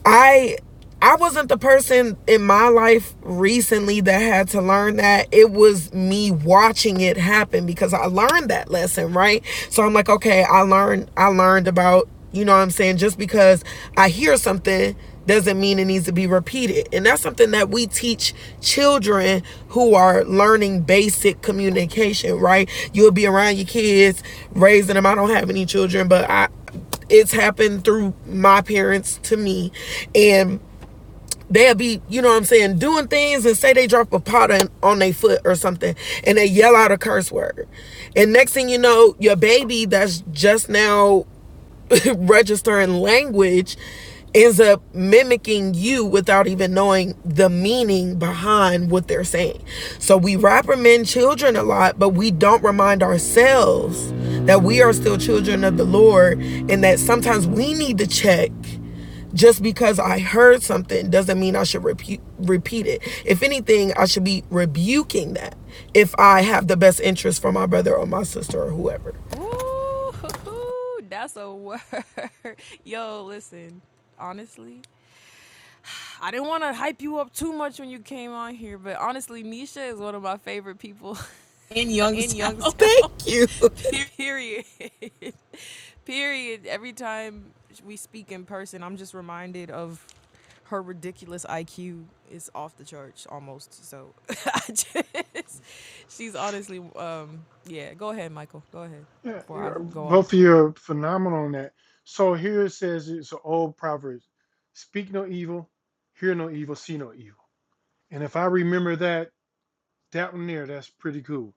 Speaker 4: I I wasn't the person in my life recently that had to learn that. It was me watching it happen because I learned that lesson, right? So I'm like, okay, I learned I learned about, you know what I'm saying, just because I hear something doesn't mean it needs to be repeated. And that's something that we teach children who are learning basic communication, right? You'll be around your kids, raising them. I don't have any children, but I it's happened through my parents to me and they'll be you know what i'm saying doing things and say they drop a pot on, on their foot or something and they yell out a curse word and next thing you know your baby that's just now (laughs) registering language ends up mimicking you without even knowing the meaning behind what they're saying. So we reprimand children a lot, but we don't remind ourselves that we are still children of the Lord and that sometimes we need to check just because I heard something doesn't mean I should repeat repeat it. If anything, I should be rebuking that if I have the best interest for my brother or my sister or whoever.
Speaker 1: Woo hoo hoo. That's a word. (laughs) Yo, listen. Honestly, I didn't want to hype you up too much when you came on here, but honestly, Nisha is one of my favorite people
Speaker 4: in
Speaker 1: (laughs) in
Speaker 4: Youngstown.
Speaker 1: Youngstown.
Speaker 4: Thank
Speaker 1: (laughs)
Speaker 4: you. (laughs)
Speaker 1: Period. (laughs) Period. Every time we speak in person, I'm just reminded of her ridiculous IQ is off the charts almost. So (laughs) I just, she's honestly, um, yeah. Go ahead, Michael. Go ahead
Speaker 2: Yeah,
Speaker 1: before I
Speaker 2: you're,
Speaker 1: go off.
Speaker 2: both of you are phenomenal in that. So here it says it's an old proverb: "Speak no evil, hear no evil, see no evil." And if I remember that, that one there, that's pretty cool.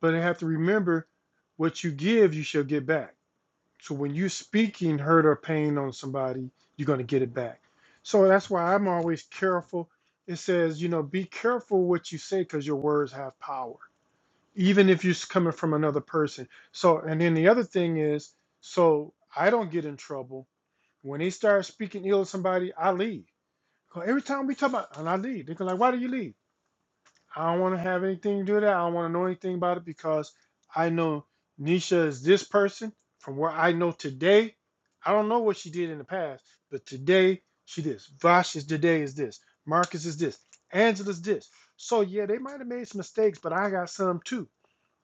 Speaker 2: But I have to remember, what you give, you shall get back. So when you're speaking hurt or pain on somebody, you're going to get it back. So that's why I'm always careful. It says, you know, be careful what you say because your words have power, even if you're coming from another person. So, and then the other thing is, so I don't get in trouble. When they start speaking ill of somebody, I leave. 'Cause every time we talk about, and I leave, they're like, why do you leave? I don't want to have anything to do with that. I don't want to know anything about it because I know Nisha is this person. From where I know today, I don't know what she did in the past, but today she this. Vash is today is this. Marcus is this. Angela's this. So yeah, they might have made some mistakes, but I got some too.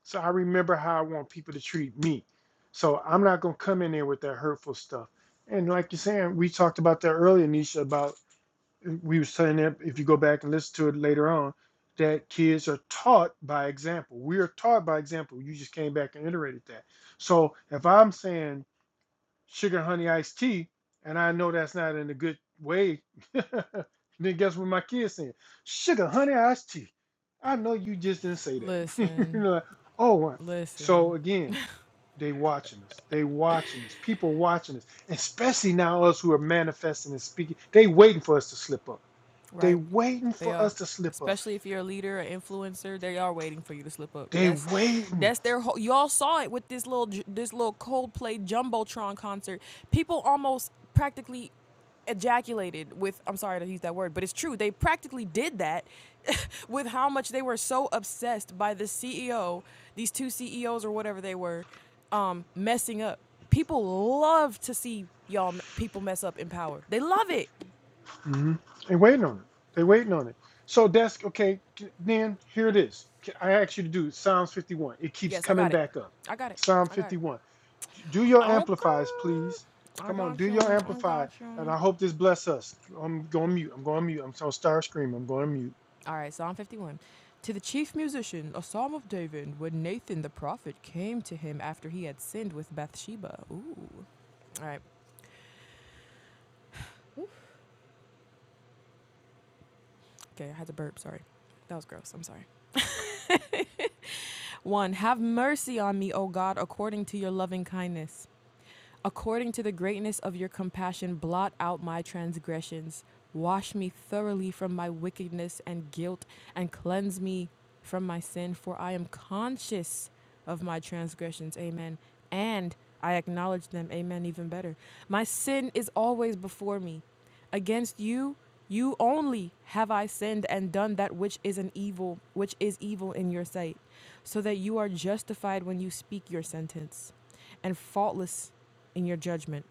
Speaker 2: So I remember how I want people to treat me. So I'm not gonna come in there with that hurtful stuff. And like you're saying, we talked about that earlier, Nisha, about we were saying that if you go back and listen to it later on, that kids are taught by example. We are taught by example. You just came back and iterated that. So if I'm saying sugar honey iced tea, and I know that's not in a good way, (laughs) then guess what my kids saying? Sugar honey iced tea. I know you just didn't say that. (laughs) you
Speaker 1: Listen,
Speaker 2: know, like, oh, what? so
Speaker 1: listen.
Speaker 2: again, they watching us. They watching us. People watching us, especially now us who are manifesting and speaking. They waiting for us to slip up. They
Speaker 1: Right
Speaker 2: waiting
Speaker 1: They
Speaker 2: for
Speaker 1: are.
Speaker 2: us to slip up.
Speaker 1: Especially if you're a leader or influencer, they are waiting for you to slip up.
Speaker 2: They
Speaker 1: That's
Speaker 2: waiting.
Speaker 1: that's their whole y'all saw it with this little j- this little Coldplay Jumbotron concert. People almost practically ejaculated with I'm sorry to use that word, but it's true. They practically did that (laughs) with how much they were so obsessed by the CEO, these two CEOs or whatever they were, um, messing up. People love to see y'all m- people mess up in power. They love it.
Speaker 2: hmm They waiting on it. They waiting on it. So that's okay. Then here it is. I asked you to do Psalms 51. It keeps
Speaker 1: Yes, I
Speaker 2: coming
Speaker 1: got it.
Speaker 2: back up.
Speaker 1: I got it.
Speaker 2: Psalm
Speaker 1: I got it.
Speaker 2: 51. Do your
Speaker 1: Okay.
Speaker 2: amplifiers, please.
Speaker 1: I
Speaker 2: Come on, do
Speaker 1: got
Speaker 2: your
Speaker 1: you. I
Speaker 2: amplifier,
Speaker 1: got you.
Speaker 2: and I hope this bless us. I'm going mute. I'm going mute. I'm so star scream. I'm going mute.
Speaker 1: All right, Psalm 51. To the chief musician, a psalm of David, when Nathan the prophet came to him after he had sinned with Bathsheba. Ooh. All right. Okay, I had to burp. Sorry. That was gross. I'm sorry. One, have mercy on me, O God, according to your loving kindness. According to the greatness of your compassion, blot out my transgressions. Wash me thoroughly from my wickedness and guilt, and cleanse me from my sin, for I am conscious of my transgressions. Amen. And I acknowledge them. Amen. Even better. My sin is always before me. Against you, you only have I sinned and done that which is an evil, which is evil in your sight, so that you are justified when you speak your sentence, and faultless in your judgment.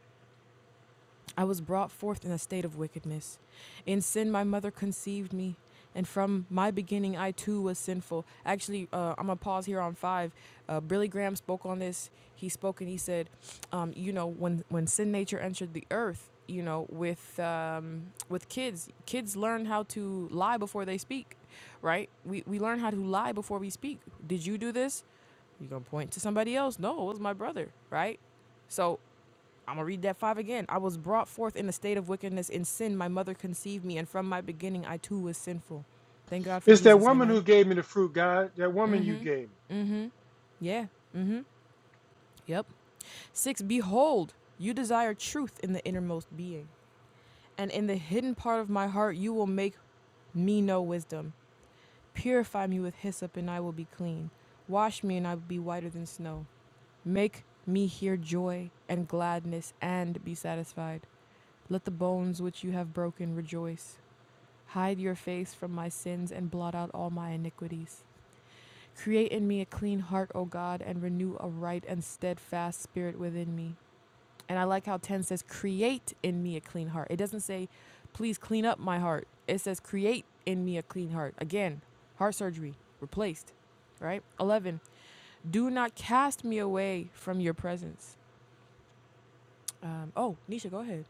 Speaker 1: I was brought forth in a state of wickedness. In sin, my mother conceived me. And from my beginning, I too was sinful. Actually, uh, I'm going to pause here on five. Uh, Billy Graham spoke on this. He spoke and he said, um, you know, when, when sin nature entered the earth, you know, with um, with kids, kids learn how to lie before they speak, right? We, we learn how to lie before we speak. Did you do this? You're going to point to somebody else. No, it was my brother, right? So I'm gonna read that five again. I was brought forth in a state of wickedness in sin. My mother conceived me, and from my beginning I too was sinful. Thank God for
Speaker 2: It's that
Speaker 1: Jesus.
Speaker 2: woman who
Speaker 1: Amen.
Speaker 2: gave me the fruit, God. That woman you gave me. (laughs)
Speaker 1: Yeah. Mm-hmm. Yep. Six. Behold, you desire truth in the innermost being, and in the hidden part of my heart you will make me know wisdom. Purify me with hyssop, and I will be clean. Wash me, and I will be whiter than snow. Make me hear joy and gladness, and be satisfied. Let the bones which you have broken rejoice. Hide your face from my sins and blot out all my iniquities. Create in me a clean heart, O God, and renew a right and steadfast spirit within me. And I like how 10 says, Create in me a clean heart. It doesn't say, Please clean up my heart. It says, Create in me a clean heart. Again, heart surgery replaced, right? 11, Do not cast me away from your presence. Um, oh, Nisha, go ahead.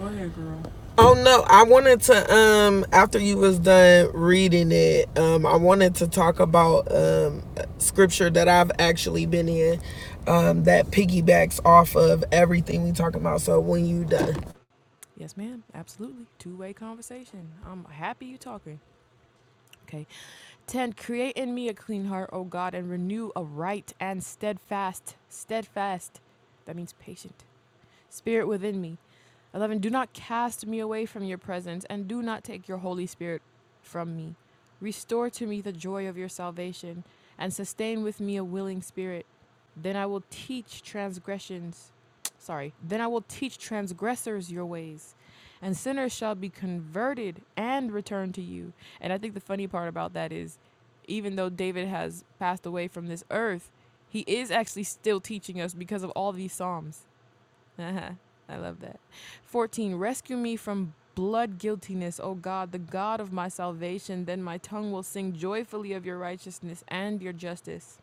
Speaker 4: Go ahead,
Speaker 1: ahead, girl.
Speaker 4: girl. Oh no, I wanted to um after you was done reading it, um I wanted to talk about um scripture that I've actually been in um that piggybacks off of everything we talking about. So when you done.
Speaker 1: Yes, ma'am. Absolutely. Two way conversation. I'm happy you talking. Okay. 10. Create in me a clean heart, O God, and renew a right and steadfast, steadfast, that means patient, spirit within me. 11. Do not cast me away from your presence, and do not take your Holy Spirit from me. Restore to me the joy of your salvation, and sustain with me a willing spirit. Then I will teach transgressions. Sorry. Then I will teach transgressors your ways, and sinners shall be converted and return to you. And I think the funny part about that is, even though David has passed away from this earth, he is actually still teaching us because of all these Psalms (laughs) Uh huh. I love that. 14. Rescue me from blood guiltiness, O God, the God of my salvation. Then my tongue will sing joyfully of your righteousness and your justice.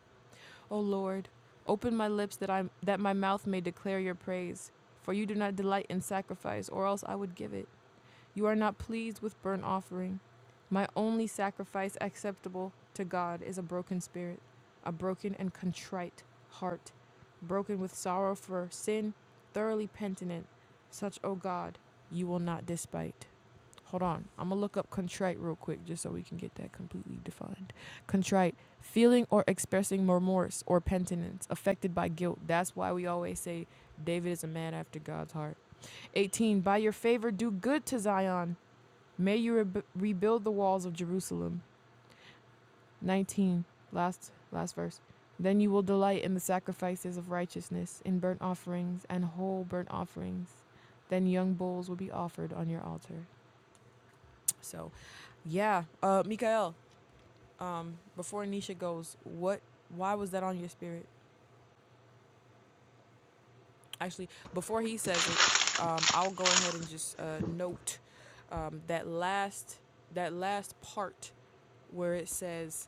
Speaker 1: O Lord, open my lips that, I, that my mouth may declare your praise. For you do not delight in sacrifice, or else I would give it. You are not pleased with burnt offering. My only sacrifice acceptable to God is a broken spirit, a broken and contrite heart, broken with sorrow for sin, thoroughly penitent. Such, O God, you will not despite. Hold on. I'm going to look up contrite real quick just so we can get that completely defined. Contrite, feeling or expressing remorse or penitence, affected by guilt. That's why we always say David is a man after God's heart. 18. By your favor, do good to Zion. May you re- rebuild the walls of Jerusalem. 19. Last last verse. Then you will delight in the sacrifices of righteousness, in burnt offerings and whole burnt offerings. Then young bulls will be offered on your altar. So, yeah, uh Mikael, before Nisha goes, what why was that on your spirit? Actually, before he says it, um I'll go ahead and just uh note um that last that last part where it says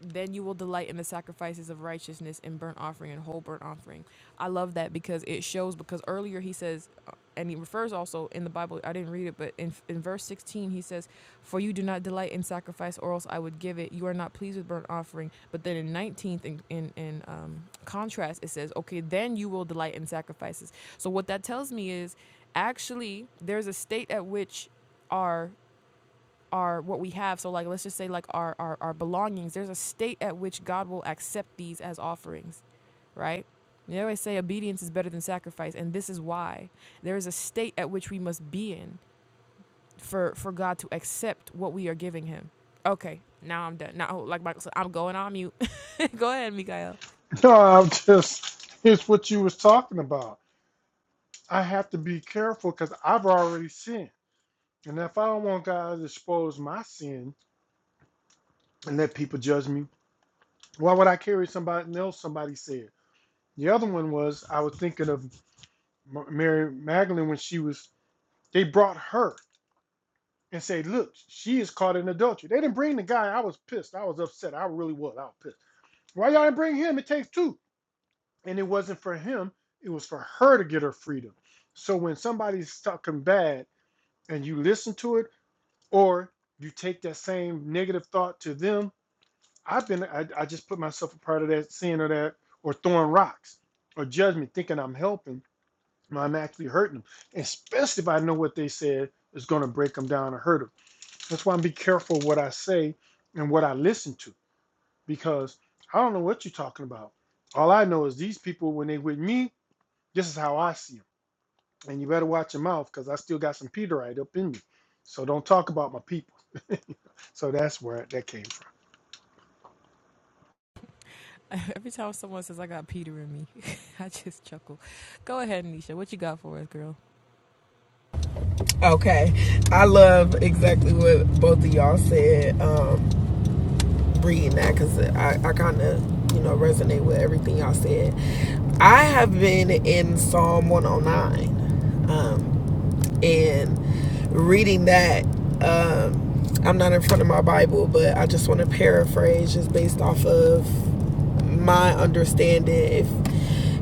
Speaker 1: Then you will delight in the sacrifices of righteousness and burnt offering and whole burnt offering. I love that because it shows because earlier he says, uh, and he refers also in the Bible. I didn't read it, but in in verse sixteen he says, "For you do not delight in sacrifice, or else I would give it. You are not pleased with burnt offering." But then in nineteenth, in in, in um, contrast, it says, "Okay, then you will delight in sacrifices." So what that tells me is, actually, there's a state at which our our what we have so like let's just say like our, our our belongings there's a state at which god will accept these as offerings right they always say obedience is better than sacrifice and this is why there is a state at which we must be in for for god to accept what we are giving him okay now i'm done now like michael said i'm going on mute (laughs) go ahead mikael
Speaker 2: No, I'm just. It's what you was talking about. I have to be careful because I've already sinned. And if I don't want God to expose my sin and let people judge me, why would I carry somebody else? Somebody said. The other one was I was thinking of Mary Magdalene when she was, they brought her and said, Look, she is caught in adultery. They didn't bring the guy. I was pissed. I was upset. I really was. I was pissed. Why y'all didn't bring him? It takes two. And it wasn't for him, it was for her to get her freedom. So when somebody's talking bad, and you listen to it Or you take that same negative thought to them. I've been, I, I just put myself a part of that sin or that, or throwing rocks or judgment, thinking I'm helping but I'm actually hurting them, especially if I know what they said is going to break them down or hurt them. That's why I'm be careful what I say and what I listen to because I don't know what you're talking about. All I know is these people, when they with me, this is how I see them. And you better watch your mouth because I still got some Peterite up in me. So don't talk about my people. So that's where that came.
Speaker 1: (laughs) every time someone says i got peter in me (laughs) i just chuckle go ahead nisha what you got for us girl
Speaker 4: Okay. I love exactly what both of y'all said um reading that cuz I I kind of, you know, resonate with everything y'all said. I have been in Psalm 109. Um and reading that um i'm not in front of my bible but i just want to paraphrase just based off of my understanding if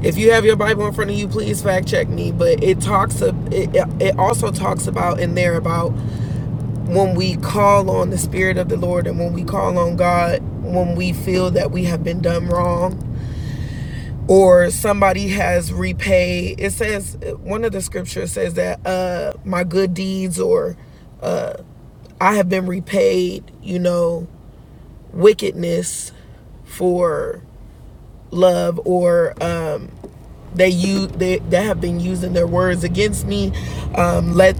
Speaker 4: if you have your bible in front of you please fact check me but it talks it it also talks about in there about when we call on the spirit of the lord and when we call on god when we feel that we have been done wrong or somebody has repaid it says one of the scriptures says that uh my good deeds or uh i have been repaid you know wickedness for love or um they use they, that have been using their words against me um let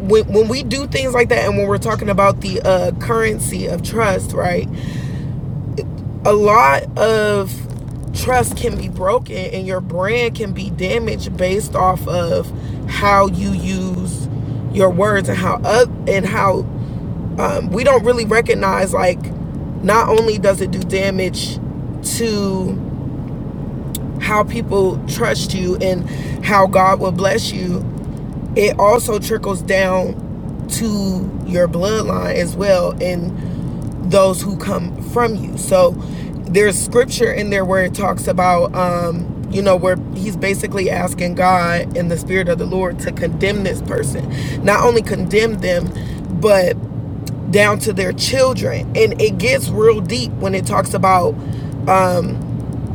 Speaker 4: when, when we do things like that and when we're talking about the uh currency of trust right a lot of trust can be broken and your brand can be damaged based off of how you use your words and how uh, and how um, we don't really recognize like not only does it do damage to how people trust you and how God will bless you it also trickles down to your bloodline as well And those who come from you. So there's scripture in there where it talks about, um, you know, where he's basically asking God and the Spirit of the Lord to condemn this person. Not only condemn them, but down to their children. And it gets real deep when it talks about um,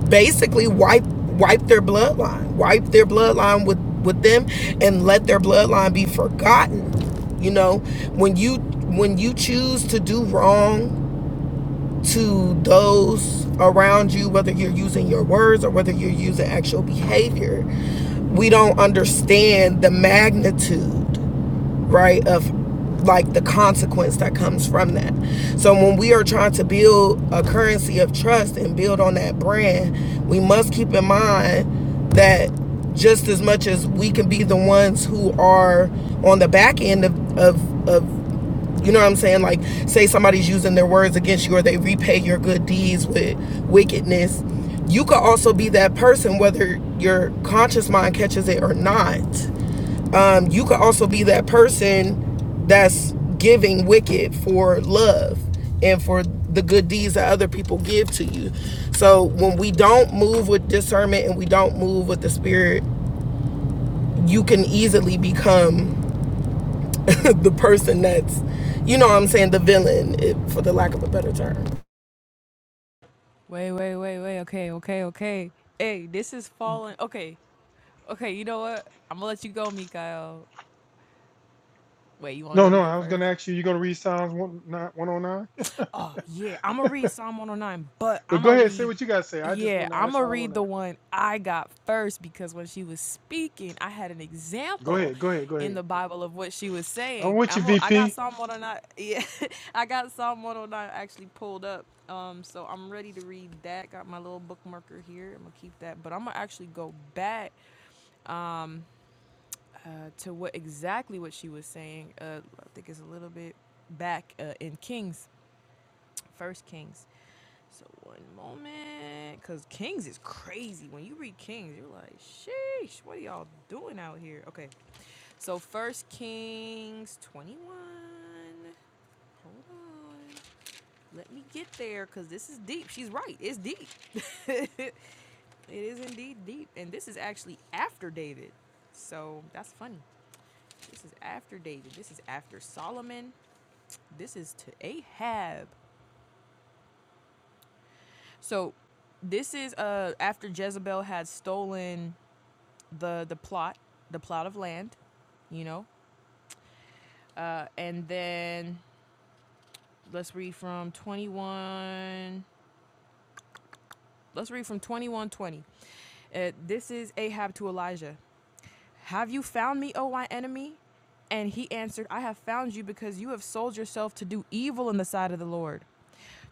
Speaker 4: basically wipe wipe their bloodline, wipe their bloodline with with them, and let their bloodline be forgotten. You know, when you when you choose to do wrong to those around you, whether you're using your words or whether you're using actual behavior. We don't understand the magnitude, right, of like the consequence that comes from that. So when we are trying to build a currency of trust and build on that brand, we must keep in mind that just as much as we can be the ones who are on the back end of, of, of you know what I'm saying? Like, say somebody's using their words against you or they repay your good deeds with wickedness. You could also be that person, whether your conscious mind catches it or not. Um, you could also be that person that's giving wicked for love and for the good deeds that other people give to you. So when we don't move with discernment and we don't move with the spirit, you can easily become (laughs) the person that's you know what I'm saying, the villain, it, for the lack of a better term.
Speaker 1: wait wait wait wait okay okay okay hey this is falling okay Okay, you know what? I'm gonna let you go, Mikael. Wait, you wanna
Speaker 2: No,
Speaker 1: let me
Speaker 2: no,
Speaker 1: go
Speaker 2: I was gonna
Speaker 1: first?
Speaker 2: ask you. You gonna read Psalms 109?
Speaker 1: Oh yeah, I'm gonna read Psalm 109, but
Speaker 2: But
Speaker 1: I'm
Speaker 2: go
Speaker 1: gonna
Speaker 2: ahead, say
Speaker 1: read.
Speaker 2: what you gotta say. I just
Speaker 1: Yeah,
Speaker 2: want to
Speaker 1: I'm
Speaker 2: ask
Speaker 1: gonna
Speaker 2: all I want
Speaker 1: read
Speaker 2: to
Speaker 1: the
Speaker 2: ask.
Speaker 1: one I got first because when she was speaking, I had an
Speaker 2: Go
Speaker 1: example
Speaker 2: ahead, go ahead, go
Speaker 1: in the
Speaker 2: ahead.
Speaker 1: Bible of what she was
Speaker 2: I'm
Speaker 1: saying.
Speaker 2: with you,
Speaker 1: I'm gonna- I got
Speaker 2: VP.
Speaker 1: Psalm 109. Yeah, (laughs) I got Psalm 109 actually pulled up. Um, so I'm ready to read that. Got my little bookmarker here. I'm gonna keep that, but I'm gonna actually go back um, uh, to what exactly what she was saying. Uh, I think it's a little bit back uh, in Kings, First Kings. So one moment, cause Kings is crazy. When you read Kings, you're like, sheesh, what are y'all doing out here? Okay, so First Kings 21. Hold on, let me get there, cause this is deep. She's right, it's deep. (laughs) it is indeed deep, and this is actually after David. So that's funny. This is after David. This is after Solomon. This is to Ahab. So this is uh after Jezebel had stolen the the plot, the plot of land, you know. Uh and then let's read from 21 let's read from 2120. Uh, this is Ahab to Elijah. Have you found me, O my enemy? And he answered, I have found you because you have sold yourself to do evil in the sight of the Lord.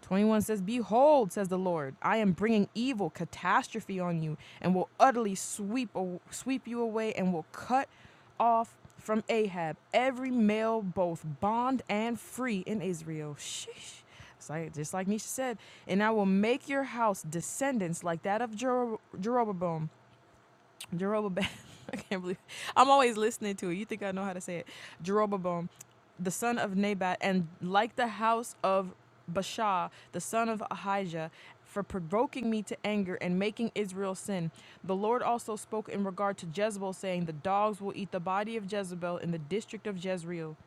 Speaker 1: 21 says, Behold, says the Lord, I am bringing evil, catastrophe on you, and will utterly sweep, sweep you away, and will cut off from Ahab every male, both bond and free in Israel. Sheesh. It's like, just like Nisha said, and I will make your house descendants like that of Jero- Jeroboam, Jeroboam. (laughs) I can't believe I'm always listening to it. You think I know how to say it? Jeroboam, the son of Nebat, and like the house of Baasha, the son of Ahijah, for provoking me to anger and making Israel sin. The Lord also spoke in regard to Jezebel, saying, The dogs will eat the body of Jezebel in the district of Jezreel.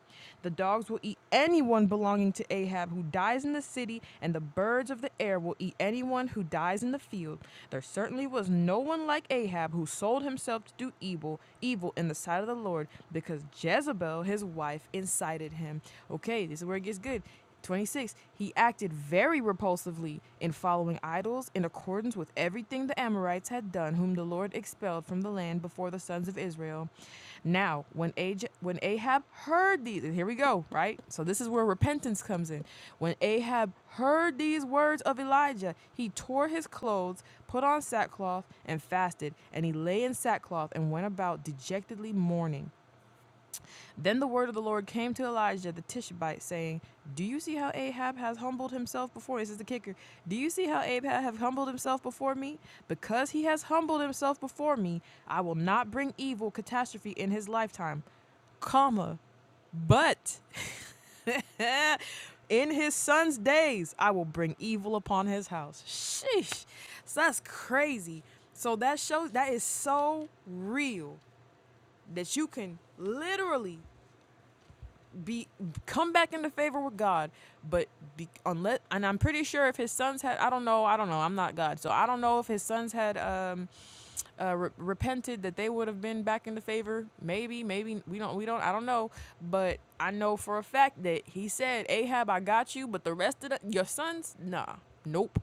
Speaker 1: The dogs will eat eat anyone belonging to Ahab who dies in the city, and the birds of the air will eat anyone who dies in the field. There certainly was no one like Ahab who sold himself to do evil, evil in the sight of the Lord, because Jezebel, his wife, incited him. Okay, this is where it gets good. 26. He acted very repulsively in following idols in accordance with everything the Amorites had done, whom the Lord expelled from the land before the sons of Israel. Now, when, Aj- when Ahab heard these, and here we go, right? So this is where repentance comes in. When Ahab heard these words of Elijah, he tore his clothes, put on sackcloth, and fasted, and he lay in sackcloth and went about dejectedly mourning. Then the word of the Lord came to Elijah the Tishbite, saying, Do you see how Ahab has humbled himself before? This is the kicker. Do you see how Ahab have humbled himself before me? Because he has humbled himself before me, I will not bring evil catastrophe in his lifetime. Comma, but (laughs) in his son's days I will bring evil upon his house. Sheesh. So that's crazy. So that shows that is so real that you can literally be come back into favor with God, but be, unless and I'm pretty sure if his sons had I don't know I don't know I'm not God so I don't know if his sons had um uh, re- repented that they would have been back into favor maybe maybe we don't we don't I don't know but I know for a fact that he said Ahab I got you but the rest of the, your sons nah nope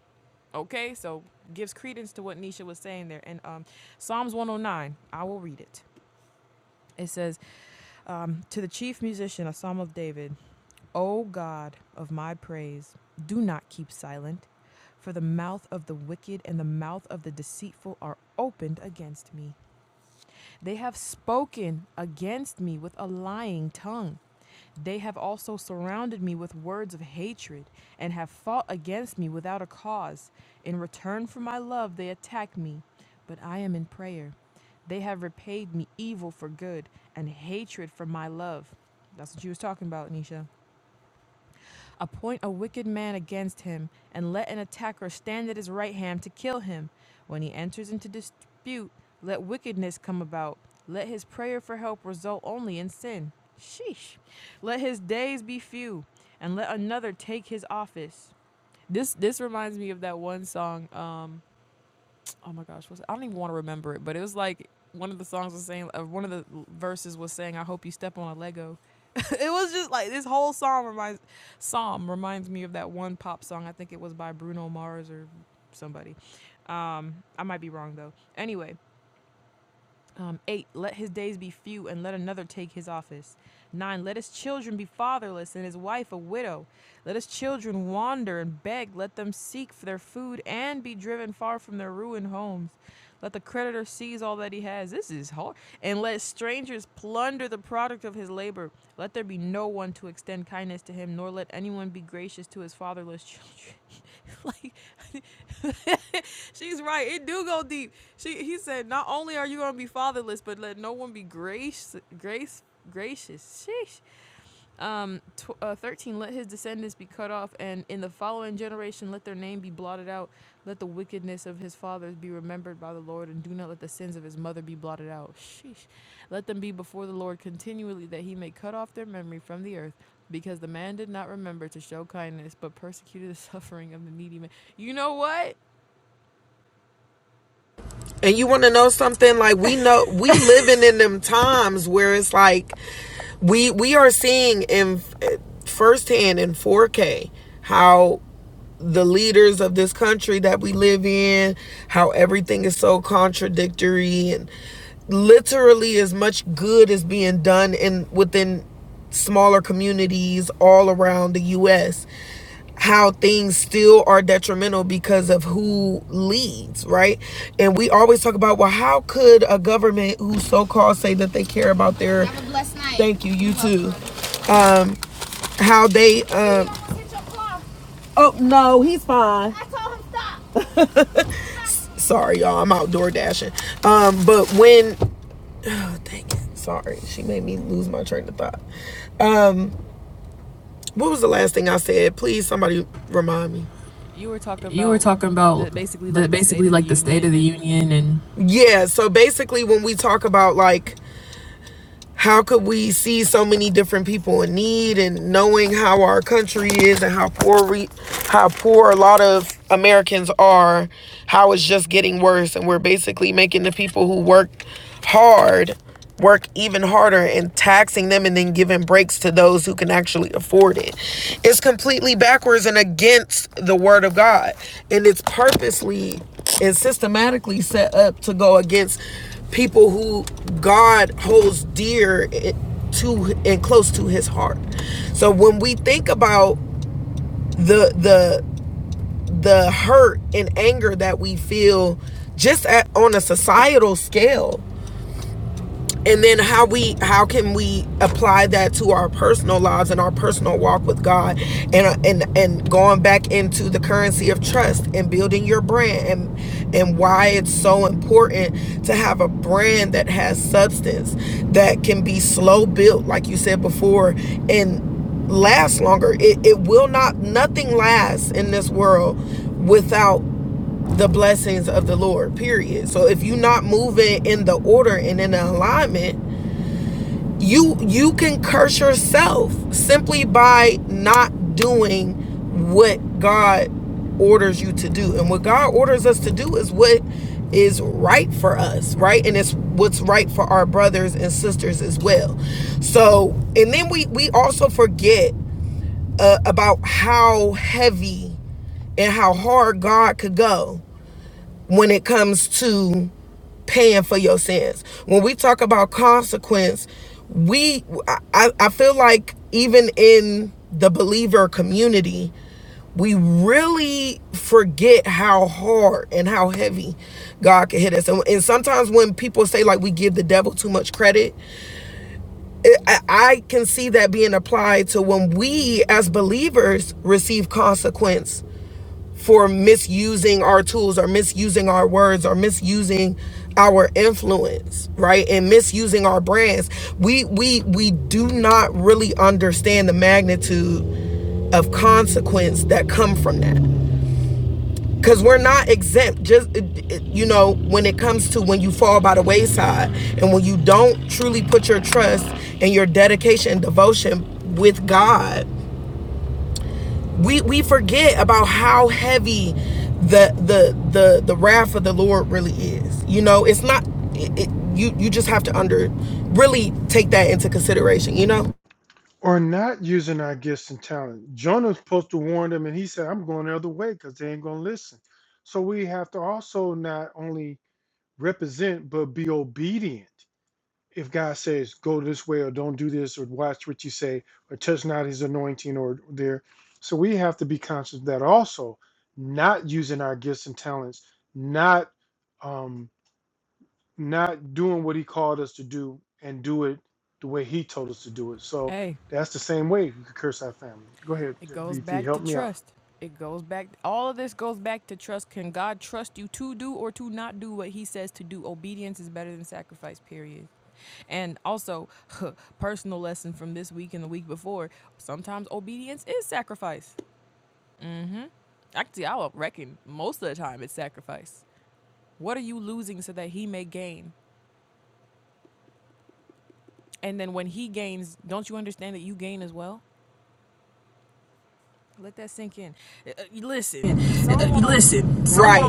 Speaker 1: okay so gives credence to what Nisha was saying there and um Psalms 109 I will read it it says um, to the chief musician, a psalm of David. O God of my praise, do not keep silent, for the mouth of the wicked and the mouth of the deceitful are opened against me. They have spoken against me with a lying tongue. They have also surrounded me with words of hatred and have fought against me without a cause. In return for my love, they attack me, but I am in prayer. They have repaid me evil for good and hatred for my love. That's what you was talking about, Nisha. Appoint a wicked man against him, and let an attacker stand at his right hand to kill him. When he enters into dispute, let wickedness come about. Let his prayer for help result only in sin. Sheesh. Let his days be few, and let another take his office. This this reminds me of that one song. Um, oh my gosh, what's it? I don't even want to remember it, but it was like one of the songs was saying, uh, one of the verses was saying, "I hope you step on a Lego." (laughs) it was just like this whole song reminds psalm reminds me of that one pop song. I think it was by Bruno Mars or somebody. Um, I might be wrong though. Anyway, um, 8. Let his days be few and let another take his office. 9. Let his children be fatherless and his wife a widow. Let his children wander and beg. Let them seek for their food and be driven far from their ruined homes. Let the creditor seize all that he has. This is hard. And let strangers plunder the product of his labor. Let there be no one to extend kindness to him, nor let anyone be gracious to his fatherless children. (laughs) (laughs) like (laughs) she's right. It do go deep. She he said, not only are you gonna be fatherless, but let no one be grace grace gracious. Sheesh. Um, tw- uh, 13, let his descendants be cut off, and in the following generation, let their name be blotted out. Let the wickedness of his fathers be remembered by the Lord, and do not let the sins of his mother be blotted out. Sheesh. Let them be before the Lord continually, that he may cut off their memory from the earth, because the man did not remember to show kindness, but persecuted the (laughs) suffering of the needy man. You know what?
Speaker 4: And you want to know something? Like we know we (laughs) living in them times where it's like we we are seeing in firsthand in 4K how the leaders of this country that we live in, how everything is so contradictory and literally as much good is being done in within smaller communities all around the US how things still are detrimental because of who leads, right? And we always talk about, well, how could a government who so-called say that they care about their Have a blessed night. Thank you, you too. How they um Oh no, he's fine. Sorry, y'all. I'm outdoor dashing. Um, but when oh, dang it, sorry, she made me lose my train of thought. Um, what was the last thing I said? Please, somebody remind me.
Speaker 1: You were talking
Speaker 4: You were
Speaker 1: about
Speaker 4: talking about
Speaker 1: the basically
Speaker 4: the
Speaker 1: like the State
Speaker 4: basically
Speaker 1: of the
Speaker 4: like the State of
Speaker 1: Union
Speaker 4: the
Speaker 1: and
Speaker 4: Union and Yeah. So basically, when we talk about like how could we see so many different people in need and knowing how our country is and how poor we how poor a lot of Americans are how it's just getting worse and we're basically making the people who work hard work even harder and taxing them and then giving breaks to those who can actually afford it it's completely backwards and against the word of God and it's purposely and systematically set up to go against people who God holds dear to and close to his heart. So when we think about the the the hurt and anger that we feel just at, on a societal scale and then how we how can we apply that to our personal lives and our personal walk with God and and and going back into the currency of trust and building your brand and and why it's so important to have a brand that has substance that can be slow built like you said before and last longer it, it will not nothing lasts in this world without the blessings of the Lord, period. So if you're not moving in the order and in the alignment, you you can curse yourself simply by not doing what God orders you to do. And what God orders us to do is what is right for us, right? And it's what's right for our brothers and sisters as well. So, and then we we also forget uh, about how heavy and how hard God could go when it comes to paying for your sins. When we talk about consequence, we I, I feel like even in the believer community, we really forget how hard and how heavy God can hit us. And, and sometimes when people say like we give the devil too much credit, it, I, I can see that being applied to when we as believers receive consequence for misusing our tools or misusing our words or misusing our influence right and misusing our brands we we we do not really understand the magnitude of consequence that come from that because we're not exempt just you know when it comes to when you fall by the wayside and when you don't truly put your trust and your dedication and devotion with god we we forget about how heavy the the the the wrath of the Lord really is. You know, it's not it, it, you you just have to under really take that into consideration, you know?
Speaker 2: Or not using our gifts and talent. Jonah's supposed to warn them, and he said, "I'm going the other way because they ain't gonna listen." So we have to also not only represent but be obedient. if God says go this way or don't do this or watch what you say or touch not his anointing or there. So we have to be conscious of that also, not using our gifts and talents, not um not doing what he called us to do and do it the way he told us to do it. So
Speaker 1: Hey.
Speaker 2: that's the same way you could curse our family. Go ahead,
Speaker 1: It goes
Speaker 2: VP,
Speaker 1: back to
Speaker 2: help me out.
Speaker 1: trust. It goes back. All of this goes back to trust. Can God trust you to do or to not do what He says to do? Obedience is better than sacrifice. Period. And also, (laughs) personal lesson from this week and the week before: sometimes obedience is sacrifice. Actually, I would reckon most of the time it's sacrifice. What are you losing so that He may gain? And then when He gains, don't you understand that you gain as well? Let that sink in. Uh, uh,
Speaker 4: Uh,
Speaker 1: listen, Psalm 10
Speaker 4: Listen, someone, Right.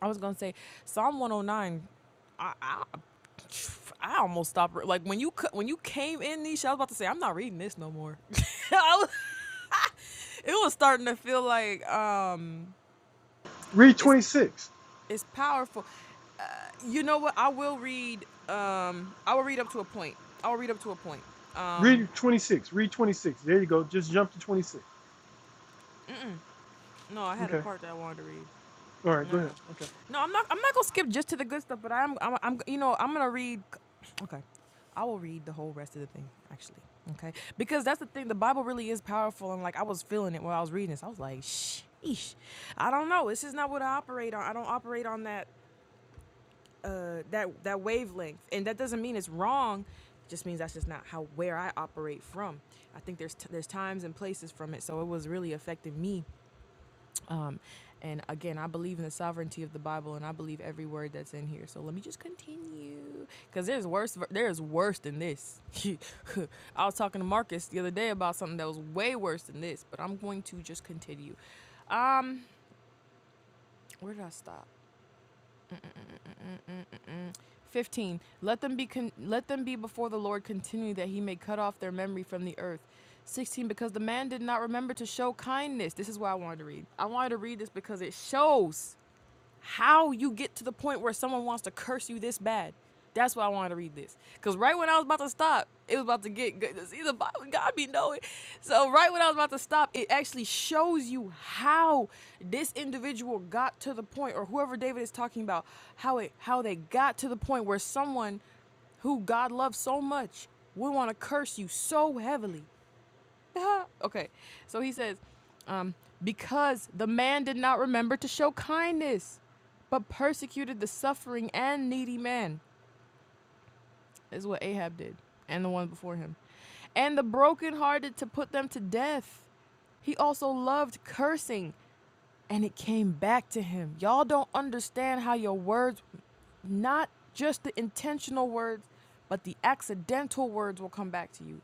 Speaker 1: I was gonna say Psalm 109. I, I, I almost stopped re- like when you cu- when you came in Nisha. I was about to say I'm not reading this no more. (laughs) I was, it was starting to feel like um
Speaker 2: Read
Speaker 1: it's
Speaker 2: 26.
Speaker 1: it's powerful. You know what? I will read um I will read up to a point. I will read up to a point. Um
Speaker 2: Read 26. Read 26. There you go. Just jump to 26.
Speaker 1: no, I had a
Speaker 2: Okay.
Speaker 1: part that I wanted to read.
Speaker 2: All right,
Speaker 1: No,
Speaker 2: go
Speaker 1: no,
Speaker 2: ahead.
Speaker 1: no.
Speaker 2: Okay.
Speaker 1: No, I'm not. I'm not gonna skip just to the good stuff, but I'm. I'm. I'm you know, I'm gonna read. Okay, I will read the whole rest of the thing actually. Okay, because that's the thing. The Bible really is powerful, and like I was feeling it while I was reading this. I was like, shh, I don't know. This is not what I operate on. I don't operate on that. Uh, that that wavelength, and that doesn't mean it's wrong. Just means that's just not how where I operate from. I think there's t- there's times and places from it, so it was really affecting me um, and again, I believe in the sovereignty of the Bible, and I believe every word that's in here. So let me just continue, because there's worse. There's worse than this. (laughs) I was talking to Marcus the other day about something that was way worse than this, but I'm going to just continue. Um, where did I stop? 15 let them be con- let them be before the lord continually that he may cut off their memory from the earth 16 because the man did not remember to show kindness this is why i wanted to read i wanted to read this because it shows how you get to the point where someone wants to curse you this bad. That's why I wanted to read this. Because right when I was about to stop, it was about to get good. See, the Bible, God be knowing. So, right when I was about to stop, it actually shows you how this individual got to the point, or whoever David is talking about, how it how they got to the point where someone who God loves so much would want to curse you so heavily. (laughs) okay, so he says, um, because the man did not remember to show kindness, but persecuted the suffering and needy man, is what Ahab did, and the one before him, and the brokenhearted to put them to death. He also loved cursing, and it came back to him. Y'all don't understand how your words, not just the intentional words, but the accidental words will come back to you.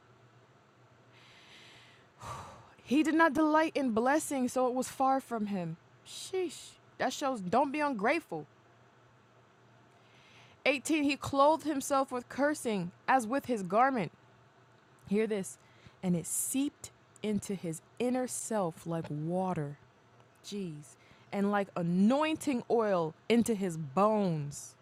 Speaker 1: He did not delight in blessing, so it was far from him. Sheesh. That shows don't be ungrateful. 18. He clothed himself with cursing as with his garment. Hear this. And it seeped into his inner self like water. Jeez. And like anointing oil into his bones.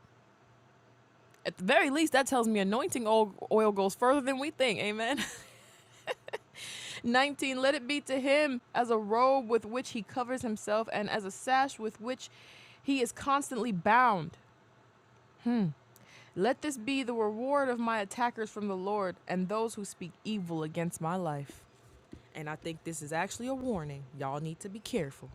Speaker 1: At the very least, that tells me anointing oil oil goes further than we think. Amen. (laughs) 19. Let it be to him as a robe with which he covers himself and as a sash with which he is constantly bound. Let this be the reward of my attackers from the Lord and those who speak evil against my life. And I think this is actually a warning. Y'all need to be careful.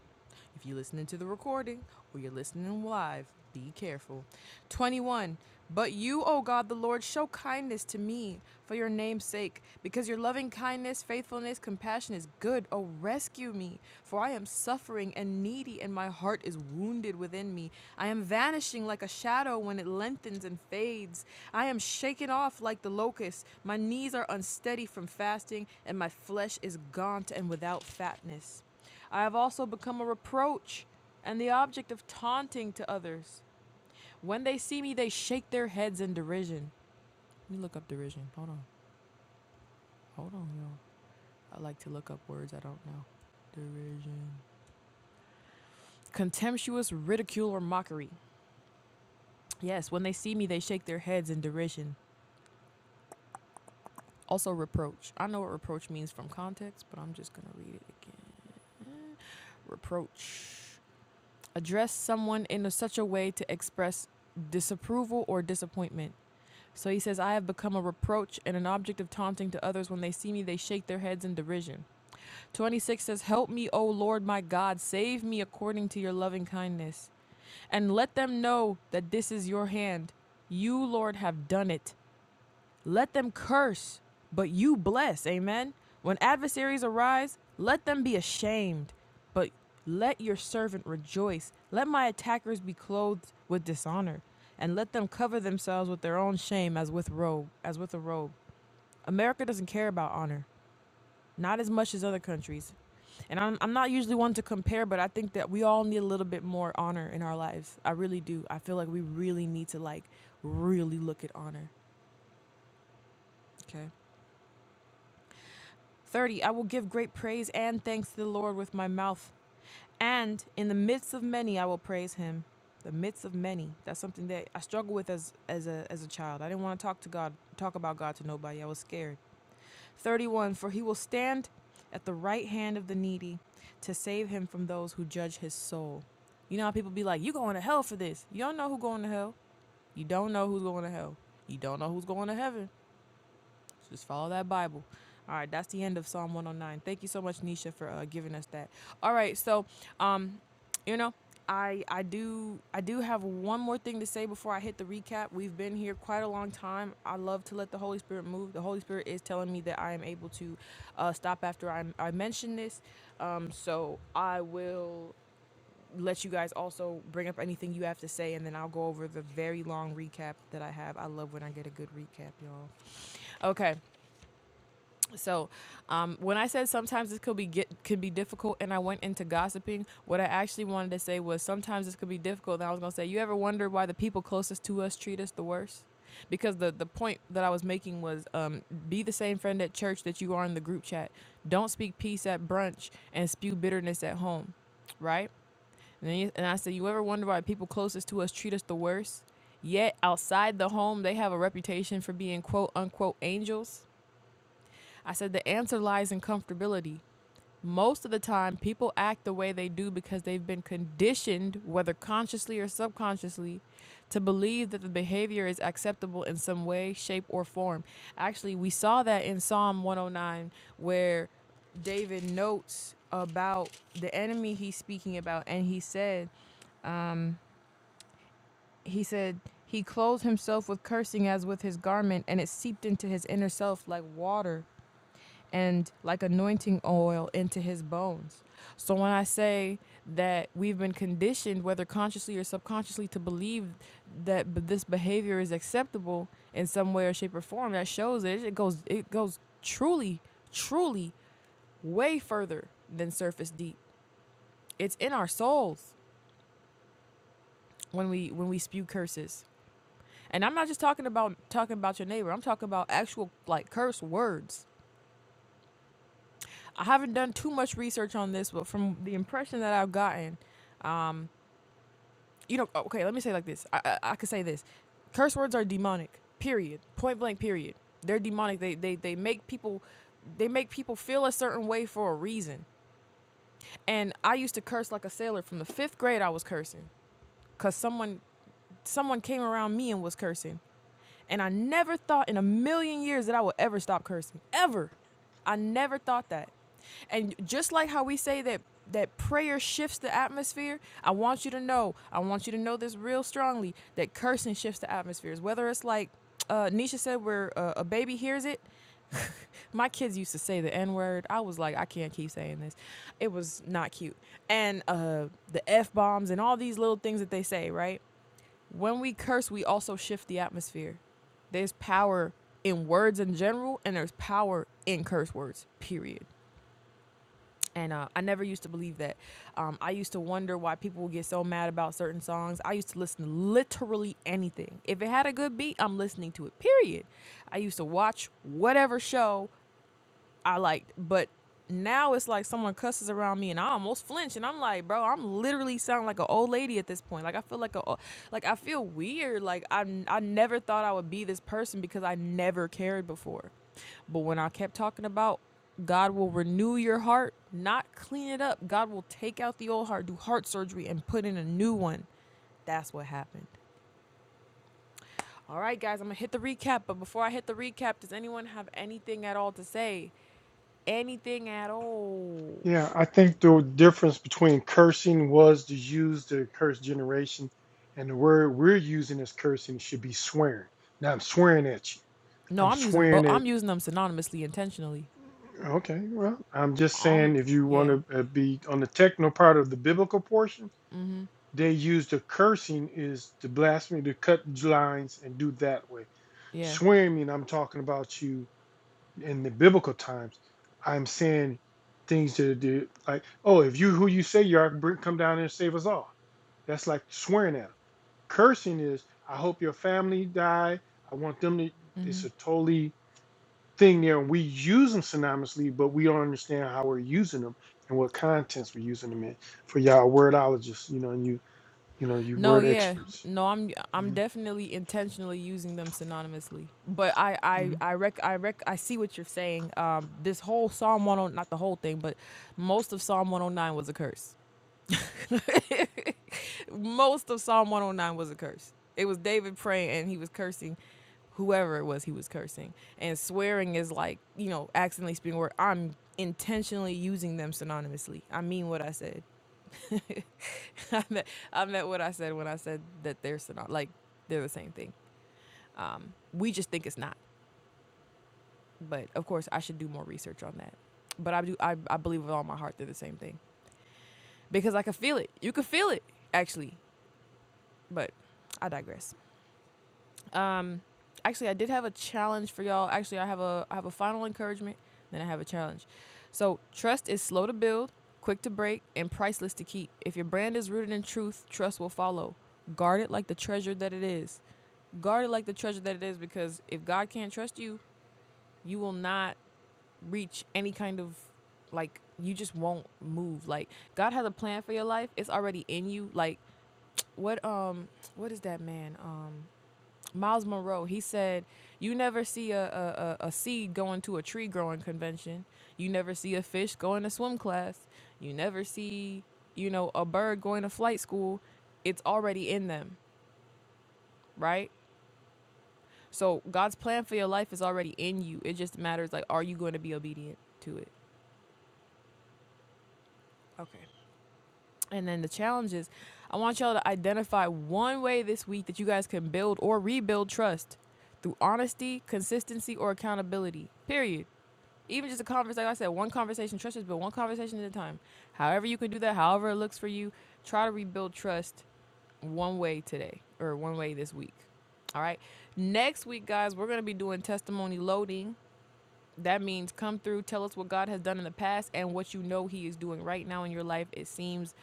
Speaker 1: If you're listening to the recording or you're listening live, be careful. 21. But you, O God the Lord, show kindness to me for your name's sake, because your loving kindness, faithfulness, compassion is good. O rescue me, for I am suffering and needy, and my heart is wounded within me. I am vanishing like a shadow when it lengthens and fades. I am shaken off like the locust. My knees are unsteady from fasting, and my flesh is gaunt and without fatness. I have also become a reproach and the object of taunting to others. When they see me, they shake their heads in derision. Let me look up derision. Hold on. Hold on, y'all. I like to look up words I don't know. Derision. Contemptuous ridicule or mockery. Yes, when they see me, they shake their heads in derision. Also, reproach. I know what reproach means from context, but I'm just going to read it again. Reproach. Address someone in a- such a way to express disapproval or disappointment. So he says, I have become a reproach and an object of taunting to others. When they see me, they shake their heads in derision. 26 says, Help me, O Lord my God, save me according to your loving kindness. And let them know that this is your hand. You, Lord, have done it. Let them curse, but you bless. Amen. When adversaries arise, let them be ashamed, but let your servant rejoice. Let my attackers be clothed with dishonor, and let them cover themselves with their own shame as with robe, as with a robe. America doesn't care about honor, not as much as other countries. And I'm, I'm not usually one to compare, but I think that we all need a little bit more honor in our lives. I really do. I feel like we really need to like really look at honor. Okay. 30. I will give great praise and thanks to the Lord with my mouth. And in the midst of many, I will praise him. The midst of many. That's something that I struggled with as, as, a, as a child. I didn't want to talk to God, talk about God to nobody. I was scared. 31. For he will stand at the right hand of the needy to save him from those who judge his soul. You know how people be like, you going to hell for this. You don't know who going to hell. You don't know who's going to hell. You don't know who's going to heaven. Just follow that Bible. All right, that's the end of Psalm 109. Thank you so much, Nisha, for uh, giving us that. All right, so, um, you know, I I do I do have one more thing to say before I hit the recap. We've been here quite a long time. I love to let the Holy Spirit move. The Holy Spirit is telling me that I am able to uh, stop after I I mention this. Um, so I will let you guys also bring up anything you have to say, and then I'll go over the very long recap that I have. I love when I get a good recap, y'all. Okay. So, um, when I said sometimes this could be get, could be difficult, and I went into gossiping, what I actually wanted to say was sometimes this could be difficult. And I was gonna say, you ever wonder why the people closest to us treat us the worst? Because the the point that I was making was, um, be the same friend at church that you are in the group chat. Don't speak peace at brunch and spew bitterness at home, right? And then you, and I said, you ever wonder why people closest to us treat us the worst? Yet outside the home, they have a reputation for being quote unquote angels I said the answer lies in comfortability. Most of the time, people act the way they do because they've been conditioned, whether consciously or subconsciously, to believe that the behavior is acceptable in some way, shape, or form. Actually, we saw that in Psalm 109, where David notes about the enemy he's speaking about, and he said, he said, he clothed himself with cursing as with his garment, and it seeped into his inner self like water. and like anointing oil into his bones. So when I say that we've been conditioned, whether consciously or subconsciously, to believe that b- this behavior is acceptable in some way or shape or form, that shows it. It goes, it goes truly, truly way further than surface deep. It's in our souls when we when we spew curses. And I'm not just talking about talking about your neighbor. I'm talking about actual like curse words. I haven't done too much research on this, but from the impression that I've gotten, you know, okay, let me say it like this. I, I, I could say this. Curse words are demonic. Period. Point blank. Period. They're demonic. They they they make people they make people feel a certain way for a reason. And I used to curse like a sailor from the 5th grade I was cursing cuz someone someone came around me and was cursing. And I never thought in a million years that I would ever stop cursing. Ever. I never thought that. And just like how we say that that prayer shifts the atmosphere, I want you to know, I want you to know this real strongly that cursing shifts the atmospheres. Whether it's like uh, Nisha said, where uh, a baby hears it, (laughs) my kids used to say the N word. I was like, I can't keep saying this. It was not cute. And uh, the F bombs and all these little things that they say, right? when we curse, we also shift the atmosphere. There's power in words in general, and there's power in curse words, period. And uh, I never used to believe that. Um, I used to wonder why people would get so mad about certain songs. I used to listen to literally anything. If it had a good beat, I'm listening to it, period. I used to watch whatever show I like, but now it's like someone cusses around me and I almost flinch and I'm like, bro, I'm literally sounding like an old lady at this point. Like I feel like a, o- like I feel weird. Like I, I never thought I would be this person because I never cared before. But when I kept talking about God will renew your heart, not clean it up. God will take out the old heart, do heart surgery, and put in a new one. That's what happened. All right, guys, I'm gonna hit the recap. But before I hit the recap, does anyone have anything at all to say? anything at all.
Speaker 2: Yeah, I think the difference between cursing was to use the curse generation, and the word we're using as cursing should be swearing. Now I'm swearing at you.
Speaker 1: No,
Speaker 2: I'm
Speaker 1: I'm using both.
Speaker 2: swearing at.
Speaker 1: I'm using them synonymously intentionally.
Speaker 2: Okay, well, I'm just saying
Speaker 1: I'm
Speaker 2: if you
Speaker 1: yeah,
Speaker 2: want to be on the techno part of the biblical portion, they use the cursing is to blasphemy, to cut lines and do that way.
Speaker 1: yeah.
Speaker 2: Swearing mean I'm talking about you in the biblical times, I'm saying things to do like, oh, if you who you say you are, bring, come down and save us all. That's like swearing at them. Cursing is, I hope your family die. I want them to. It's a totally thing there, and we use them synonymously, but we don't understand how we're using them and what contents we're using them in. For y'all wordologists, you know, and you, you know, you
Speaker 1: No,
Speaker 2: word
Speaker 1: yeah.
Speaker 2: experts.
Speaker 1: No, I'm I'm
Speaker 2: hmm
Speaker 1: definitely intentionally using them synonymously. But I I
Speaker 2: hmm
Speaker 1: I rec I rec I see what you're saying. Um this whole Psalm 109 not the whole thing, but most of Psalm 109 was a curse. (laughs) Most of Psalm 109 was a curse. It was David praying and he was cursing whoever it was he was cursing. And swearing is like, you know, accidentally speaking word. I'm intentionally using them synonymously. I mean what I said. (laughs) I meant I meant what I said when I said that they're synony- like they're the same thing. Um, we just think it's not. But of course I should do more research on that. But I do I, I believe with all my heart they're the same thing. Because I could feel it. You could feel it, actually. but I digress. Um, actually, I did have a challenge for y'all. Actually, I have a I have a final encouragement, then I have a challenge. So trust is slow to build, quick to break, and priceless to keep. If your brand is rooted in truth, trust will follow. Guard it like the treasure that it is. Guard it like the treasure that it is, because if God can't trust you, you will not reach any kind of like you just won't move. Like God has a plan for your life. It's already in you. Like what um what is that man um Miles Monroe. He said, "You never see a, a, a, seed going to a tree growing convention. You never see a fish going to swim class. You never see, you know, a bird going to flight school. It's already in them, right? So God's plan for your life is already in you. It just matters like, are you going to be obedient to it? Okay. And then the challenge is, I want y'all to identify one way this week that you guys can build or rebuild trust through honesty, consistency, or accountability. Period. Even just a conversation, like I said, one conversation, trust is built one conversation at a time. However, you can do that, however it looks for you, try to rebuild trust one way today or one way this week. All right. Next week, guys, we're going to be doing testimony loading. That means come through, tell us what God has done in the past and what you know He is doing right now in your life. It seems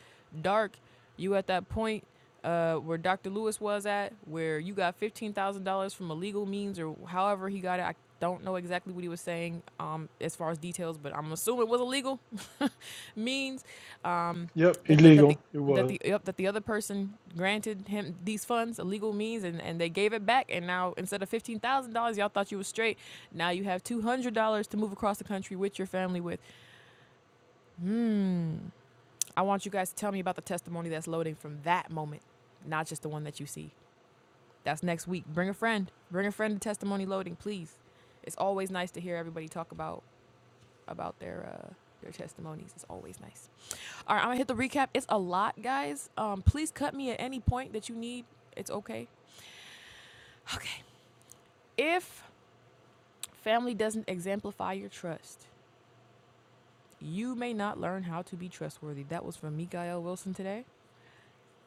Speaker 1: dark. You at that point uh, where Dr. Lewis was at, where you got $15,000 from illegal means or however he got it. I don't know exactly what he was saying um, as far as details, but I'm assuming it was illegal (laughs) means. Um,
Speaker 2: Yep,
Speaker 1: that the that
Speaker 2: illegal.
Speaker 1: the
Speaker 2: It
Speaker 1: that
Speaker 2: was.
Speaker 1: the yep, that the other person granted him these funds illegal means and, and they gave it back and now instead of fifteen thousand dollars y'all thought you was straight now you have two hundred dollars to move across the country with your family with I want you guys to tell me about the testimony that's loading from that moment not just the one that you see that's next week bring a friend bring a friend to testimony loading please it's always nice to hear everybody talk about about their uh, their testimonies. It's always nice. All right, I'm gonna hit the recap. It's a lot, guys. Um, please cut me at any point that you need. It's okay. Okay. If family doesn't exemplify your trust, you may not learn how to be trustworthy. That was from Mikael Wilson today,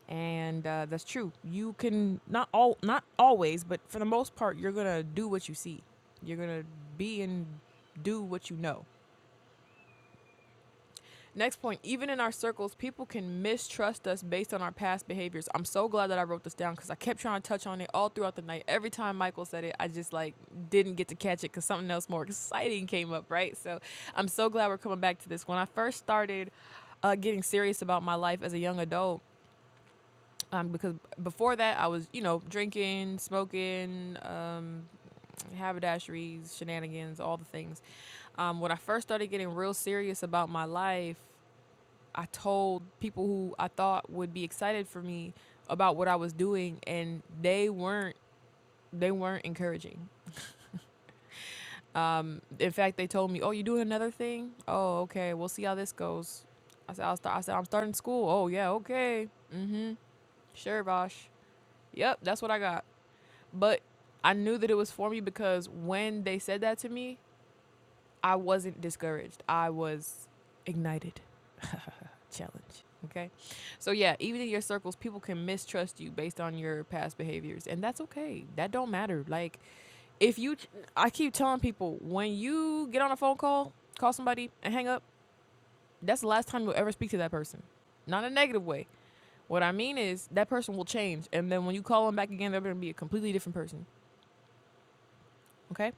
Speaker 1: and uh, that's true. You can not all not always, but for the most part, you're gonna do what you see. You're gonna be and do what you know. Next point, even in our circles, people can mistrust us based on our past behaviors. I'm so glad that I wrote this down because I kept trying to touch on it all throughout the night. Every time Michael said it, I just like didn't get to catch it because something else more exciting came up, right? So I'm so glad we're coming back to this. When I first started uh, getting serious about my life as a young adult, um, because before that I was, you know, drinking, smoking, um, haberdasheries, shenanigans, all the things. Um, when I first started getting real serious about my life, I told people who I thought would be excited for me about what I was doing, and they weren't. They weren't encouraging. Um, in fact, they told me, "Oh, you doing another thing? Oh, okay. We'll see how this goes." I said, I'll start, "I said I'm starting school. Oh, yeah, okay, sure, Bosh. Yep, that's what I got." But I knew that it was for me because when they said that to me, I wasn't discouraged. I was ignited. challenge. Okay. So yeah, even in your circles, people can mistrust you based on your past behaviors, and that's okay. That don't matter. Like if you I keep telling people when you get on a phone call, call somebody and hang up, that's the last time you'll ever speak to that person. Not in a negative way. What I mean is that person will change and then when you call them back again, they're going to be a completely different person, okay?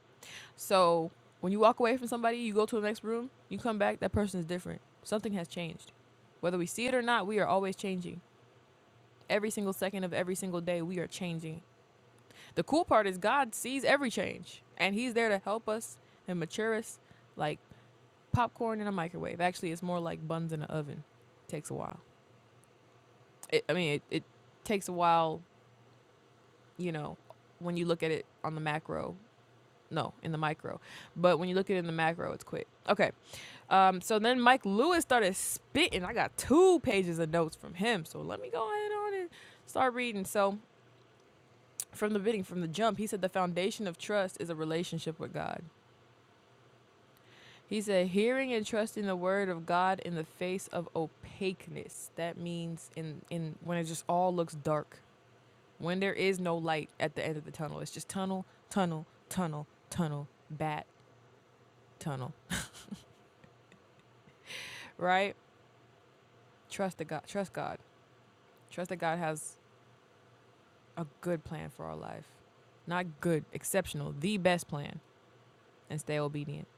Speaker 1: So, when you walk away from somebody, you go to the next room, you come back, that person is different. Something has changed. Whether we see it or not, we are always changing. Every single second of every single day, we are changing. The cool part is God sees every change, and He's there to help us and mature us like popcorn in a microwave. Actually, it's more like buns in an oven. It takes a while. It, I mean, it, it takes a while, you know, when you look at it on the macro. No, in the micro. But when you look at it in the macro, it's quick. Okay. Um, so then Mike Lewis started spitting. I got two pages of notes from him. So let me go ahead on and start reading. So from the beginning, from the jump, he said the foundation of trust is a relationship with God. He said, hearing and trusting the word of God in the face of opaqueness. That means in, in when it just all looks dark, when there is no light at the end of the tunnel. It's just tunnel, tunnel, tunnel, tunnel, bat, tunnel. (laughs) Right? Trust the God. Trust God. Trust that God has a good plan for our life. Not good, exceptional, the best plan, and stay obedient.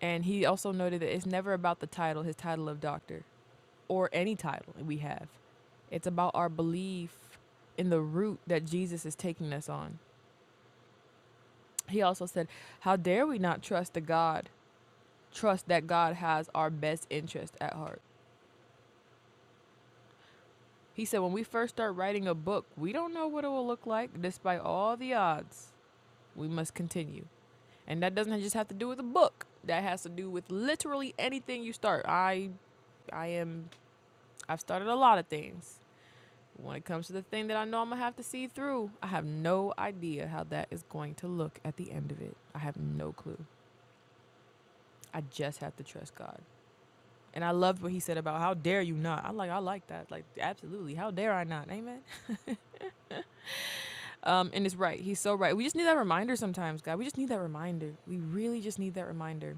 Speaker 1: And he also noted that it's never about the title, his title of doctor. or any title we have. It's about our belief in the route that Jesus is taking us on. He also said, How dare we not trust the God, trust that God has our best interest at heart? He said, When we first start writing a book, we don't know what it will look like despite all the odds. We must continue. And that doesn't just have to do with a book. That has to do with literally anything you start. I I am I've started a lot of things. When it comes to the thing that I know I'm gonna have to see through, I have no idea how that is going to look at the end of it. I have no clue. I just have to trust God. And I loved what he said about how dare you not. I like I like that. Like absolutely. How dare I not? Amen. (laughs) Um, and it's right. He's so right. We just need that reminder sometimes, God. We just need that reminder. We really just need that reminder.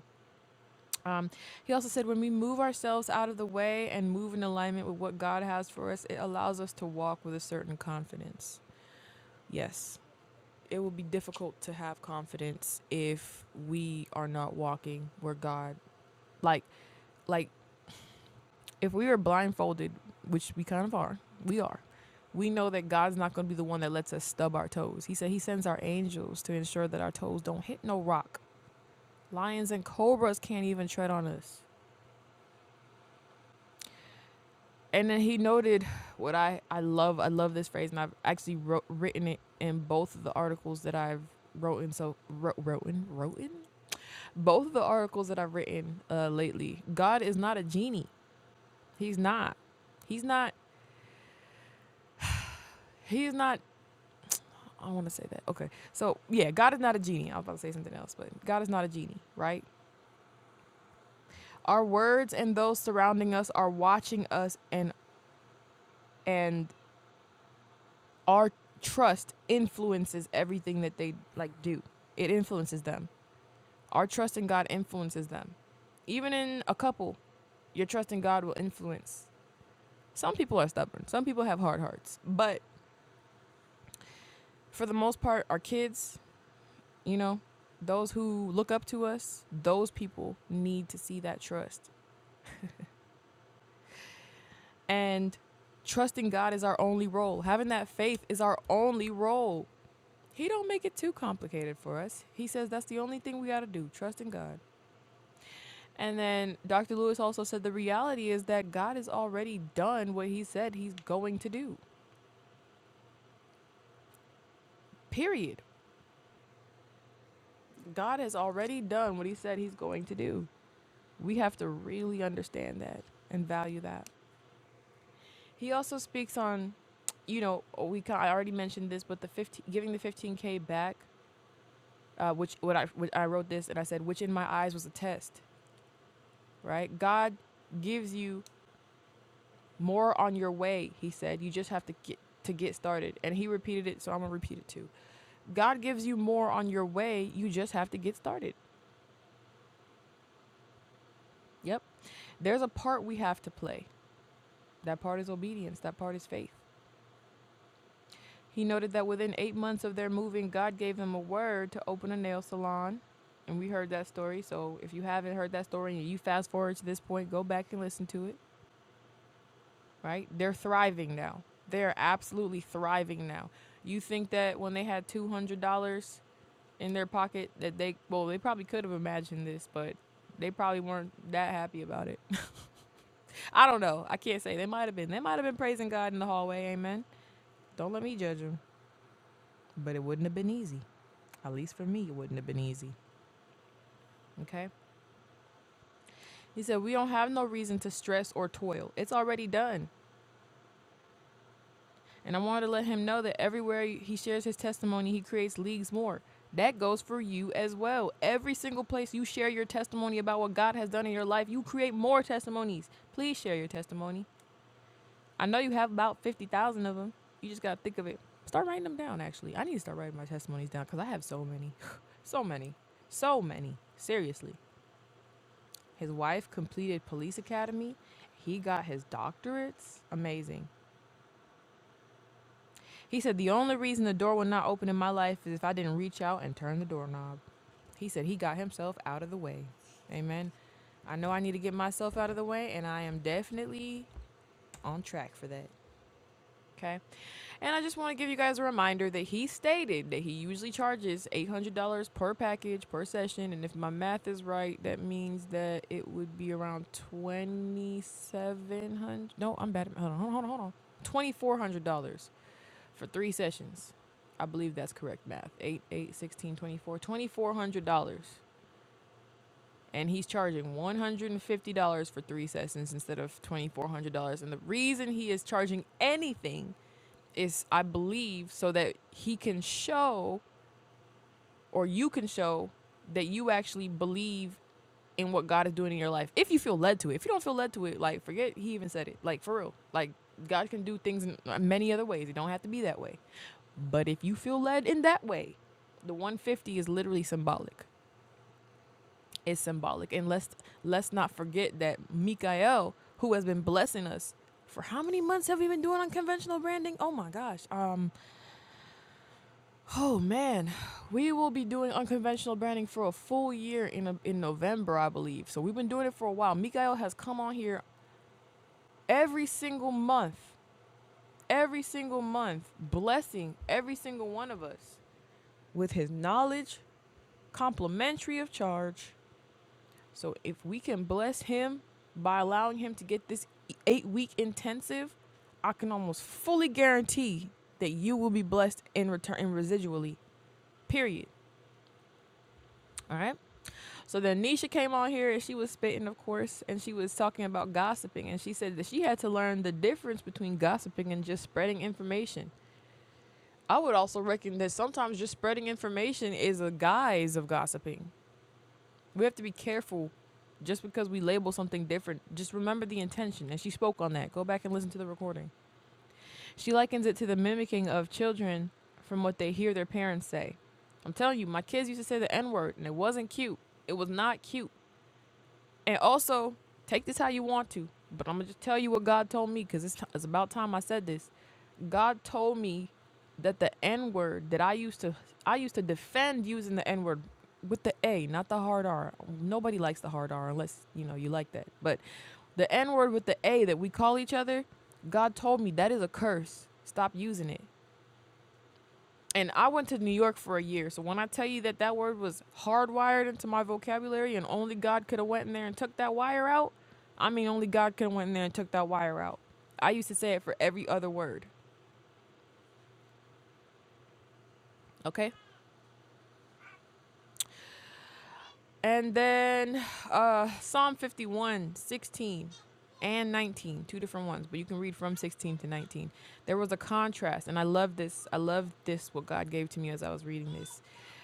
Speaker 1: Um, he also said when we move ourselves out of the way and move in alignment with what God has for us, it allows us to walk with a certain confidence. Yes. it will be difficult to have confidence if we are not walking where God like like if we are blindfolded, which we kind of are, we are. We know that God's not going to be the one that lets us stub our toes. He said he sends our angels to ensure that our toes don't hit no rock. Lions and cobras can't even tread on us. And then he noted what I I love I love this phrase and I've actually wrote, written it in both of the articles that I've wrote in so wrote wrote in wrote in both of the articles that I've written uh, lately, God is not a genie. He's not. He's not. He is not. I don't want to say that. Okay. So, yeah, God is not a genie. I was about to say something else, but God is not a genie, right? Our words and those surrounding us are watching us and and our trust influences everything that they like do. It influences them. Our trust in God influences them. Even in a couple, your trust in God will influence. Some people are stubborn. Some people have hard hearts. But for the most part, our kids, you know, those who look up to us, those people need to see that trust. And trusting God is our only role. Having that faith is our only role. He don't make it too complicated for us. He says that's the only thing we got to do, trust in God. And then Dr. Lewis also said the reality is that God has already done what he said he's going to do. Period. God has already done what he said he's going to do. We have to really understand that and value that. He also speaks on, you know, we ca- I already mentioned this, but the 15, giving the 15k back, uh, which what I what I wrote this and I said, which in my eyes was a test, right? God gives you more on your way. He said, you just have to get to get started, and he repeated it, so I'm gonna repeat it too. God gives you more on your way. You just have to get started. Yep. There's a part we have to play. That part is obedience. That part is faith. He noted that within eight months of their moving, God gave them a word to open a nail salon. And we heard that story. So if you haven't heard that story and you fast forward to this point, go back and listen to it, right? They're thriving now. They are absolutely thriving now. You think that when they had $200 in their pocket, that they, well, they probably could have imagined this, but they probably weren't that happy about it. (laughs) I don't know. I can't say. They might have been. They might have been praising God in the hallway. Amen. Don't let me judge them. But it wouldn't have been easy. At least for me, it wouldn't have been easy. Okay? He said, We don't have no reason to stress or toil. It's already done. And I wanted to let him know that everywhere he shares his testimony, he creates leagues more. That goes for you as well. Every single place you share your testimony about what God has done in your life, you create more testimonies. Please share your testimony. I know you have about 50,000 of them. You just got to think of it. Start writing them down, actually. I need to start writing my testimonies down because I have so many. (sighs) (laughs) so many. So many. Seriously. His wife completed police academy. He got his doctorates. Amazing. He said the only reason the door would not open in my life is if I didn't reach out and turn the doorknob. He said he got himself out of the way. Amen. I know I need to get myself out of the way, and I am definitely on track for that. Okay. And I just want to give you guys a reminder that he stated that he usually charges $800 per package per session. And if my math is right, that means that it would be around 2700 dollars No, I'm bad. at- Hold on, hold on, hold on. $2,400 for three sessions. I believe that's correct math. 8, eight, sixteen, twenty-four, $2,400. And he's charging $150 for three sessions instead of $2,400. And the reason he is charging anything is I believe so that he can show or you can show that you actually believe in what God is doing in your life. If you feel led to it. If you don't feel led to it, like forget he even said it. Like for real. Like God can do things in uh, many other ways. It don't have to be that way. But if you feel led in that way, the 150 is literally symbolic. It's symbolic. And let's let's not forget that Mikael, who has been blessing us for how many months have we been doing unconventional branding? Oh my gosh. Um Oh man, we will be doing unconventional branding for a full year in a, in November, I believe. So we've been doing it for a while. Mikael has come on here every single month, every single month, blessing every single one of us with his knowledge, complimentary of charge. So if we can bless him by allowing him to get this 8-week intensive, I can almost fully guarantee that you will be blessed in return and residually. Period. All right? So then Nisha came on here and she was spitting, of course, and she was talking about gossiping. And she said that she had to learn the difference between gossiping and just spreading information. I would also reckon that sometimes just spreading information is a guise of gossiping. We have to be careful just because we label something different. Just remember the intention. And she spoke on that. Go back and listen to the recording. She likens it to the mimicking of children from what they hear their parents say. I'm telling you, my kids used to say the N word, and it wasn't cute. It was not cute. And also, take this how you want to, but I'm gonna just tell you what God told me because it's, t- it's about time I said this. God told me that the N word that I used to I used to defend using the N word with the A, not the hard R. Nobody likes the hard R unless you know you like that. But the N word with the A that we call each other, God told me that is a curse. Stop using it. And I went to New York for a year. So when I tell you that that word was hardwired into my vocabulary and only God could have went in there and took that wire out, I mean only God could have went in there and took that wire out. I used to say it for every other word. Okay? And then uh, Psalm 51 16 and nineteen, two different ones, but you can read from 16 to 19. There was a contrast, and I love this. I love this, what God gave to me as I was reading this.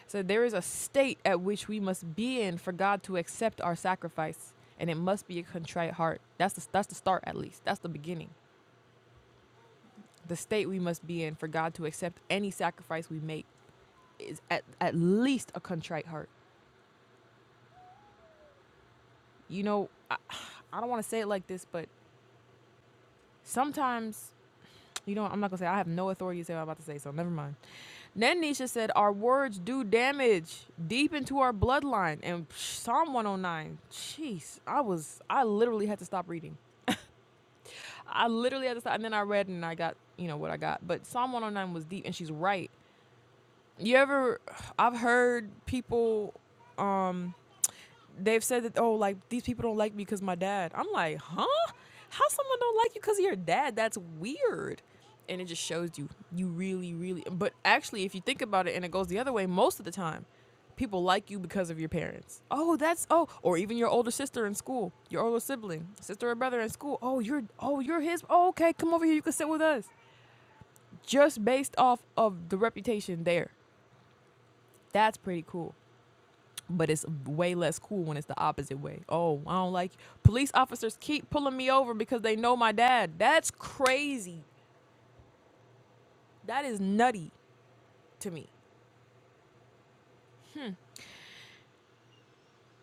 Speaker 1: So there is a state at which we must be in for God to accept our sacrifice, and it must be a contrite heart. That's the, that's the start, at least. That's the beginning. The state we must be in for God to accept any sacrifice we make is at, at least a contrite heart. You know, I, I don't want to say it like this, but Sometimes, you know, I'm not gonna say I have no authority to say what I'm about to say, so never mind. Then Nisha said, Our words do damage deep into our bloodline. And Psalm 109, jeez, I was, I literally had to stop reading. I literally had to stop. And then I read and I got, you know, what I got. But Psalm 109 was deep, and she's right. You ever, I've heard people they've said that oh like these people don't like me because my dad i'm like huh how someone don't like you because of your dad that's weird and it just shows you you really really but actually if you think about it and it goes the other way most of the time people like you because of your parents oh that's oh or even your older sister in school your older sibling sister or brother in school oh you're oh you're his oh, okay come over here you can sit with us just based off of the reputation there that's pretty cool but it's way less cool when it's the opposite way. Oh, I don't like you. Police officers keep pulling me over because they know my dad. That's crazy. That is nutty to me.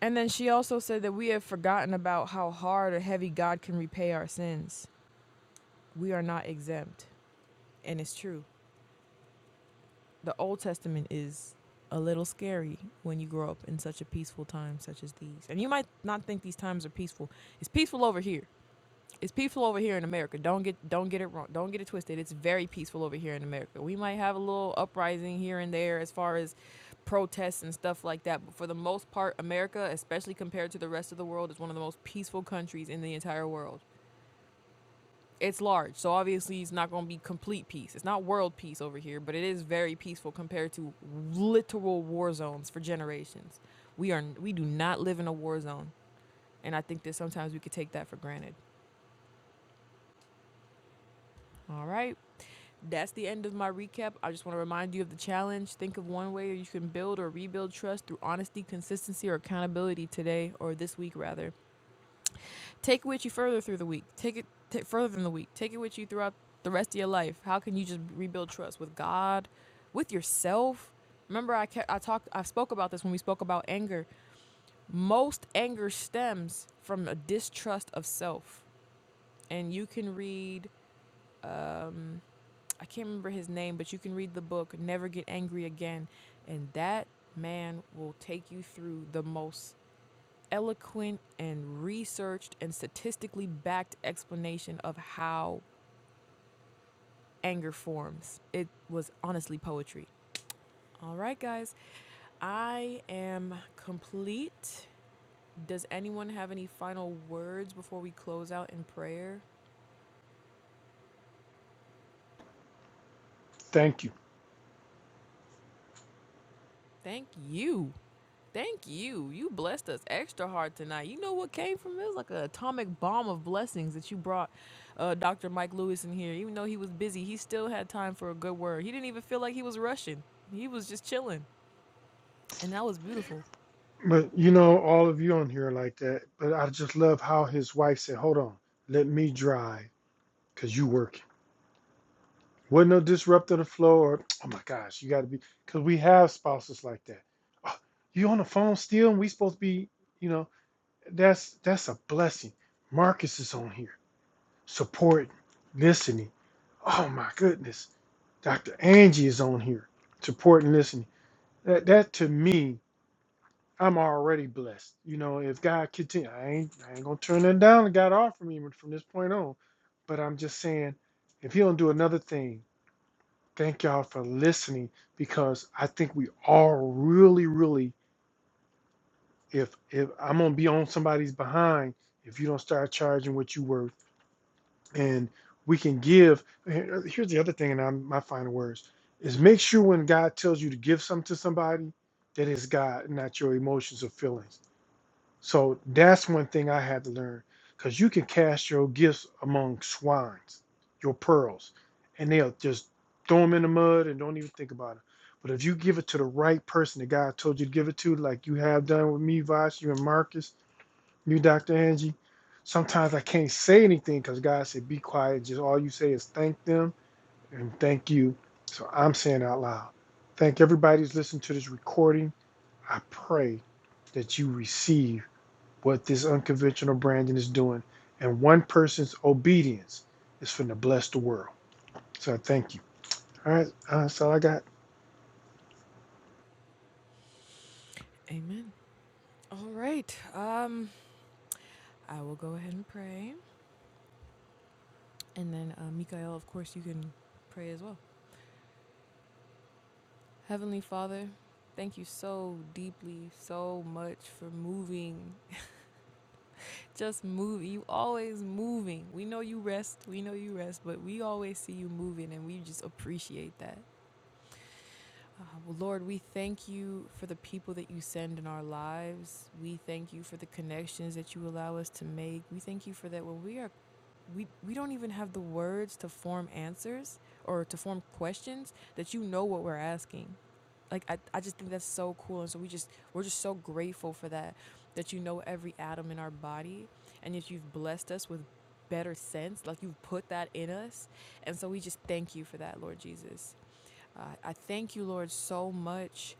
Speaker 1: And then she also said that we have forgotten about how hard or heavy God can repay our sins. We are not exempt. And it's true. The Old Testament is a little scary when you grow up in such a peaceful time such as these. And you might not think these times are peaceful. It's peaceful over here. it's peaceful over here in America. Don't get don't get it wrong. Don't get it twisted. It's very peaceful over here in America. We might have a little uprising here and there as far as protests and stuff like that, but for the most part, America, especially compared to the rest of the world, is one of the most peaceful countries in the entire world. It's large, so obviously it's not going to be complete peace. It's not world peace over here, but it is very peaceful compared to literal war zones for generations. We are we do not live in a war zone, and I think that sometimes we could take that for granted. All right. That's the end of my recap. I just want to remind you of the challenge. Think of one way you can build or rebuild trust through honesty, consistency, or accountability today or this week, rather. Take it with you further through the week. Take it t- further than the week. Take it with you throughout the rest of your life. How can you just rebuild trust with God, with yourself? Remember, I kept, I talked, I spoke about this when we spoke about anger. Most anger stems from a distrust of self, and you can read I can't remember his name, but you can read the book Never Get Angry Again, and that man will take you through the most eloquent and researched and statistically backed explanation of how anger forms. It was honestly poetry. All right, guys, I am complete. Does anyone have any final words before we close out in prayer?
Speaker 2: Thank you.
Speaker 1: Thank you. Thank you. You blessed us extra hard tonight. You know what came from it? It was like an atomic bomb of blessings that you brought uh, Dr. Mike Lewis in here. Even though he was busy, he still had time for a good word. He didn't even feel like he was rushing, he was just chilling. And that was beautiful.
Speaker 2: But you know, all of you on here are like that. But I just love how his wife said, "Hold on, let me drive, cause you working." Wasn't no disrupting the flow, or (tsk) oh my gosh, you got to be, cause we have spouses like that. Oh, you on the phone still, and we supposed to be, you know, that's that's a blessing. Marcus is on here, supporting, listening. Oh my goodness, Dr. Angie is on here, supporting, listening. That that to me I'm already blessed. You know, if God continue, I ain't I ain't gonna turn it down that God offered me from this point on. But I'm just saying, if He don't do another thing, thank y'all for listening because I think we all really, really, if if I'm gonna be on somebody's behind if you don't start charging what you worth, and we can give. here- Here's the other thing, and I'm my final words is make sure when God tells you to give something to somebody, that is God, not your emotions or feelings So that's one thing I had to learn because you can cast your gifts among swines, your pearls, and they'll just throw them in the mud and don't even think about it. But if you give it to the right person the guy I told you to give it to, like you have done with me, Vosh, you and Marcus, you, Dr. Angie, sometimes I can't say anything because God said, be quiet. Just all you say is thank them and thank you. So I'm saying out loud, thank everybody who's listening to this recording. I pray that you receive what this unconventional branding is doing. And one person's obedience is finna bless the world. So I thank you. All right, uh, that's all I got.
Speaker 1: Amen. All right. Um, I will go ahead and pray. And then, uh, Mikael, of course, you can pray as well. Heavenly Father, thank you so deeply, so much for moving Just move. You always moving. We know you rest. We know you rest, but we always see you moving and we just appreciate that. Uh, well, Lord, we thank you for the people that you send in our lives. We thank you for the connections that you allow us to make. We thank you for that when we are we we don't even have the words to form answers or to form questions that you know what we're asking. Like I, I just think that's so cool and so we just we're just so grateful for that that you know every atom in our body and yet you've blessed us with better sense like you've put that in us and so we just thank you for that Lord Jesus. Uh, I thank you, Lord, so much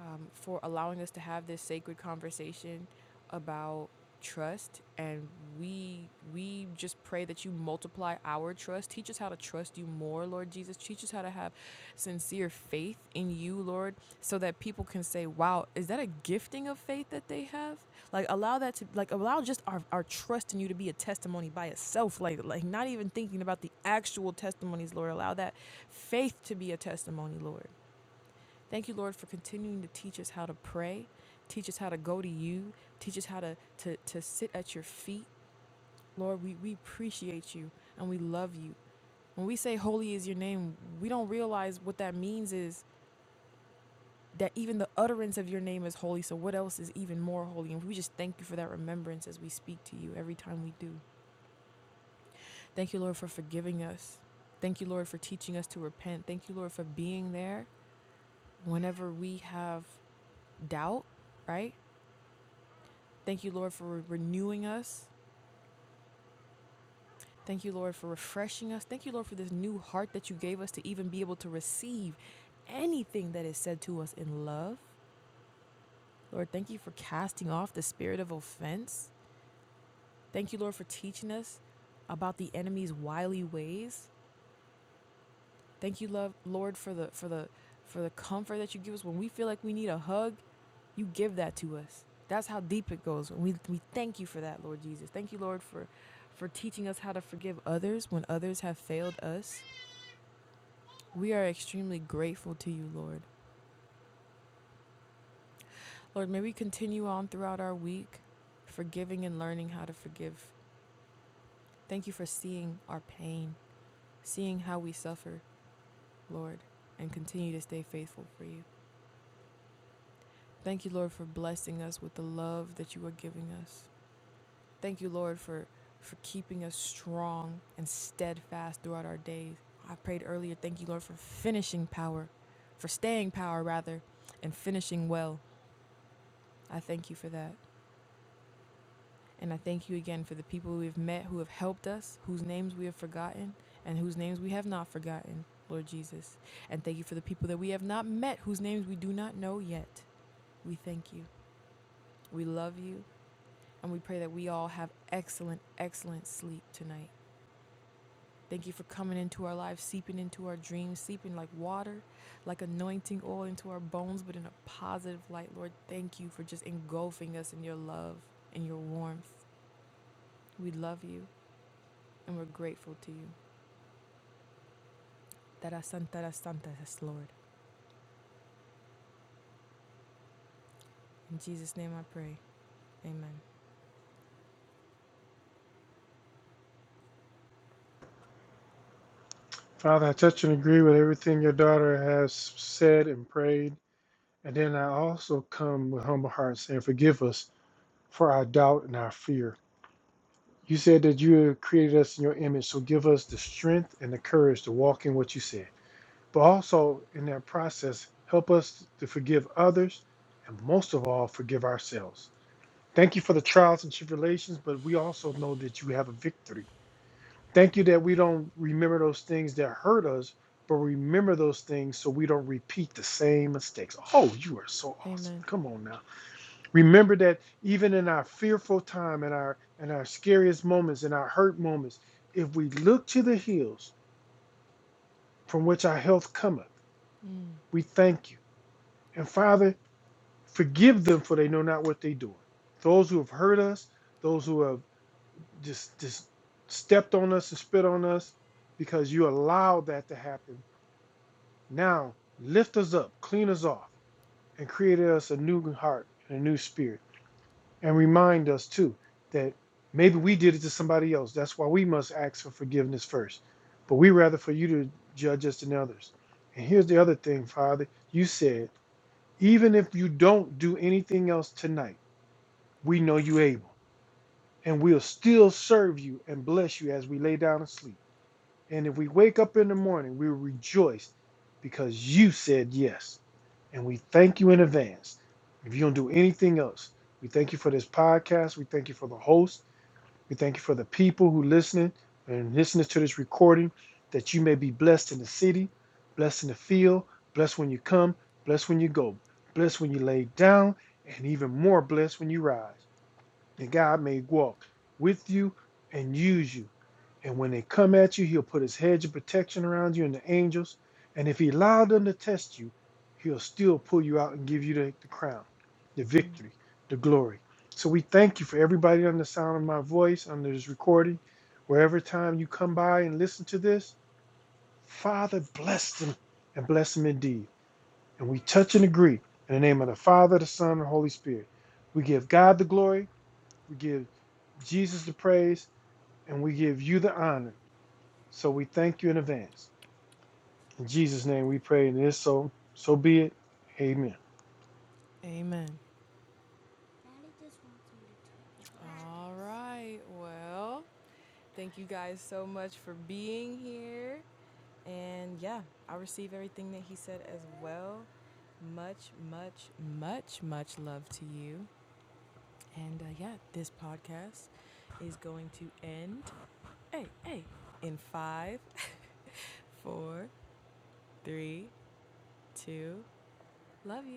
Speaker 1: um, for allowing us to have this sacred conversation about trust and we we just pray that you multiply our trust teach us how to trust you more lord jesus teach us how to have sincere dear faith in you, Lord, so that people can say, wow, is that a gifting of faith that they have? Like allow that to like allow just our, our trust in you to be a testimony by itself. Like like not even thinking about the actual testimonies, Lord. Allow that faith to be a testimony, Lord. Thank you, Lord, for continuing to teach us how to pray, teach us how to go to you, teach us how to to, to sit at your feet. Lord, we, we appreciate you and we love you. When we say holy is your name, we don't realize what that means is that even the utterance of your name is holy. So, what else is even more holy? And we just thank you for that remembrance as we speak to you every time we do. Thank you, Lord, for forgiving us. Thank you, Lord, for teaching us to repent. Thank you, Lord, for being there whenever we have doubt, right? Thank you, Lord, for re- renewing us. Thank you, Lord, for refreshing us. Thank you, Lord, for this new heart that you gave us to even be able to receive anything that is said to us in love. Lord, thank you for casting off the spirit of offense. Thank you, Lord, for teaching us about the enemy's wily ways. Thank you, love, Lord, for the for the for the comfort that you give us when we feel like we need a hug. You give that to us. That's how deep it goes. we we thank you for that, Lord Jesus. Thank you, Lord, for for teaching us how to forgive others when others have failed us. We are extremely grateful to you, Lord. Lord, may we continue on throughout our week, forgiving and learning how to forgive. Thank you for seeing our pain, seeing how we suffer, Lord, and continue to stay faithful for you. Thank you, Lord, for blessing us with the love that you are giving us. Thank you, Lord, for for keeping us strong and steadfast throughout our days. I prayed earlier, thank you, Lord, for finishing power, for staying power rather, and finishing well. I thank you for that. And I thank you again for the people we've met who have helped us, whose names we have forgotten, and whose names we have not forgotten, Lord Jesus. And thank you for the people that we have not met, whose names we do not know yet. We thank you, we love you, and we pray that we all have excellent, excellent sleep tonight. Thank you for coming into our lives, seeping into our dreams, seeping like water, like anointing oil into our bones, but in a positive light. Lord, thank you for just engulfing us in your love and your warmth. We love you and we're grateful to you. Tara Santa, Tara Santa, yes, Lord. In Jesus' name I pray. Amen.
Speaker 2: Father, I touch and agree with everything your daughter has said and prayed. And then I also come with humble heart saying, Forgive us for our doubt and our fear. You said that you have created us in your image, so give us the strength and the courage to walk in what you said. But also, in that process, help us to forgive others and most of all, forgive ourselves. Thank you for the trials and tribulations, but we also know that you have a victory. Thank you that we don't remember those things that hurt us, but remember those things so we don't repeat the same mistakes. Oh, you are so awesome.
Speaker 1: Amen.
Speaker 2: Come on now. Remember that even in our fearful time in our and our scariest moments in our hurt moments, if we look to the hills from which our health cometh,
Speaker 1: hmm
Speaker 2: we thank you. And Father, forgive them for they know not what they do. Those who have hurt us, those who have. just just stepped on us and spit on us because you allowed that to happen. Now lift us up, clean us off, and create us a new heart and a new spirit. And remind us too that maybe we did it to somebody else. That's why we must ask for forgiveness first. But we rather for you to judge us than others. And here's the other thing, Father. You said, even if you don't do anything else tonight, we know you able. And we'll still serve you and bless you as we lay down and sleep. And if we wake up in the morning, we rejoice because you said yes. And we thank you in advance. If you don't do anything else, we thank you for this podcast. We thank you for the host. We thank you for the people who listening and listening to this recording that you may be blessed in the city, blessed in the field, blessed when you come, blessed when you go, blessed when you lay down, and even more blessed when you rise and God may walk with you and use you. And when they come at you, he'll put his hedge of protection around you and the angels. And if he allowed them to test you, he'll still pull you out and give you the, the crown, the victory, the glory. So we thank you for everybody under the sound of my voice, under this recording, wherever time you come by and listen to this, Father, bless them and bless them indeed. And we touch and agree in the name of the Father, the Son, and the Holy Spirit. We give God the glory. We give Jesus the praise and we give you the honor. So we thank you in advance. In Jesus' name we pray, and it is so. So be it. Amen.
Speaker 1: Amen. All right. Well, Thank you guys so much for being here. And yeah, I receive everything that he said as well. Much, much, much, much love to you. And uh, yeah, this podcast is going to end. Hey, hey, in five, (laughs) four, three, two. Love you.